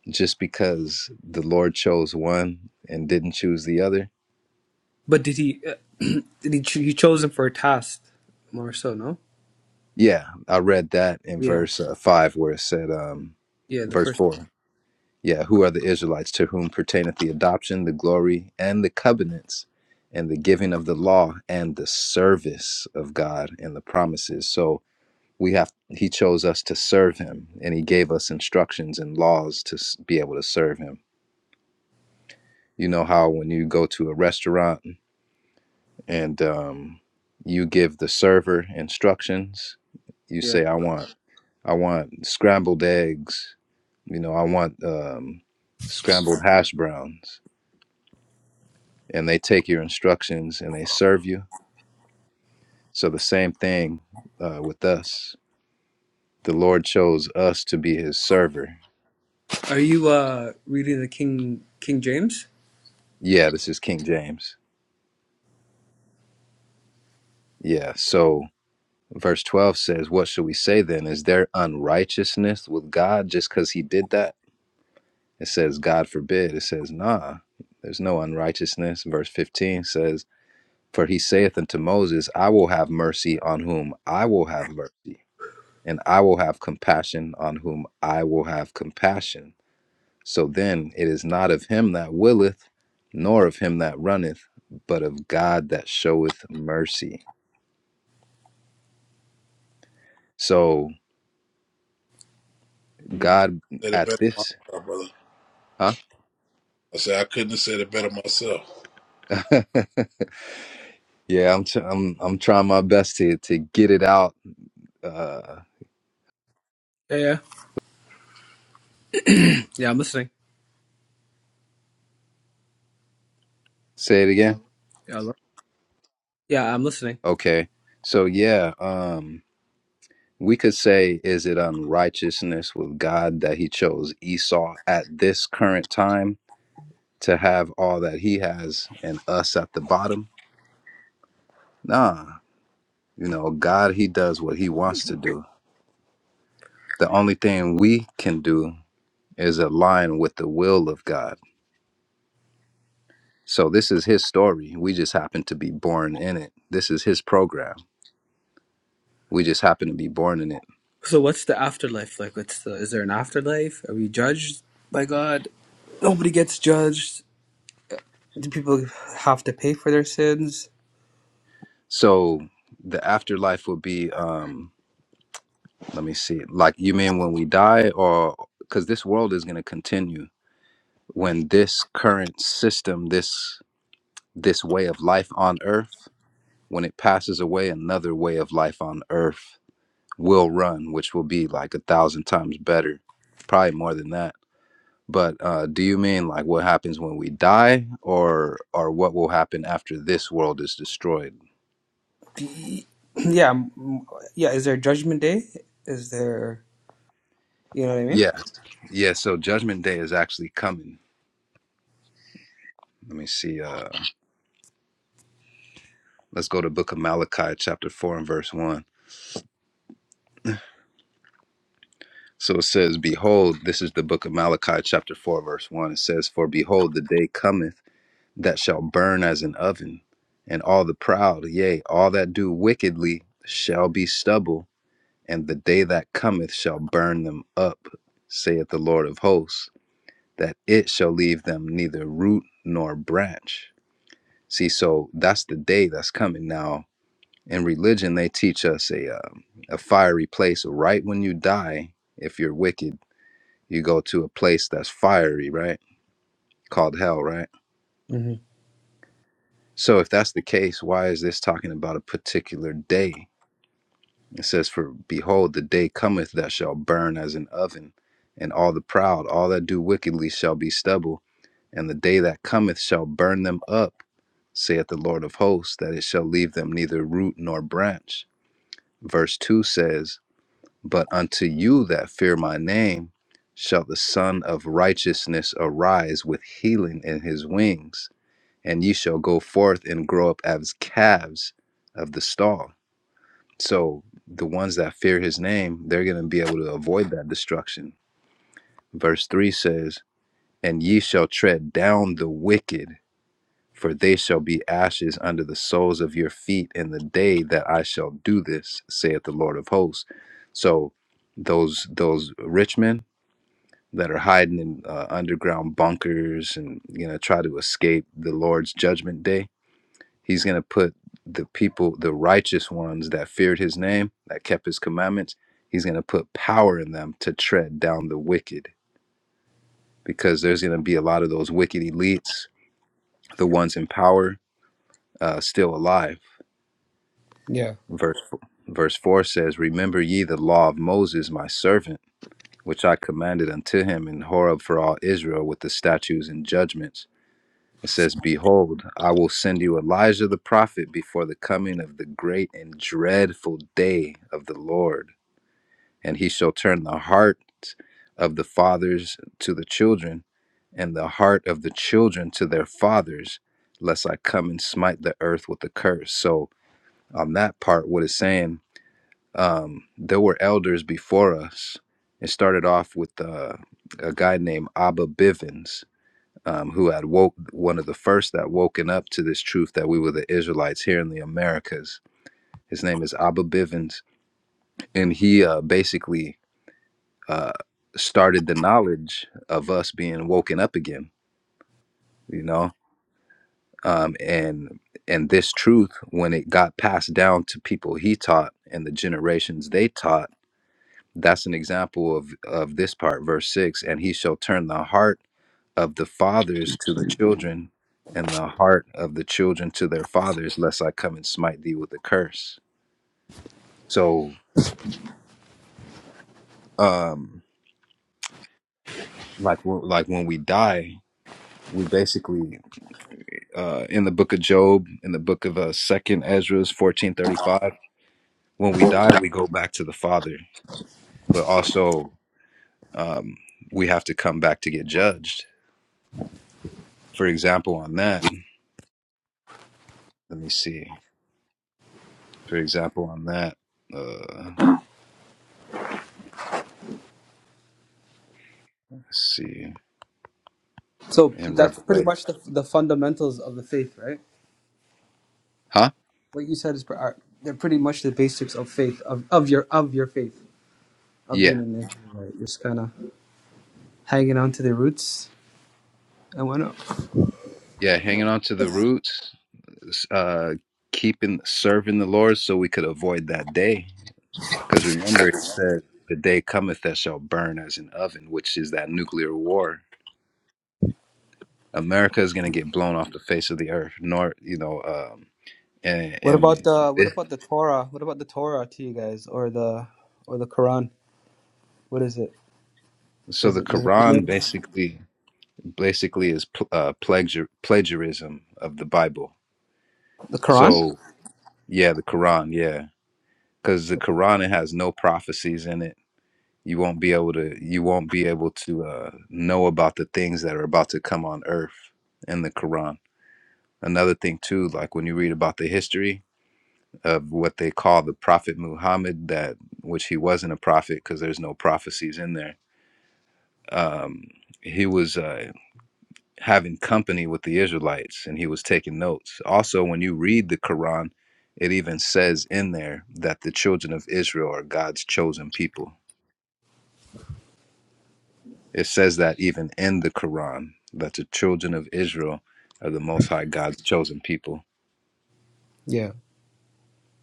S4: just because the Lord chose one and didn't choose the other?
S5: But did he did he, ch- he chosen for a task more so, no?
S4: Yeah, I read that in
S5: Yeah.
S4: verse uh, 5 where it said, um,
S5: Yeah, the
S4: verse
S5: first
S4: 4. Yeah, who are the Israelites to whom pertaineth the adoption, the glory, and the covenants, and the giving of the law, and the service of God and the promises. So we have, he chose us to serve him, and he gave us instructions and laws to s- be able to serve him. You know how when you go to a restaurant and um, you give the server instructions, you
S5: yeah.
S4: say, I want, I want scrambled eggs, you know, I want um, scrambled hash browns and they take your instructions and they serve you. So the same thing uh, with us. The Lord chose us to be his server.
S5: Are you uh reading the King King James?
S4: Yeah, this is King James. Yeah, so verse 12 says, What shall we say then? Is there unrighteousness with God just because he did that? It says, God forbid. It says, Nah, there's no unrighteousness. Verse 15 says, For he saith unto Moses, I will have mercy on whom I will have mercy, and I will have compassion on whom I will have compassion So then it is not of him that willeth, nor of him that runneth, but of God that showeth mercy. So God
S3: Said it
S4: at
S3: better
S4: this,
S3: myself, brother.
S4: huh?
S3: I said I couldn't have said it better myself.
S4: yeah, I'm, t- I'm I'm trying my best to to get it out. Uh,
S5: Yeah, yeah. yeah, I'm listening.
S4: say it again.
S5: Yeah, I lo- yeah, I'm listening.
S4: Okay. So yeah, um, we could say, is it unrighteousness with God that He chose Esau at this current time to have all that He has and us at the bottom? Nah, You know, God, He does what He wants to do. The only thing we can do is align with the will of God. So this is His story. We just happen to be born in it. This is His program. We just happen to be born in it.
S5: So what's the afterlife like? What's the is there an afterlife? Are we judged by God? Nobody gets judged. Do people have to pay for their sins?
S4: So the afterlife will be, um, let me see, like you mean when we die, or because this world is going to continue when this current system, this this way of life on earth, when it passes away, another way of life on earth will run, which will be like a thousand times better, probably more than that. But uh, do you mean like what happens when we die, or or what will happen after this world is destroyed?
S5: D- Yeah, mm, yeah, is there judgment day? Is there you know what I
S4: Yeah,
S5: mean?
S4: yeah. So Judgment Day is actually coming. Let me see. Uh, let's go to Book of Malachi, chapter four and verse one. So it says, "Behold, this is the Book of Malachi, chapter four, verse one. It says, For behold, the day cometh that shall burn as an oven, and all the proud, yea, all that do wickedly, shall be stubble." and the day that cometh shall burn them up, saith the Lord of hosts, that it shall leave them neither root nor branch. See, so that's the day that's coming now. In religion, they teach us a uh, a fiery place. Right when you die, if you're wicked, you go to a place that's fiery, right? Called hell, right?
S5: hmm
S4: So if that's the case, why is this talking about a particular day? It says, For behold, the day cometh that shall burn as an oven, and all the proud, all that do wickedly, shall be stubble. And the day that cometh shall burn them up, saith the Lord of hosts, that it shall leave them neither root nor branch. Verse 2 says, But unto you that fear my name shall the Son of righteousness arise with healing in his wings, and ye shall go forth and grow up as calves of the stall so the ones that fear his name, they're going to be able to avoid that destruction. Verse 3 says, And ye shall tread down the wicked, for they shall be ashes under the soles of your feet in the day that I shall do this, saith the Lord of hosts. So those those rich men that are hiding in uh, underground bunkers and you know try to escape the Lord's judgment day He's going to put the people, the righteous ones that feared his name, that kept his commandments, he's going to put power in them to tread down the wicked because there's going to be a lot of those wicked elites, the ones in power, uh, still alive.
S5: Yeah.
S4: Verse, f- verse 4 says, Remember ye the law of Moses, my servant, which I commanded unto him in Horeb for all Israel with the statutes and judgments It says, Behold, I will send you Elijah the prophet before the coming of the great and dreadful day of the Lord. And he shall turn the heart of the fathers to the children, and the heart of the children to their fathers, lest I come and smite the earth with a curse. So, on that part, what it's saying, um, there were elders before us. It started off with uh, a guy named Abba Bivens um, who had woke one of the first that woken up to this truth that we were the Israelites here in the Americas. His name is Abba Bivens, and he uh, basically uh, started the knowledge of us being woken up again. You know, um, and and this truth, when it got passed down to people he taught and the generations they taught, that's an example of of this part, verse six. And he shall turn the heart of the fathers to the children, and the heart of the children to their fathers, lest I come and smite thee with a curse. So, um, like when- like when we die, we basically uh, in the book of Job, in the book of uh, Second Ezra's fourteen thirty five. When we die, we go back to the Father, but also um, we have to come back to get judged. For example, on that, let me see. For example, on that, uh, let's see
S5: So
S4: in
S5: that's pretty
S4: Revelation,
S5: much the the fundamentals of the faith, right?
S4: huh?
S5: what you said is are, they're pretty much the basics of faith of, of your of your faith of
S4: Yeah.
S5: being in there. Right? You're just kind of hanging on to the roots and whatnot.
S4: Yeah, hanging on to the roots, uh, keeping serving the Lord so we could avoid that day. Because remember, he said, "The day cometh that shall burn as an oven," which is that nuclear war. America is going to get blown off the face of the earth. Nor, you know, um, and,
S5: What about
S4: and
S5: the what
S4: this,
S5: about the Torah? What about the Torah to you guys or the or the Quran? What is it?
S4: so
S5: Is
S4: the
S5: it the,
S4: Quran basically basically is pl- uh, plagiar- plagiarism of the Bible.
S5: the Quran?
S4: So yeah, the Quran, yeah, because the Quran it has no prophecies in it you won't be able to you won't be able to uh, know about the things that are about to come on earth in the quran another thing too like when you read about the history of what they call the prophet muhammad that which he wasn't a prophet because there's no prophecies in there um, he was uh, having company with the israelites and he was taking notes also when you read the quran it even says in there that the children of israel are god's chosen people It says that even in the Quran, that the children of Israel are the Most High God's chosen people.
S5: Yeah,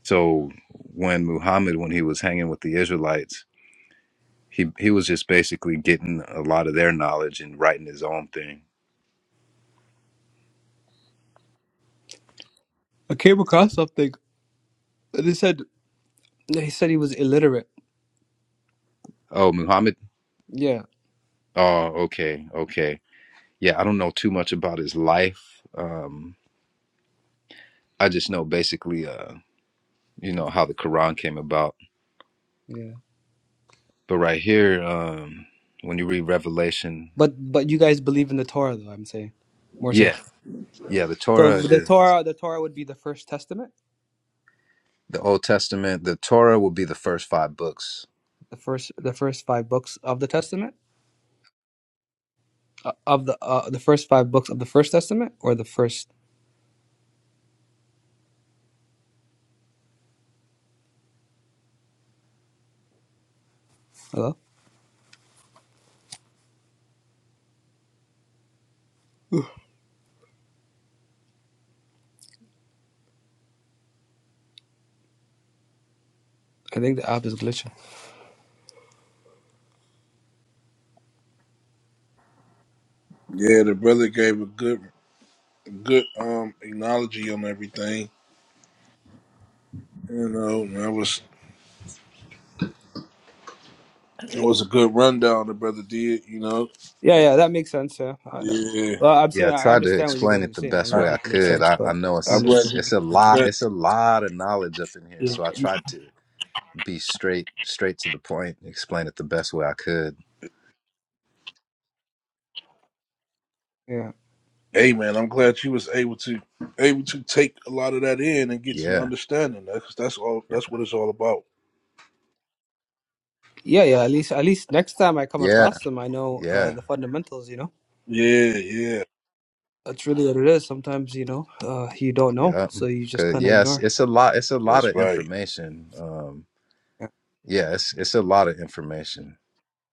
S4: So when Muhammad, when he was hanging with the Israelites, he, he was just basically getting a lot of their knowledge and writing his own thing.
S5: I came across something. They said he said he was illiterate.
S4: Oh, Muhammad?
S5: Yeah,
S4: Oh, okay, okay. Yeah, I don't know too much about his life. Um, I just know basically, uh, you know, how the Quran came about.
S5: yeah.
S4: But right here, um, when you read Revelation,
S5: But but you guys believe in the Torah though. I'm saying more so.
S4: yeah, yeah, the
S5: So
S4: Torah
S5: the
S4: is.
S5: Torah the Torah would be the first testament,
S4: The Old Testament, the Torah will be the first five books.
S5: the first the first five books of the testament. Uh, of the uh, the first five books of the First Testament or the first? Hello, I think the app is glitching.
S3: Yeah, the brother gave a good good um acknowledgement on everything. You know, and that was it was a good rundown the brother did, you know.
S5: Yeah, yeah, that makes sense. Yeah, I know.
S3: Yeah.
S5: well, I'm
S4: Yeah,
S5: saying
S4: I
S5: I
S4: tried to
S5: understand what you
S4: explain
S5: guys
S4: it
S5: are
S4: the
S5: saying. I'm
S4: best
S3: I,
S5: not
S4: way I
S5: saying it makes
S4: could.
S5: sense,
S4: I, I
S5: but
S4: know
S5: I
S3: I'm
S4: it's
S3: glad
S4: it's
S5: understand.
S3: you
S4: it's a
S3: I'm
S4: lot
S3: glad,
S4: it's a lot of knowledge up in here,
S5: Yeah,
S4: so I tried to be straight straight to the point, explain it the best way I could.
S5: yeah,
S3: hey man, I'm glad you was able to able to take a lot of that in and get some
S4: Yeah.
S3: understanding. That's that's all
S4: Yeah.
S3: that's what it's all about.
S5: yeah, yeah. At least, at least next time I come
S4: Yeah.
S5: across them, I know uh,
S4: Yeah.
S5: the fundamentals. You know,
S3: Yeah, yeah.
S5: that's really what it is. Sometimes you know uh, you don't know,
S4: yup.
S5: so you just
S4: Cause
S5: kind of
S4: yes,
S5: ignore.
S4: it's a lot it's a lot
S3: That's
S4: of
S3: right.
S4: information. Um
S5: Yeah,
S4: yeah, it's it's a lot of information.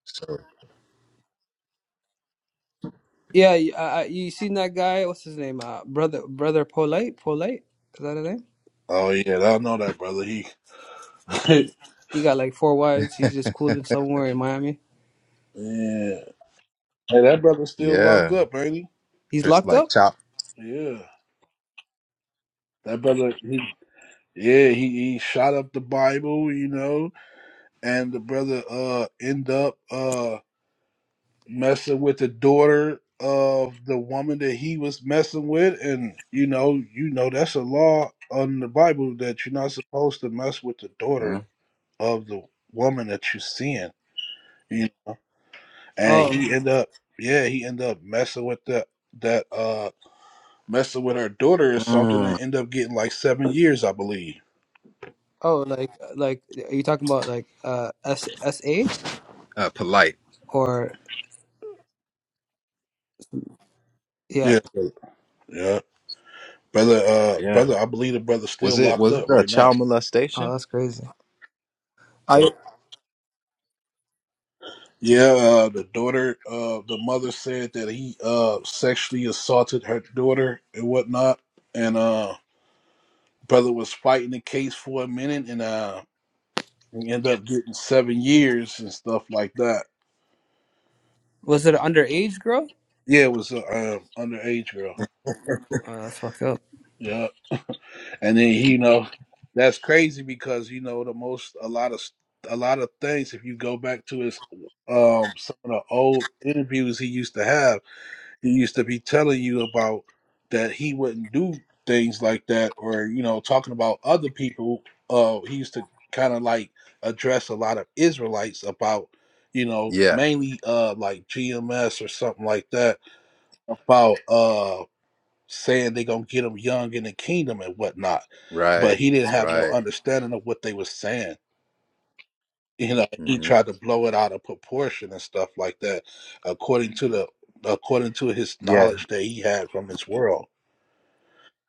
S4: So
S5: yeah. You, uh, uh, you seen that guy? What's his name? Uh, brother, brother, polite, polite. Is that his name?
S3: Oh yeah, I know that brother. He
S5: He got like four wives. He's just cooling somewhere in Miami.
S3: Yeah. Hey, that brother's still locked
S4: yeah.
S3: up, ain't he?
S5: He's
S4: Just
S5: locked
S4: like
S5: up?
S4: chop
S3: Yeah. That brother he Yeah, he, he shot up the Bible, you know, and the brother uh end up uh messing with the daughter of the woman that he was messing with and you know, you know that's a law on the Bible that you're not supposed to mess with the daughter
S4: Mhm.
S3: of the woman that you're seeing. You know. And
S5: Oh,
S3: he end up yeah, he end up messing with the that uh messing with her daughter or something and
S4: mm,
S3: end up getting like seven years, I believe.
S5: oh, like, like, are you talking about like uh S S A
S4: uh, polite.
S5: or yeah?
S3: Yeah. Yeah. Brother, uh,
S4: Yeah.
S3: brother, I believe the brother's
S4: Was
S3: still
S4: it
S3: locked
S4: was it
S3: up
S4: a
S3: right now.
S4: child
S5: Oh,
S4: molestation?
S5: that's crazy.
S3: What?
S5: I
S3: Yeah, uh, the daughter, uh, the mother said that he uh, sexually assaulted her daughter and whatnot, and uh, brother was fighting the case for a minute, and uh, he ended up getting seven years and stuff like that.
S5: was it an underage girl?
S3: Yeah, it was an uh, um, underage girl.
S5: Oh, that's fucked up.
S3: Yeah, and then you know, that's crazy because you know the most a lot of a lot of things. If you go back to his um some of the old interviews he used to have he used to be telling you about that he wouldn't do things like that or you know talking about other people uh he used to kind of like address a lot of israelites about you know
S4: Yeah,
S3: mainly uh like gms or something like that about uh saying they gonna get them young in the kingdom and whatnot but
S4: right,
S3: he didn't have no
S4: right.
S3: understanding of what they were saying you know he
S4: hmm
S3: tried to blow it out of proportion and stuff like that according to the according to his
S4: Yeah,
S3: knowledge that he had from his world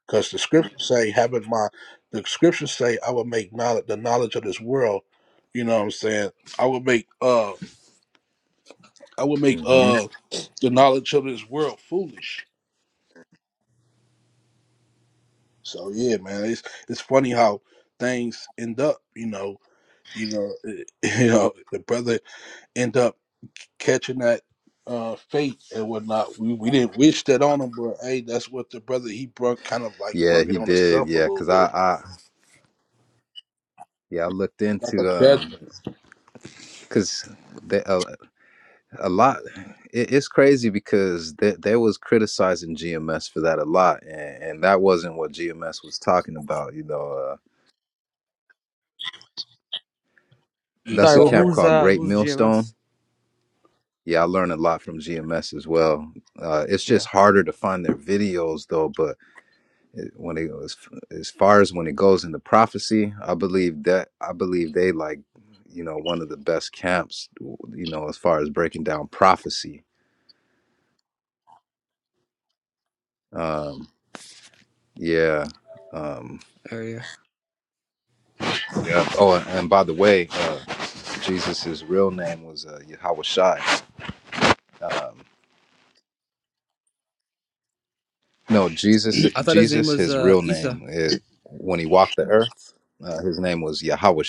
S3: because the scriptures say having my the scriptures say i will make knowledge the knowledge of this world you know what i'm saying i will make uh i will make
S4: hmm
S3: uh the knowledge of this world foolish so yeah man it's it's funny how things end up you know you know you know the brother end up catching that uh, fate and whatnot. We we didn't wish that on him, but hey, that's what the brother he brung kind of like
S4: yeah,
S3: brung it
S4: he
S3: on
S4: did.
S3: himself a
S4: Yeah,
S3: little
S4: cause I,
S3: bit,
S4: I, yeah, I looked
S3: like a
S4: into um,
S3: judgment.
S4: cause they, a, a lot. It, it's crazy because they they was criticizing GMS for that a lot, and, and that wasn't what GMS was talking about. You know, uh, that's
S5: Sorry,
S4: a
S5: well,
S4: camp
S3: Exactly.
S5: who's
S4: called
S5: uh
S4: Great
S5: who's
S4: Millstone.
S5: GMS?
S4: Yeah, I learned a lot from GMS as well. Uh, it's just
S5: Yeah,
S4: harder to find their videos though, but It- When it was as far as when it goes into prophecy, I believe that I believe they like, you know, one of the best camps, you know, as far as breaking down prophecy. Um, yeah. Um,
S5: oh yeah.
S4: yeah. Oh, and, and by the way, uh, Jesus's real name was uh, Yahweh Um, no,
S5: there you
S4: Jesus.
S5: go. I thought his name
S4: Jesus.
S5: was
S4: His
S5: uh
S4: real
S5: Isa.
S4: name is when he walked the earth. Uh, his name was Yahushai.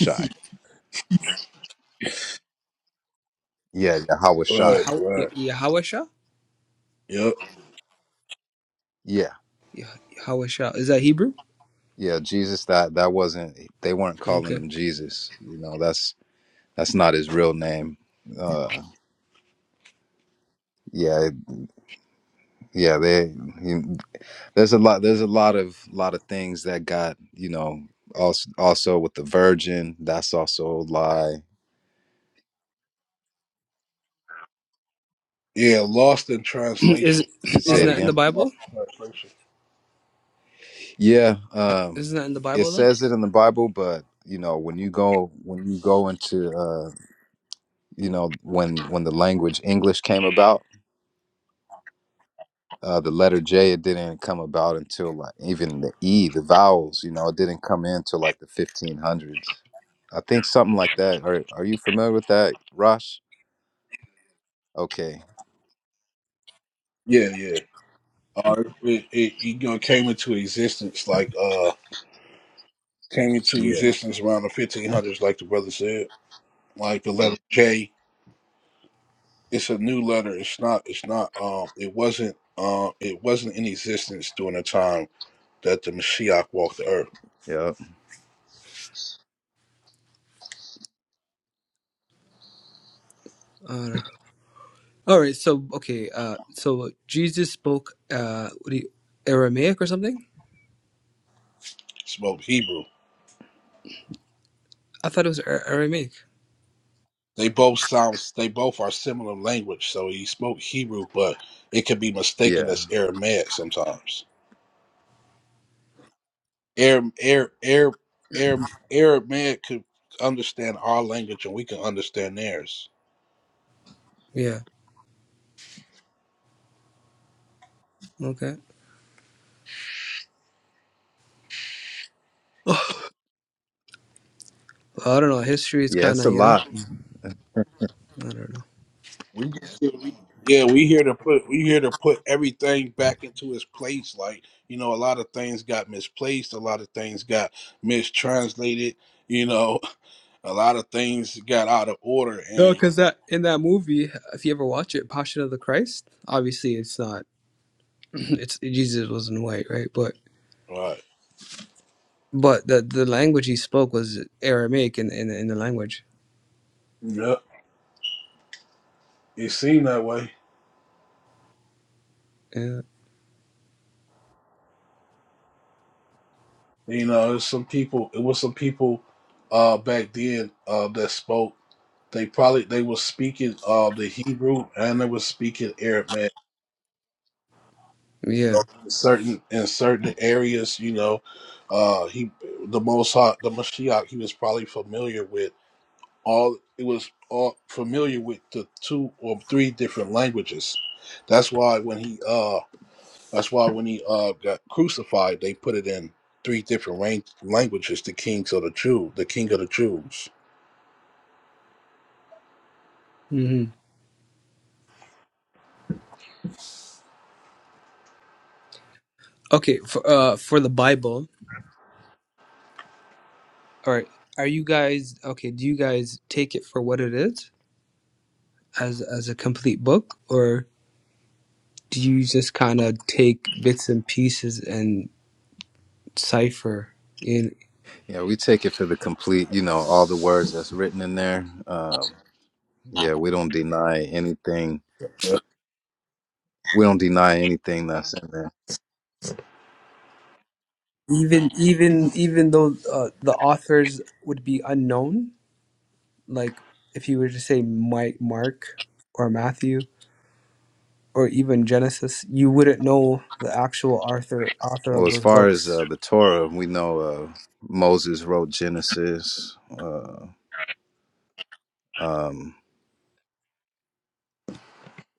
S4: Yeah, Yahushai.
S3: Right.
S5: Yehow- Ye-
S3: Right.
S5: Yahawasha?
S3: Yep.
S4: Yeah.
S5: Yeh- Yahawasha. Is that Hebrew?
S4: Yeah, Jesus. That that wasn't. They weren't calling
S5: Okay.
S4: him Jesus. You know, that's that's not his real name. Uh, yeah, yeah. They he, there's a lot. There's a lot of lot of things that got you know. Also, also with the Virgin, that's also a lie.
S3: Yeah. Lost in
S5: Is
S3: translation. A lot
S4: Say
S5: isn't
S4: it
S3: of
S5: that in the
S4: again.
S3: things
S5: Bible?
S3: lost in translation.
S4: Yeah, um,
S5: Isn't that in the
S4: it
S5: Bible though?
S4: says it in the Bible, but you know when you go when you go into uh, you know when when the language English came about Uh, the letter J, it didn't come about until like even the E, the vowels, you know, it didn't come in till like the 1500s. I think something like that. Are Are you familiar with that, Rosh? Okay.
S3: Yeah. Yeah. Uh, it, it, it you know, came into existence like uh came into
S4: Yeah.
S3: existence around the 1500s, like the brother said, like the letter J. it's a new letter. It's not. It's not. Um, it wasn't. Um, it wasn't in existence during the time that the Mashiach walked the earth.
S4: Yeah.
S5: Uh, all right. So okay. Uh, so Jesus spoke uh what do you, Aramaic or something?
S3: He Spoke Hebrew.
S5: I thought it was Ar- Aramaic.
S3: They both sound. They both are similar language. So he spoke Hebrew, but it could be mistaken
S4: Yeah.
S3: as Aramaic sometimes. Aram, Aram, Aram, Aram, Aramaic could understand our language, and we can understand theirs.
S5: Yeah. Okay. Oh, I don't know. History is
S4: Yeah.
S5: kind
S4: It's
S5: of
S4: a
S5: you know.
S4: lot.
S5: I don't know.
S3: We just here, we, yeah, we here to put we here to put everything back into its place. Like you know, a lot of things got misplaced, a lot of things got mistranslated. You know, a lot of things got out of order,
S5: No,
S3: and
S5: because that in that movie, if you ever watch it, Passion of the Christ. Obviously, it's not. It's Jesus wasn't white, right? But
S3: uh,
S5: but the the language he spoke was Aramaic in in, in the language.
S3: yep, it seemed that way.
S5: Yeah.
S3: You know, there's some people. It was some people uh, back then uh, that spoke. They probably they were speaking uh, the Hebrew and they were speaking Aramaic
S5: Yeah.
S3: In certain in certain areas, you know, uh, he the most high, the Mashiach, he was probably familiar with all. It was all familiar with the two or three different languages. That's why when he uh, that's why when he uh got crucified, they put it in three different ran- languages: the kings of the Jew, the king of the Jews.
S5: hmm Okay. For uh for the Bible. All right. Are you guys okay? Do you guys take it for what it is as as a complete book, or do you just kind of take bits and pieces and cipher and
S4: Yeah, we take it for the complete. You know, all the words that's written in there. Um, yeah, we don't deny anything.
S3: Yeah.
S4: We don't deny anything that's in there.
S5: even even even though uh, the authors would be unknown like if you were to say mike mark or matthew or even genesis you wouldn't know the actual author author
S4: Well,
S5: of
S4: as
S5: those
S4: far as uh,
S5: books
S4: the Torah, we know uh, Moses wrote Genesis. Uh, um,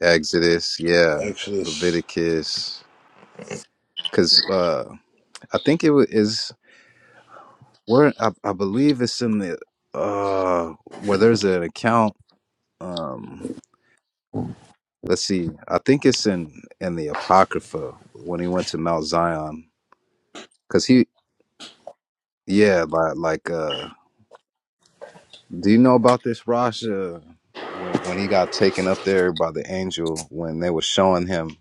S4: Exodus, yeah,
S3: Exodus.
S4: Leviticus, because uh, I think it wa- is where I, I believe it's in the uh where there's an account. Um, let's see, I think it's in in the Apocrypha when he went to Mount Zion, because he yeah like like uh, do you know about this Rasha when when he got taken up there by the angel when they were showing him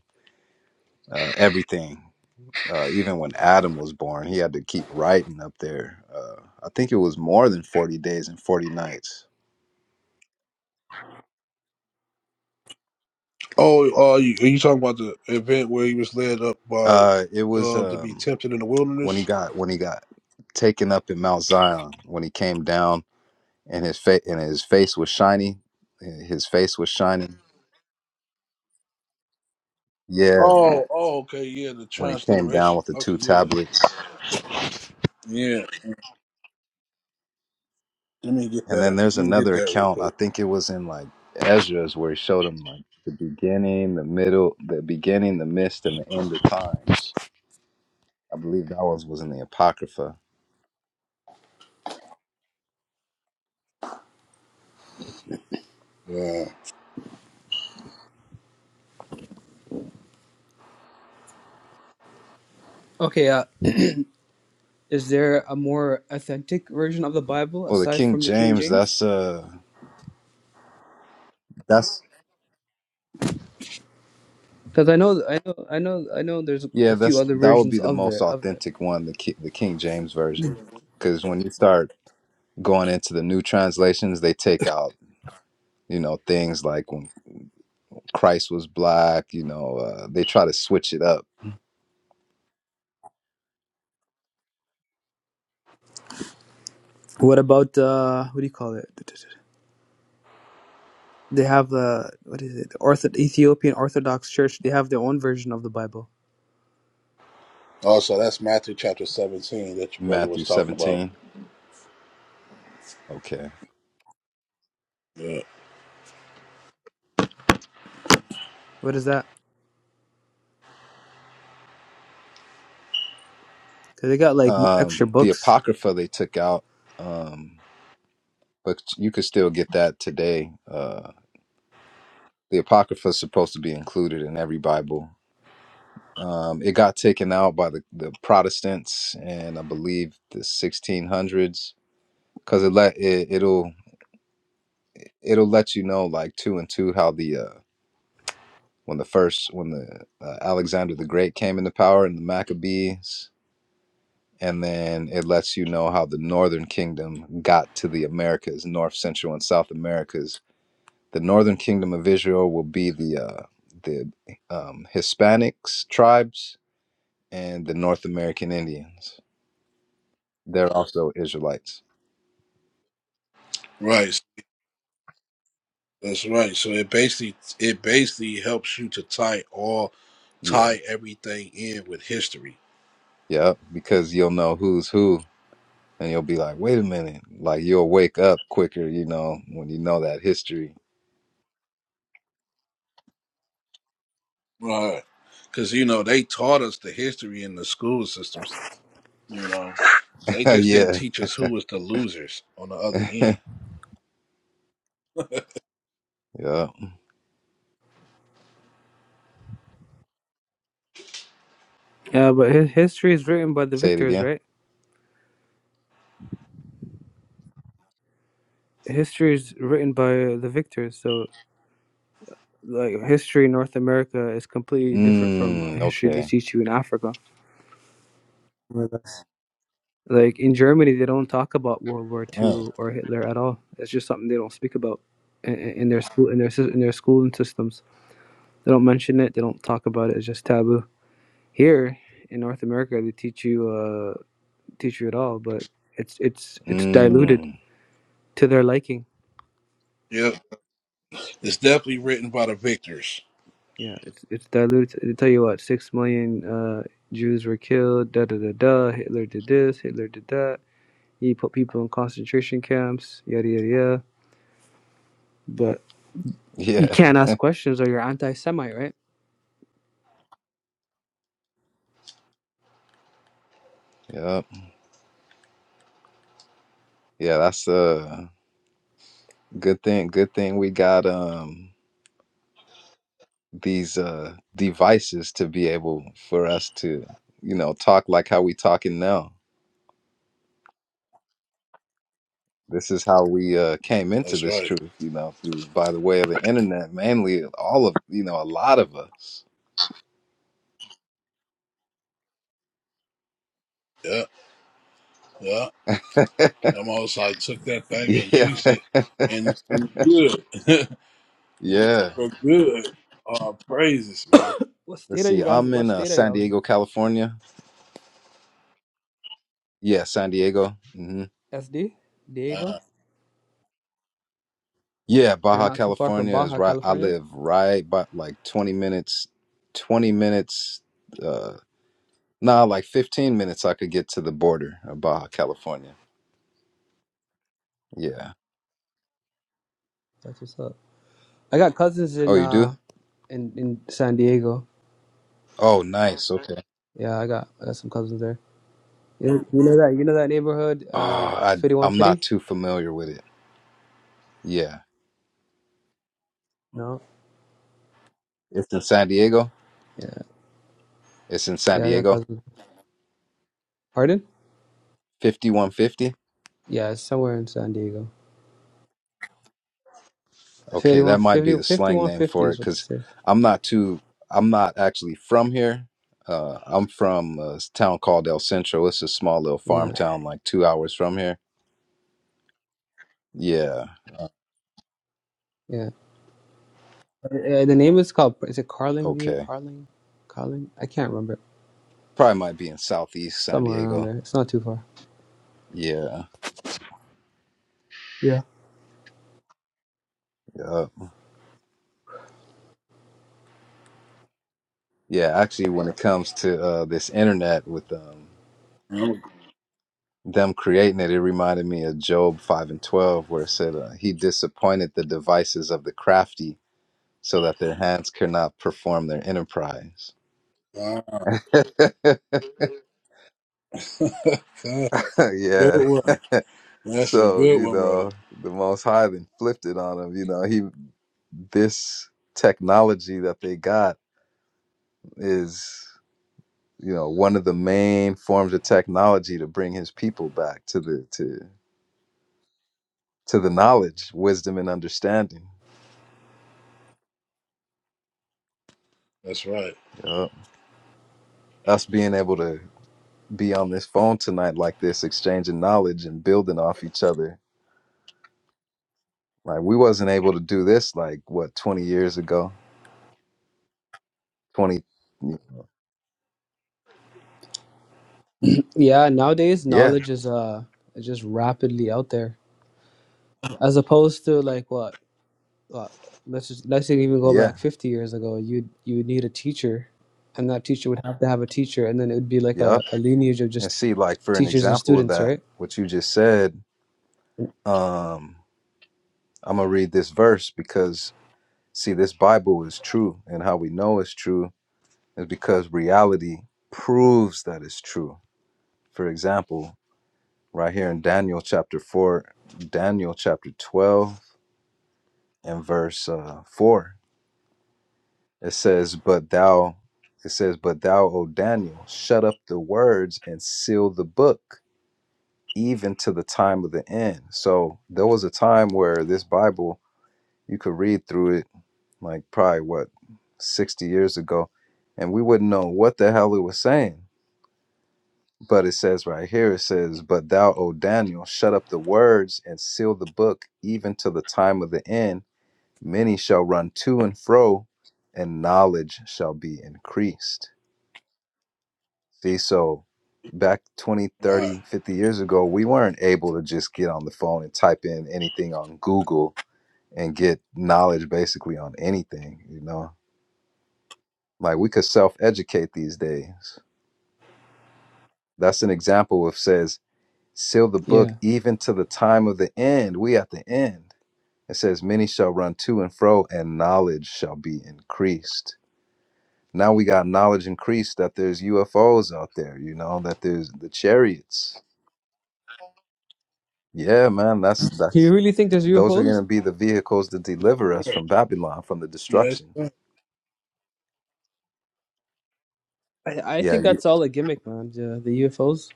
S4: uh, everything Uh, even when Adam was born, he had to keep writing up there. Uh, I think it was more than forty days and forty nights.
S3: Oh, uh, you, are you talking about the event where he was led up by,
S4: Uh, it was
S3: um, to be
S4: um,
S3: tempted in the
S4: when he
S3: wilderness?
S4: got when he got taken up in Mount Zion when he came down and his face and his face was shiny. His face was shining. Yeah,
S3: Oh, oh, okay, yeah, the
S4: when he came down
S3: transliteration.
S4: with the two
S3: Okay, yeah,
S4: tablets.
S3: yeah. Let me get
S4: And
S3: that
S4: then
S3: up.
S4: there's
S3: Let me get
S4: another
S3: that real
S4: account. I
S3: quick.
S4: think it was in like Ezra's where he showed him like the beginning, the middle, the beginning, the midst, and the end of times. I believe that was was in the Apocrypha.
S3: Yeah.
S5: okay uh, is there a more authentic version of the bible
S4: Well, the
S5: aside
S4: King
S5: from the king
S4: James,
S5: james
S4: that's uh, that's
S5: because i know i know i know i know there's
S4: yeah,
S5: a few
S4: that's
S5: other
S4: that would be
S5: versions
S4: the
S5: of the
S4: most
S5: of it
S4: authentic one, the Ki- the King James version, because when you start going into the new translations, they take out you know things like when Christ was black, you know, uh, they try to switch it up.
S5: what about uh what do you call it They have the what is it? The Ortho Ethiopian Orthodox Church. They have their own version of the Bible.
S3: Also, that's Matthew chapter seventeen that your brother was
S4: Matthew
S3: talking about.
S4: seventeen, okay.
S3: Yeah.
S5: What is that? Because they got like mo-
S4: Um,
S5: extra
S4: the
S5: books.
S4: Apocrypha they took out, um, but you could still get that today. Uh, the Apocrypha is supposed to be included in every Bible Um, it got taken out by the, the Protestants and I believe the 1600s because it let it, it'll it'll let you know like two and two how the uh, when the first when the uh, Alexander the Great came into power and the Maccabees and then it lets you know how the Northern Kingdom got to the Americas, North, Central, and South Americas. The Northern Kingdom of Israel will be the uh, the um, Hispanics tribes and the North American Indians. They're also Israelites.
S3: Right. That's right. So it basically it basically helps you to tie all
S4: Yeah.
S3: tie everything in with history.
S4: Yep. Because you'll know who's who and you'll be like, wait a minute. Like you'll wake up quicker, you know, when you know that history.
S3: Right. Because you know they taught us the history in the school systems. You know they just didn't
S4: yeah.
S3: teach us who was the losers on the other end.
S4: Yeah.
S5: Yeah, but his history is written by the
S4: Say it
S5: victors,
S4: again.
S5: right? History is written by the victors. So like history in North America is completely different from the
S4: Mm,
S5: history they
S4: okay.
S5: teach you in Africa. Right. Like in Germany, they don't talk about World War
S4: Mm.
S5: Two or Hitler at all. It's just something they don't speak about in, in in their school in their sys- in their schooling systems. They don't mention it. They don't talk about it. It's just taboo. Here in North America, they teach you uh, teach you it all, but it's it's it's diluted
S4: Mm.
S5: to their liking.
S3: Yep. It's definitely written by the victors.
S5: Yeah, it's it's diluted. They tell you what, six million uh, Jews were killed. Da da da da. Hitler did this. Hitler did that. He put people in concentration camps. Yada yada yada. But you
S4: Yeah.
S5: can't ask questions, or you're anti-Semite, right?
S4: Yep. Yeah, that's a good thing. Good thing we got um these uh devices to be able for us to, you know, talk like how we talking now. This is how we uh, came into
S3: That's
S4: this
S3: right.
S4: truth, you know, through by the way of the internet, mainly all of, you know, a lot of us.
S3: Yeah, yeah. I'm almost like took that thing and
S4: Yeah.
S3: used it and, and good.
S4: Yeah.
S3: For good. Uh, praises, man.
S5: what
S4: Let's
S5: state are you
S4: see.
S5: guys?
S4: I'm
S5: What
S4: in uh,
S5: state are
S4: San
S5: y'all in?
S4: Diego, California. Yeah, San Diego. hmm
S5: SD, Diego.
S3: Uh,
S4: Yeah,
S5: You're
S4: Baja
S5: not too far from
S4: California is
S5: Baja,
S4: right. I
S5: California.
S4: live right by like 20 minutes, 20 minutes, uh, nah, like 15 minutes I could get to the border of Baja California. Yeah.
S5: That's what's up. I got cousins in
S4: Oh, you do?
S5: uh in in San Diego.
S4: Oh, nice. Okay.
S5: Yeah, I got I got some cousins there. You know, you know that you know that neighborhood,
S4: Oh,
S5: uh,
S4: I,
S5: fifty one
S4: I'm not
S5: fifty.
S4: too familiar with it. Yeah.
S5: No,
S4: It's in San Diego.
S5: yeah,
S4: It's in San
S5: yeah, I got
S4: Diego.
S5: cousins. Pardon?
S4: 5150.
S5: Yeah, it's somewhere in San Diego.
S4: Okay, that might
S5: 5150,
S4: be the slang name
S5: 5150
S4: for it
S5: is what they
S4: cuz
S5: say.
S4: I'm not too I'm not actually from here. Uh, I'm from a s- town called El Centro. It's a small little farm
S5: Yeah,
S4: town like 2 hours from here. Yeah,
S5: yeah. Uh, the name is called. Is it Carling View?
S4: okay.
S5: Carling, Carling. I can't remember.
S4: Probably might be in southeast San
S5: Somewhere around
S4: Diego.
S5: there. It's not too far.
S4: Yeah.
S5: Yeah.
S4: Yeah. Yeah, actually when it comes to uh this internet with um
S3: I'm-
S4: them creating it, it reminded me of Job 5 and 12, where it said, uh, He disappointed the devices of the crafty so that their hands cannot perform their enterprise.
S3: uh, God, good
S4: yeah.
S3: one. That's a
S4: So,
S3: good
S4: you
S3: one, bro.
S4: know, the most high then flipped it on him. You know, he this technology that they got is, you know, one of the main forms of technology to bring his people back to the to to the knowledge, wisdom and understanding.
S3: That's right.
S4: Yup. Us being able to be on this phone tonight like this, exchanging knowledge and building off each other Like we wasn't able to do this like what 20 years ago. 20
S5: Yeah. Nowadays,
S4: Yeah.
S5: knowledge is uh just rapidly out there, as opposed to like what uh, let's just, let's even go
S4: Yeah.
S5: back 50 years ago you'd you would need a teacher and that teacher would have to have a teacher and then it would be like a,
S4: Yep.
S5: a lineage of
S4: And
S5: just
S4: see like for an
S5: teachers and
S4: example of
S5: students
S4: that
S5: right
S4: what you just said, um I'm going to read this verse because see this Bible is true and how we know it's true is because reality proves that it's true. For example, right here in Daniel chapter 4, Daniel chapter 12 and verse uh 4 It says, But thou, it says, But thou, O Daniel, shut up the words and seal the book, even to the time of the end. So there was a time where this Bible, you could read through it, like probably what, 60 years ago, and we wouldn't know what the hell it was saying. But it says right here, it says, But thou, O Daniel, shut up the words and seal the book, even to the time of the end. Many shall run to and fro, and knowledge shall be increased. See, so back 20, 30, 50
S3: Right.
S4: years ago, we weren't able to just get on the phone and type in anything on Google and get knowledge basically on anything, you know? Like we could self-educate these days. That's an example of says, seal the book
S5: yeah
S4: even to the time of the end. We at the end. It says, many shall run to and fro and knowledge shall be increased. Now we got knowledge increased that there's UFOs out there, you know, that there's the chariots. Yeah, man, that's
S5: do
S4: that's
S5: you really think there's
S4: Those are going to
S5: ufos
S4: be the vehicles that deliver us from Babylon, from the
S3: Yes.
S4: destruction.
S3: sir.
S5: i, I
S4: Yeah.
S5: think
S4: You,
S5: that's all a gimmick man the, the ufos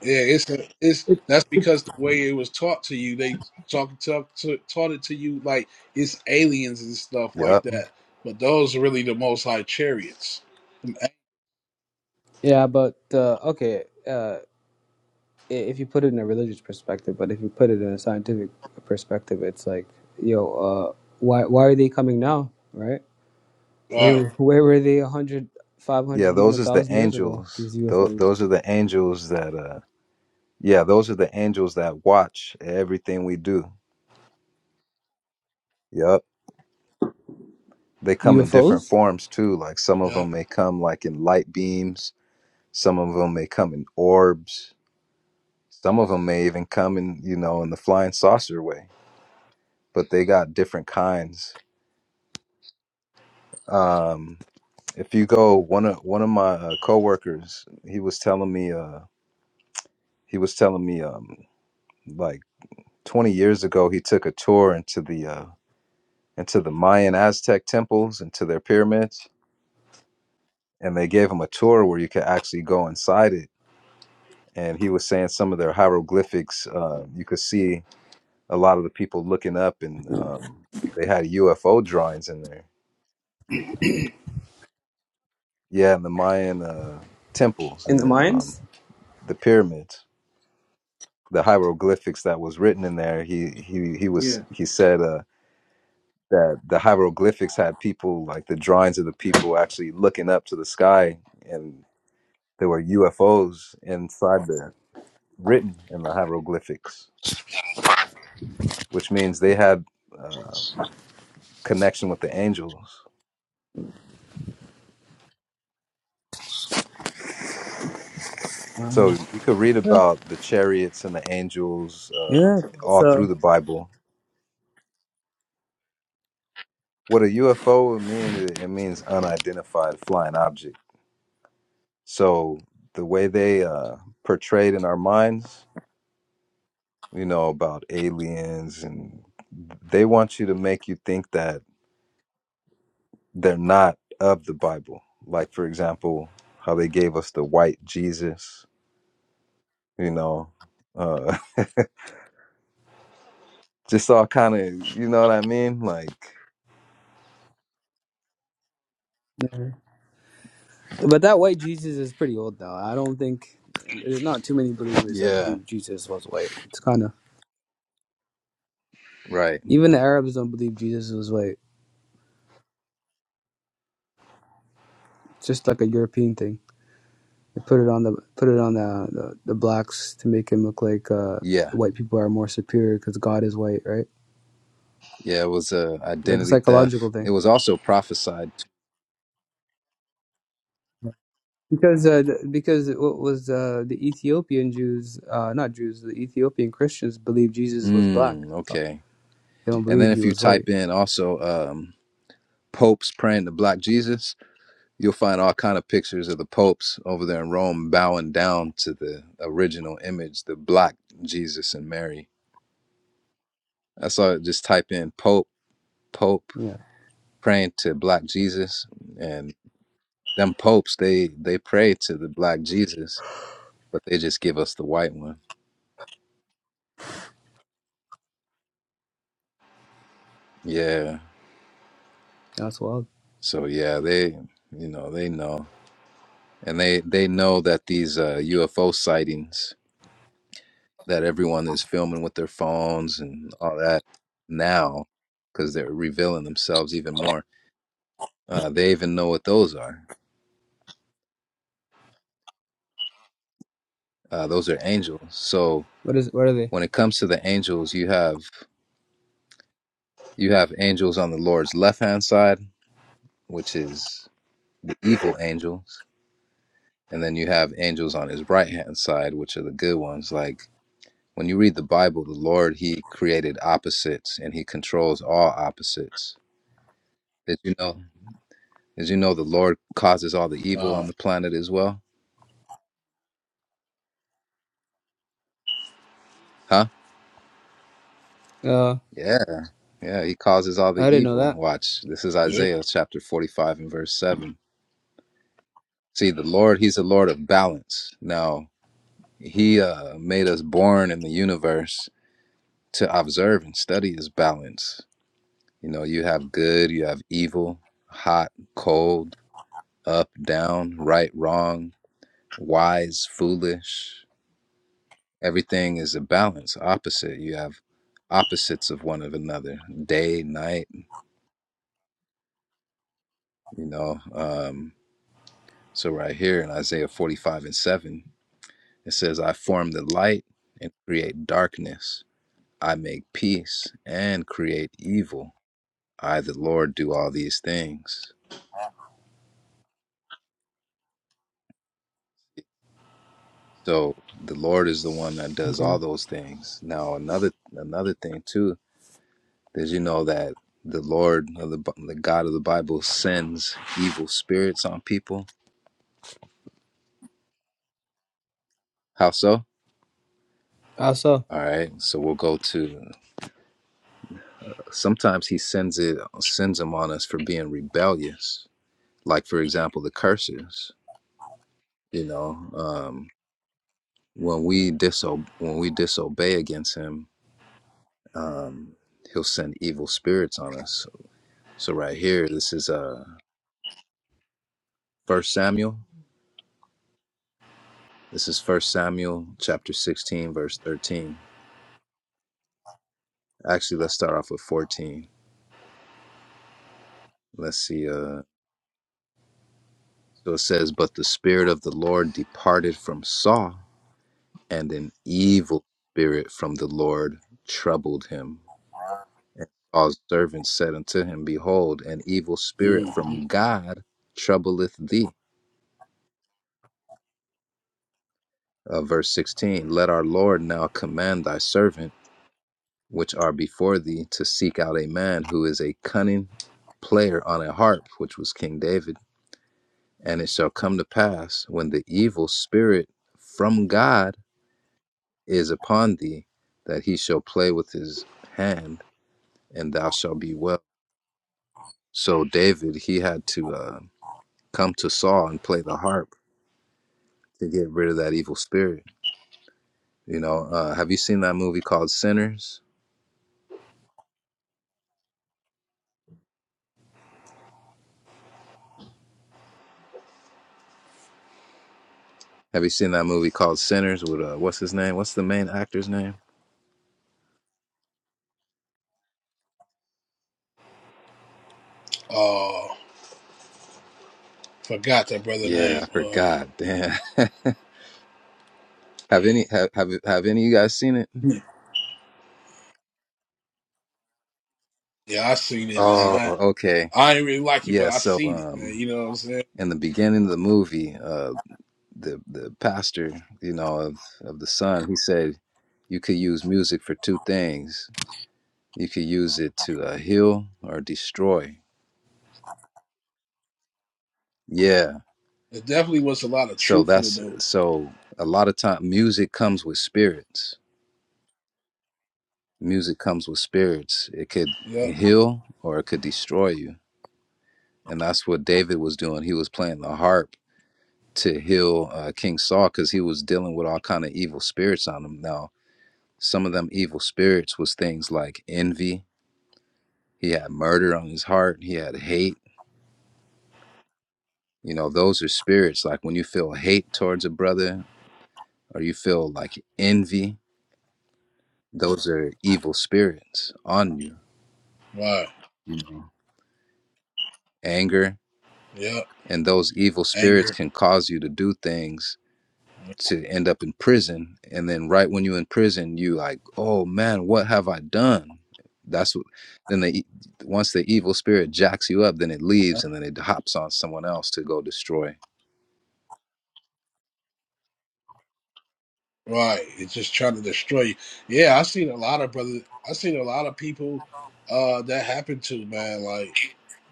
S3: Yeah, it's a, it's that's because the way it was taught to you, they talk, talk to, taught it to you like it's aliens and stuff like
S4: yep.
S3: that. But those are really the most high chariots. All
S5: yeah but uh, okay uh, if you put it in a religious perspective but if you put it in a scientific perspective it's like yo uh, why why are they coming now right
S3: right.
S5: where, where were they a hundred, five
S4: Yeah.
S5: hundred, even
S4: Those
S5: a
S4: is the
S5: thousand years ago
S4: angels.
S5: these
S4: Those,
S5: ufos
S4: those are the angels that, uh, yeah, those are the angels that watch everything we do. Yep. They come in different
S5: UFOs
S4: forms too. Like some of them
S3: Yep.
S4: may come like in light beams. Some of them may come in orbs. Some of them may even come in, you know, in the flying saucer way, but they got different kinds. Um, If you go, one of one of my uh, coworkers, he was telling me, uh, he was telling me, um, like 20 years ago, he took a tour into the uh, into the Mayan Aztec temples, into their pyramids, and they gave him a tour where you could actually go inside it. And he was saying some of their hieroglyphics, uh, you could see a lot of the people looking up, and um, they had UFO drawings in there. Yeah, in the Mayan uh, temples
S5: in
S4: and
S5: the
S4: the um,
S5: mines.
S4: the pyramids. the hieroglyphics that was written in there he he he was
S5: Yeah.
S4: he said uh that the hieroglyphics had people like the drawings of the people actually looking up to the sky and there were UFOs inside the written in the hieroglyphics which means they had uh connection with the angels so
S5: Mhm.
S4: you could read
S5: Yeah.
S4: about the chariots and the angels uh
S5: Yeah.
S4: all through
S5: So.
S4: the bible what a UFO would mean it it means unidentified flying object So the way they uh, portrayed in our minds, you know, about aliens, and they want you to make you think that they're not of the Bible. Like, for example, how they gave us the white Jesus, you know, uh, just all kind of, you know what I mean? Like,
S5: Yeah. But that white Jesus is pretty old though. I don't think there's not too many believers that
S4: yeah,
S5: believe Jesus was white. It's kind of
S4: right,
S5: even the Arabs don't believe Jesus was white. It's just like a European thing. They put it on the put it on the the, the blacks to make him look like uh,
S4: yeah,
S5: white people are more superior because God is white, right?
S4: yeah. It was uh,
S5: It's like a
S4: identity theft.
S5: psychological
S4: It
S5: thing.
S4: was also prophesied.
S5: Because uh, th- because what was uh, the Ethiopian Jews, uh, not Jews, the Ethiopian Christians believe Jesus was black.
S4: Mm, okay.
S5: They don't
S4: And then
S5: believe he
S4: if you
S5: was white.
S4: type in also um, popes praying to black Jesus, You'll find all kind of pictures of the popes over there in Rome bowing down to the original image, the black Jesus and Mary. I saw it just type in Pope, Pope
S5: Yeah,
S4: praying to black Jesus and them popes they they pray to the black Jesus, but they just give us the white one. Yeah.
S5: that's wild.
S4: So yeah, they you know, they know. And they they know that these uh UFO sightings that everyone is filming with their phones and all that now because they're revealing themselves even more. Uh, they even know what those are. Uh, those are angels. So
S5: What is? What are they?
S4: when it comes to the angels, you have you have angels on the Lord's left hand side, which is the evil angels, and then you have angels on his right hand side, which are the good ones. Like when you read the Bible, the Lord he created opposites and he controls all opposites. Did you know? As you know, the Lord causes all the evil
S3: All
S4: on
S3: right.
S4: the planet as well. Huh?
S5: Uh,
S4: Yeah. Yeah, he causes all
S5: I
S4: the
S5: didn't know
S4: evil.
S5: that.
S4: Watch. This is
S3: Yep.
S4: Isaiah chapter 45 and verse 7. See, the Lord, he's the Lord of balance. Now, he uh, made us born in the universe to observe and study his balance. You know, you have good, you have evil, hot, cold, up, down, right, wrong, wise, foolish. Everything is a balance, opposite. You have opposites of one of another, day, night, you know. Um, so, right here in Isaiah 45 and 7, it says, I form the light and create darkness. I make peace and create evil. I, the Lord, do all these things. So the Lord is the one that does
S5: Okay.
S4: all those things. Now another another thing too is you know that the Lord, of the, the God of the Bible, sends evil spirits on people How so?
S5: How so?
S4: All right. So we'll go to. Sometimes he sends it sends them on us for being rebellious. Like for example, the curses. You know, um, when we diso- when we disobey against him, um, he'll send evil spirits on us. So right here, this is uh First Samuel. This is First Samuel chapter sixteen, verse thirteen. Actually, let's start off with fourteen. Let's see. Uh, so it says, "But the spirit of the Lord departed from Saul." And an evil spirit from the Lord troubled him. And Saul's servants said unto him, Behold, an evil spirit
S3: Mm-hmm.
S4: from God troubleth thee. Uh, verse 16 Let our Lord now command thy servant, which are before thee, to seek out a man who is a cunning player on a harp, which was King David. And it shall come to pass when the evil spirit from God is upon thee, that he shall play with his hand, and thou shalt be well. So David, he had to uh, come to Saul and play the harp to get rid of that evil spirit. You know, uh, have you seen that movie called Sinners? Have you seen that movie called Sinners with uh, what's his name? What's the main actor's name?
S3: Uh, forgot that brother
S4: Yeah, I
S3: name. Uh,
S4: forgot. Damn. have any have, have have any of you guys seen it?
S3: yeah, yeah, I seen it, man.
S4: Oh,
S3: I
S4: okay.
S3: I ain't really like it, but
S4: Yeah,
S3: I
S4: so
S3: seen it, man.
S4: um
S3: You know what I'm saying?
S4: in the beginning of the movie, uh the the pastor, you know, of of the son, he said you could use music for two things You could use it to uh, heal or destroy. Yeah.
S3: It definitely was a lot of
S4: So
S3: truth in it,
S4: that's
S3: though.
S4: so a lot of time music comes with spirits. Music comes with spirits. It could
S3: Yep.
S4: heal or it could destroy you. And that's what David was doing. He was playing the harp to heal uh, King Saul cuz he was dealing with all kind of evil spirits on him. Now, some of them evil spirits was things like envy. He had murder on his heart. He had hate. You know, those are spirits like when you feel hate towards a brother or you feel like envy, those are evil spirits on you,
S3: Right.
S4: you know. Anger
S3: Yep.
S4: and those evil spirits
S3: Anger.
S4: can cause you to do things to end up in prison and then right when you're in prison you like, "Oh man, what have I done?" That's what then they once the evil spirit jacks you up, then it leaves
S3: Yep.
S4: and then it hops on someone else to go destroy.
S3: Right. It's just trying to destroy you. Yeah, I seen a lot of brother. I seen a lot of people uh, that happened to man, like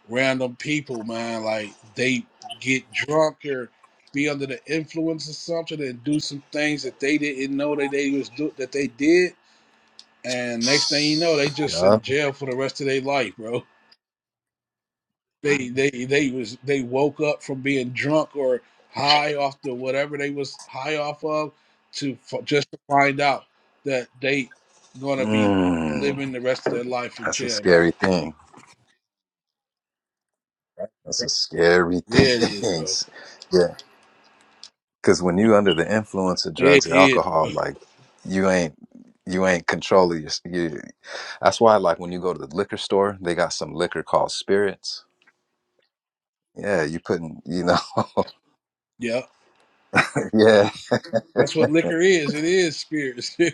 S3: random people, man. Like they get drunk or be under the influence of something and do some things that they didn't know that they was do that they did and next thing you know, they just
S4: Yeah.
S3: in jail for the rest of their life, bro. They they they was they woke up from being drunk or high off the whatever they was high off of to f- just to find out that they gonna be
S4: Mm,
S3: living the rest of their life in
S4: that's a
S3: jail now.
S4: scary thing.
S3: Right,
S4: That's a
S3: right.
S4: scary
S3: Yeah, it is,
S4: thing.
S3: bro.
S4: Yeah. Because when you under the influence of drugs
S3: It
S4: or
S3: is,
S4: alcohol,
S3: bro.
S4: like you ain't you ain't controlling your. You, that's why, like when you go to the liquor store, they got some liquor called spirits. Yeah, you putting you know.
S3: Yeah,
S4: yeah,
S3: that's what liquor is. It is spirits. you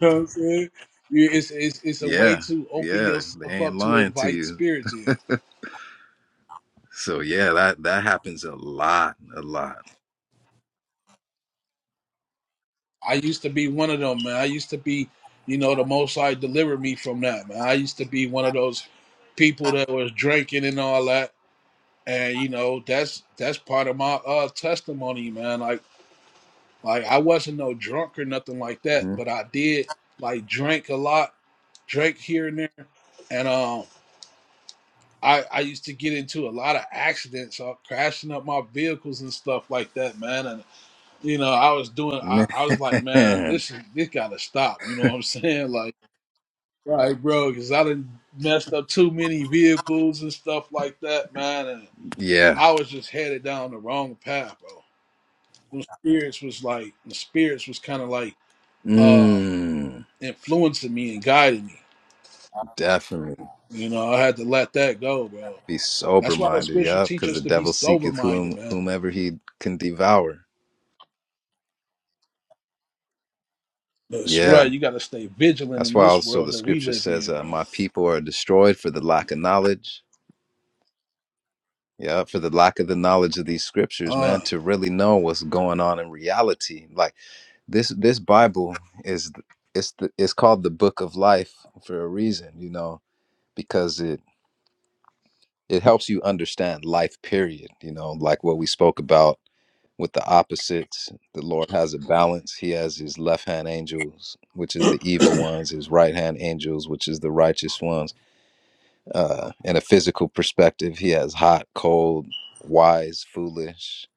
S3: know what I'm saying? You- It's, it's it's a way
S4: yeah,
S3: to open
S4: yeah. They
S3: yourself
S4: ain't
S3: up to
S4: lying to
S3: invite
S4: you.
S3: spirits in.
S4: So yeah, that that happens a lot, a lot.
S3: I used to be one of them, man. I used to be, you know, the most High delivered me from that, man. I used to be one of those people that was drinking and all that. And you know, that's that's part of my uh testimony, man. Like like I wasn't no drunk or nothing like that,
S4: Mhm.
S3: but I did like drink a lot, drink here and there. And um I, I used to get into a lot of accidents, uh, crashing up my vehicles and stuff like that, man. And you know, I was doing, I, I was like, man,
S4: Man,
S3: this is this gotta stop. You know what I'm saying? Like Right, bro, because I done messed up too many vehicles and stuff like that, man. And
S4: yeah.
S3: I was just headed down the wrong path, bro. The spirits was like, the spirits was kind of like uh
S4: Mm,
S3: influencing me and guiding me.
S4: definitely
S3: You know, I had to let that go, bro.
S4: be sober
S3: That's why the
S4: minded.
S3: scriptures
S4: Yeah,
S3: teach
S4: because
S3: us
S4: the
S3: to be
S4: devil
S3: sober
S4: seeketh
S3: minded,
S4: whom
S3: man.
S4: whomever he can devour.
S3: That's right.
S4: Yeah.
S3: You got to stay vigilant
S4: That's
S3: in
S4: why
S3: this
S4: also
S3: world
S4: the
S3: that we
S4: scripture
S3: live
S4: says,
S3: in,
S4: uh, My
S3: bro.
S4: people are destroyed for the lack of knowledge. Yeah, for the lack of the knowledge of these scriptures,
S3: Uh,
S4: man, to really know what's going on in reality. Like this this Bible is it's the, it's called the book of life for a reason, you know, because it it helps you understand life period, you know, like what we spoke about with the opposites. The Lord has a balance. He has his left hand angels, which is the evil ones, his right hand angels, which is the righteous ones Uh, in a physical perspective, he has hot, cold, wise, foolish,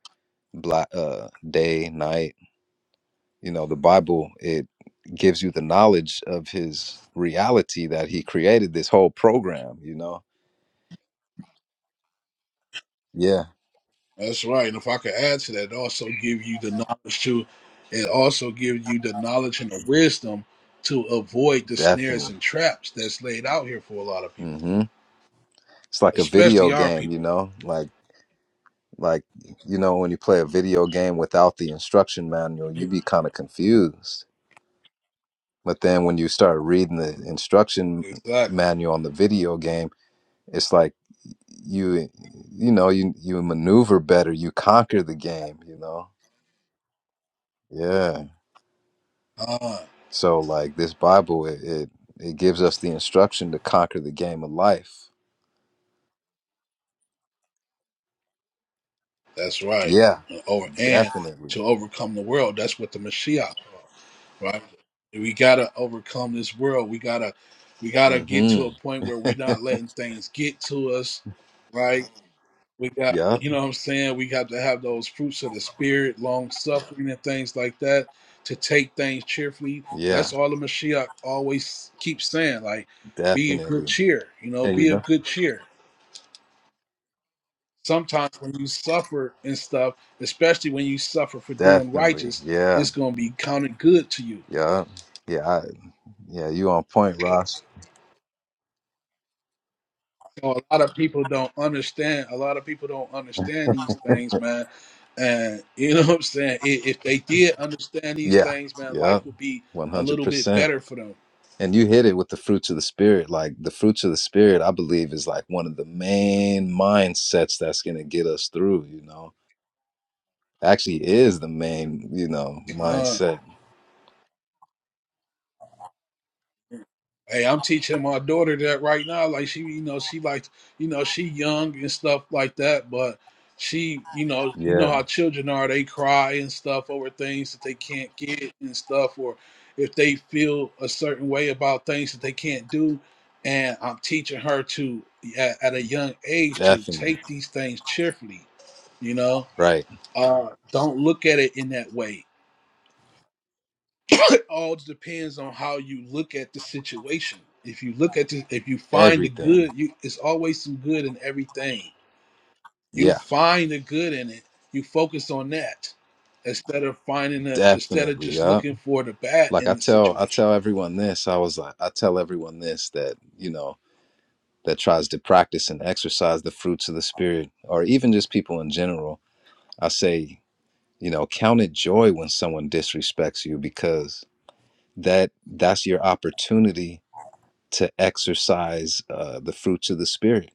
S4: black, uh, day, night. You know, the Bible it gives you the knowledge of his reality that he created this whole program. You know, yeah,
S3: That's right. And if I could add to that, it also give you the knowledge to, it also give you the knowledge and the wisdom to avoid the snares
S4: definitely.
S3: and traps that's laid out here for a lot of people,
S4: hmm It's like a video
S3: especially our
S4: game. You
S3: people.
S4: know, like like you know when you play a video game without the instruction manual, you be kind of confused. But then when you start reading the instruction
S3: Exactly.
S4: manual on the video game it's like you you know you you maneuver better you conquer the game you know yeah
S3: Ah,
S4: so like this bible it it, it gives us the instruction to conquer the game of life
S3: that's right.
S4: yeah
S3: And over and
S4: definitely
S3: to overcome the world, that's what the Mashiach, right? We gotta overcome this world. We gotta, we gotta get to
S4: mm-hmm
S3: a point where we're not letting things get to us, right? We got,
S4: yep
S3: you know what I'm saying? We got to have those fruits of the spirit, long suffering, and things like that to take things cheerfully.
S4: yeah
S3: That's all the Mashiach always keeps saying. Like, be of good
S4: definitely
S3: cheer, you know,
S4: and you
S3: be
S4: know
S3: of good cheer. Sometimes when you suffer and stuff, especially when you suffer for doing
S4: definitely
S3: righteous,
S4: yeah
S3: it's going to be counted good to you.
S4: yeah yeah I, yeah you on point ross
S3: know, a lot of people don't understand. A lot of people don't understand these things, man. And you know what I'm saying? If, if they did understand these
S4: yeah
S3: things, man, life
S4: yeah
S3: would be a little bit
S4: 100%
S3: better for
S4: And you hit it with the fruits of the spirit. Like the fruits of the spirit, I believe, is like one of the main mindsets that's going to get us through, you know? Actually, is the main, you know,
S3: them.
S4: mindset.
S3: Hey, I'm teaching my daughter that right now. Like she, you know, she like, you know, she young and stuff like that. But she, you know, you know
S4: Yeah,
S3: how children are. They cry and stuff over things that they can't get and stuff, or if they feel a certain way about things that they can't do. And I'm teaching her to, at, at a young age, to
S4: definitely.
S3: take these things cheerfully. You know,
S4: Right.
S3: uh, don't look at it in that way all depends on how you look at the situation. If you look at the, if you find the
S4: Everything.
S3: good, you it's always some good in everything. You
S4: Yeah,
S3: find the good in it. You focus on that instead of finding the instead of
S4: definitely.
S3: just
S4: Yeah.
S3: looking for the bad
S4: Like I
S3: in the
S4: tell, I
S3: situation.
S4: tell everyone this. I was like, I tell everyone this that, you know, that tries to practice and exercise the fruits of the spirit, or even just people in general. I say, you know, count it joy when someone disrespects you because that that's your opportunity to exercise uh, the fruits of the spirit.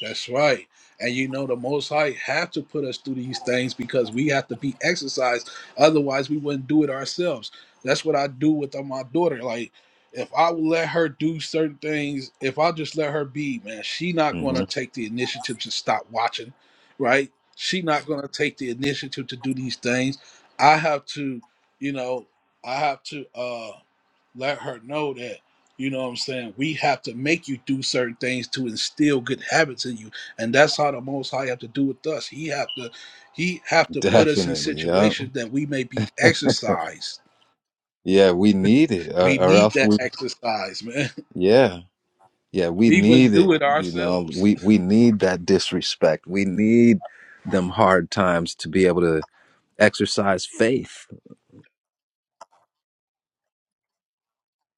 S3: That's right. And you know the Most High have to put us through these things because we have to be exercised. Otherwise, we wouldn't do it ourselves. That's what I do with uh, my daughter. Like, if I would let her do certain things, if I just let her be, man, she not
S4: hmm
S3: gonna take the initiative to stop watching, right? She not gonna take the initiative to do these things. I have to, you know, I have to. uh, let her know that you know what i'm saying we have to make you do certain things to instill good habits in you and that's how the most high have to do with us he have to he have to put us in
S4: Definitely. Yeah.
S3: situations that we may be exercised
S4: Yeah. We need it, or,
S3: we
S4: or
S3: need
S4: else
S3: that
S4: we.
S3: exercise man
S4: Yeah. Yeah. We
S3: we wouldn't
S4: need
S3: do
S4: it.
S3: it
S4: You know,
S3: ourselves
S4: we we need that disrespect. We need them hard times to be able to exercise faith.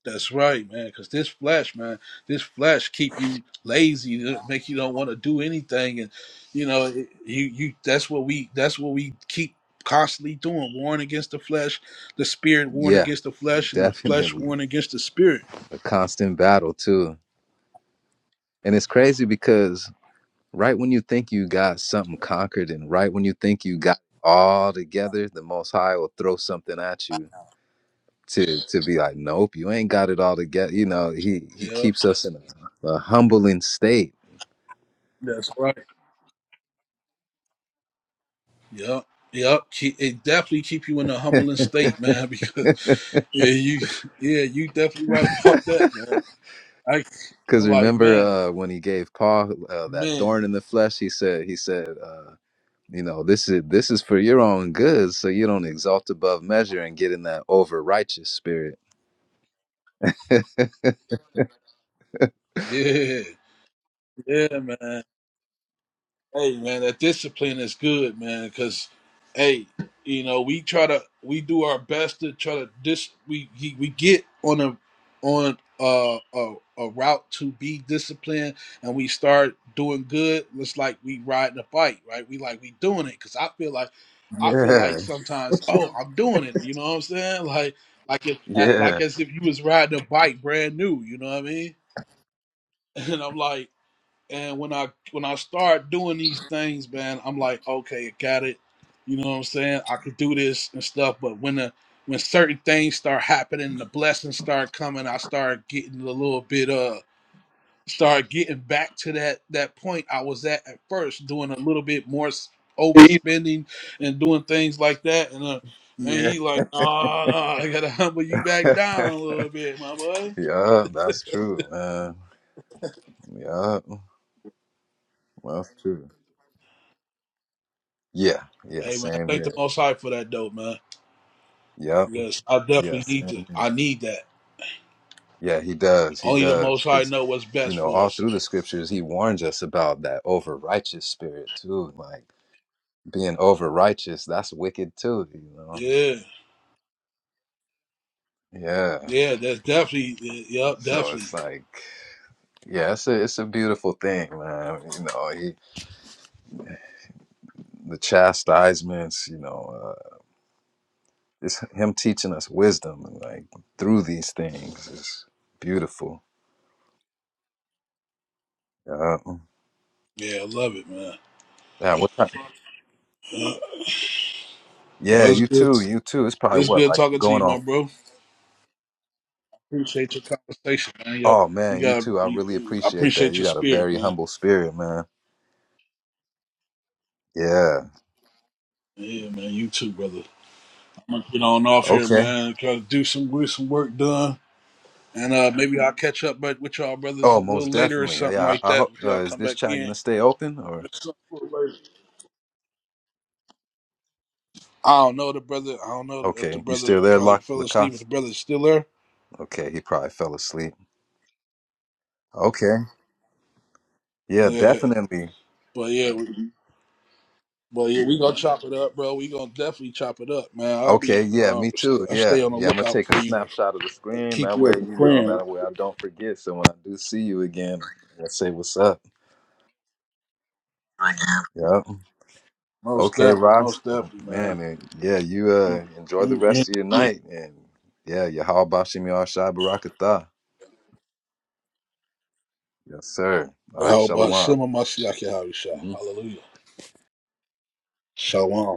S3: That's right, man. Because this flesh, man, this flesh keep you lazy, it make you don't want to do anything, and you know, it- you you. That's what we. That's what we keep constantly doing. Warring against the flesh, the spirit warring
S4: Yeah.
S3: against the flesh, and the flesh
S4: Definitely.
S3: warring against the spirit.
S4: A constant battle too, and it's crazy because Right when you think you got something conquered and right when you think you got all together, the most high will throw something at you to to be like, Nope, you ain't got it all together. You know, he he
S3: Yeah,
S4: keeps us in a, a humbling state.
S3: that's right. Yeah. Yep, Keep- it definitely keep you in a humbling state, man. Because yeah, you yeah, you definitely right about that, man. I,
S4: Because
S3: I'm like,
S4: remember
S3: man,
S4: uh, when he gave Paul uh, that
S3: man,
S4: thorn in the flesh, he said, he said, uh, you know, this is this is for your own good, so you don't exalt above measure and get in that over righteous spirit.
S3: yeah, yeah, man. Hey man, that discipline is good, man. Because, hey, you know we try to we do our best to try to dis we we we get on a on a a, a route to be disciplined, and we start doing good. It's like we riding a bike, right? We like we doing it because I feel like I feel
S4: Yeah,
S3: like sometimes oh I'm doing it. You know what I'm saying? Like like if
S4: yeah,
S3: like as if you was riding a bike brand new. You know what I mean? And I'm like. And when I when I start doing these things, man, I'm like, okay, I got it. You know what I'm saying? I could do this and stuff. But when the when certain things start happening, the blessings start coming, I start getting a little bit uh start getting back to that that point I was at at first, doing a little bit more s- overspending and doing things like that. And uh, and he
S4: yeah.
S3: like, no, no, I gotta humble you back down a little bit, my boy.
S4: Yeah, that's true, man. Yeah, that's true. Yeah, yeah,
S3: Hey man,
S4: same
S3: thank the
S4: here.
S3: Most High for that dope, man.
S4: Yep,
S3: Yes, I
S4: yeah,
S3: definitely need to.
S4: same here.
S3: I need that.
S4: Yeah, he does. He
S3: Only the
S4: does.
S3: Most High
S4: Because,
S3: know what's
S4: you
S3: best
S4: know,
S3: for
S4: all
S3: us.
S4: through the scriptures, he warns us about that over righteous spirit, too. Like being over righteous, that's wicked, too, you know?
S3: Yeah,
S4: Yeah.
S3: yeah, that's definitely, yep,
S4: So it's
S3: definitely.
S4: like, yeah, it's a, it's a beautiful thing, man. You know, he, the chastisements, you know. it's him teaching us wisdom like through these things is beautiful. Yeah.
S3: Yeah, I love it, man.
S4: Yeah, what time?
S3: Yeah, that
S4: yeah,
S3: was
S4: you
S3: good.
S4: too, you too. It's probably
S3: It's
S4: what,
S3: good
S4: like
S3: talking to you,
S4: going
S3: my
S4: off.
S3: bro. Appreciate your conversation, man. Yo,
S4: Oh
S3: you
S4: man, you
S3: gotta
S4: too. I really
S3: be. I
S4: appreciate that.
S3: appreciate
S4: You
S3: your
S4: got a
S3: spirit,
S4: very
S3: man.
S4: humble spirit, man. Yeah.
S3: Yeah, man. You too, brother. I'm gonna get on off here,
S4: Okay.
S3: man. Try to do some get some work done, and uh maybe I'll catch up, but with y'all brothers
S4: Oh,
S3: a little
S4: most
S3: later or
S4: definitely. Uh,
S3: something
S4: Yeah,
S3: like
S4: I, I hope
S3: that. If
S4: uh,
S3: y'all
S4: is
S3: come
S4: this
S3: back
S4: chat gonna
S3: in.
S4: stay open or
S3: Let's talk later. I don't know the brother. I don't know if the
S4: okay. You
S3: brother
S4: still there,
S3: probably
S4: Lock
S3: fell asleep.
S4: Laka?
S3: If the brother's still there,
S4: Okay, he probably fell asleep. Okay. Yeah,
S3: yeah.
S4: definitely.
S3: But yeah, we, but yeah, we gonna chop it up, bro. We gonna definitely chop it up, man. I'll
S4: Okay,
S3: be
S4: yeah,
S3: um,
S4: me
S3: st-
S4: too.
S3: I stay
S4: Yeah,
S3: on the
S4: yeah. I'm gonna
S3: lookout
S4: take
S3: for
S4: a
S3: you
S4: snapshot of the
S3: and
S4: screen.
S3: keep
S4: That
S3: you
S4: way,
S3: as a
S4: you know,
S3: friend.
S4: that way I don't forget. So when I do see you again, I say what's up. Yeah.
S3: Most
S4: Okay,
S3: definitely,
S4: Ross.
S3: most
S4: Well,
S3: definitely, man.
S4: man, and yeah, you
S3: You,
S4: uh enjoy the
S3: you,
S4: rest of your
S3: you.
S4: night and yeah, Yahal Bashim Yahshai Barakatah. Yes, sir. All right,
S3: How
S4: Shalom.
S3: about Shema
S4: Mm-hmm.
S3: Mashiach Yahushua? Hallelujah. Shalom.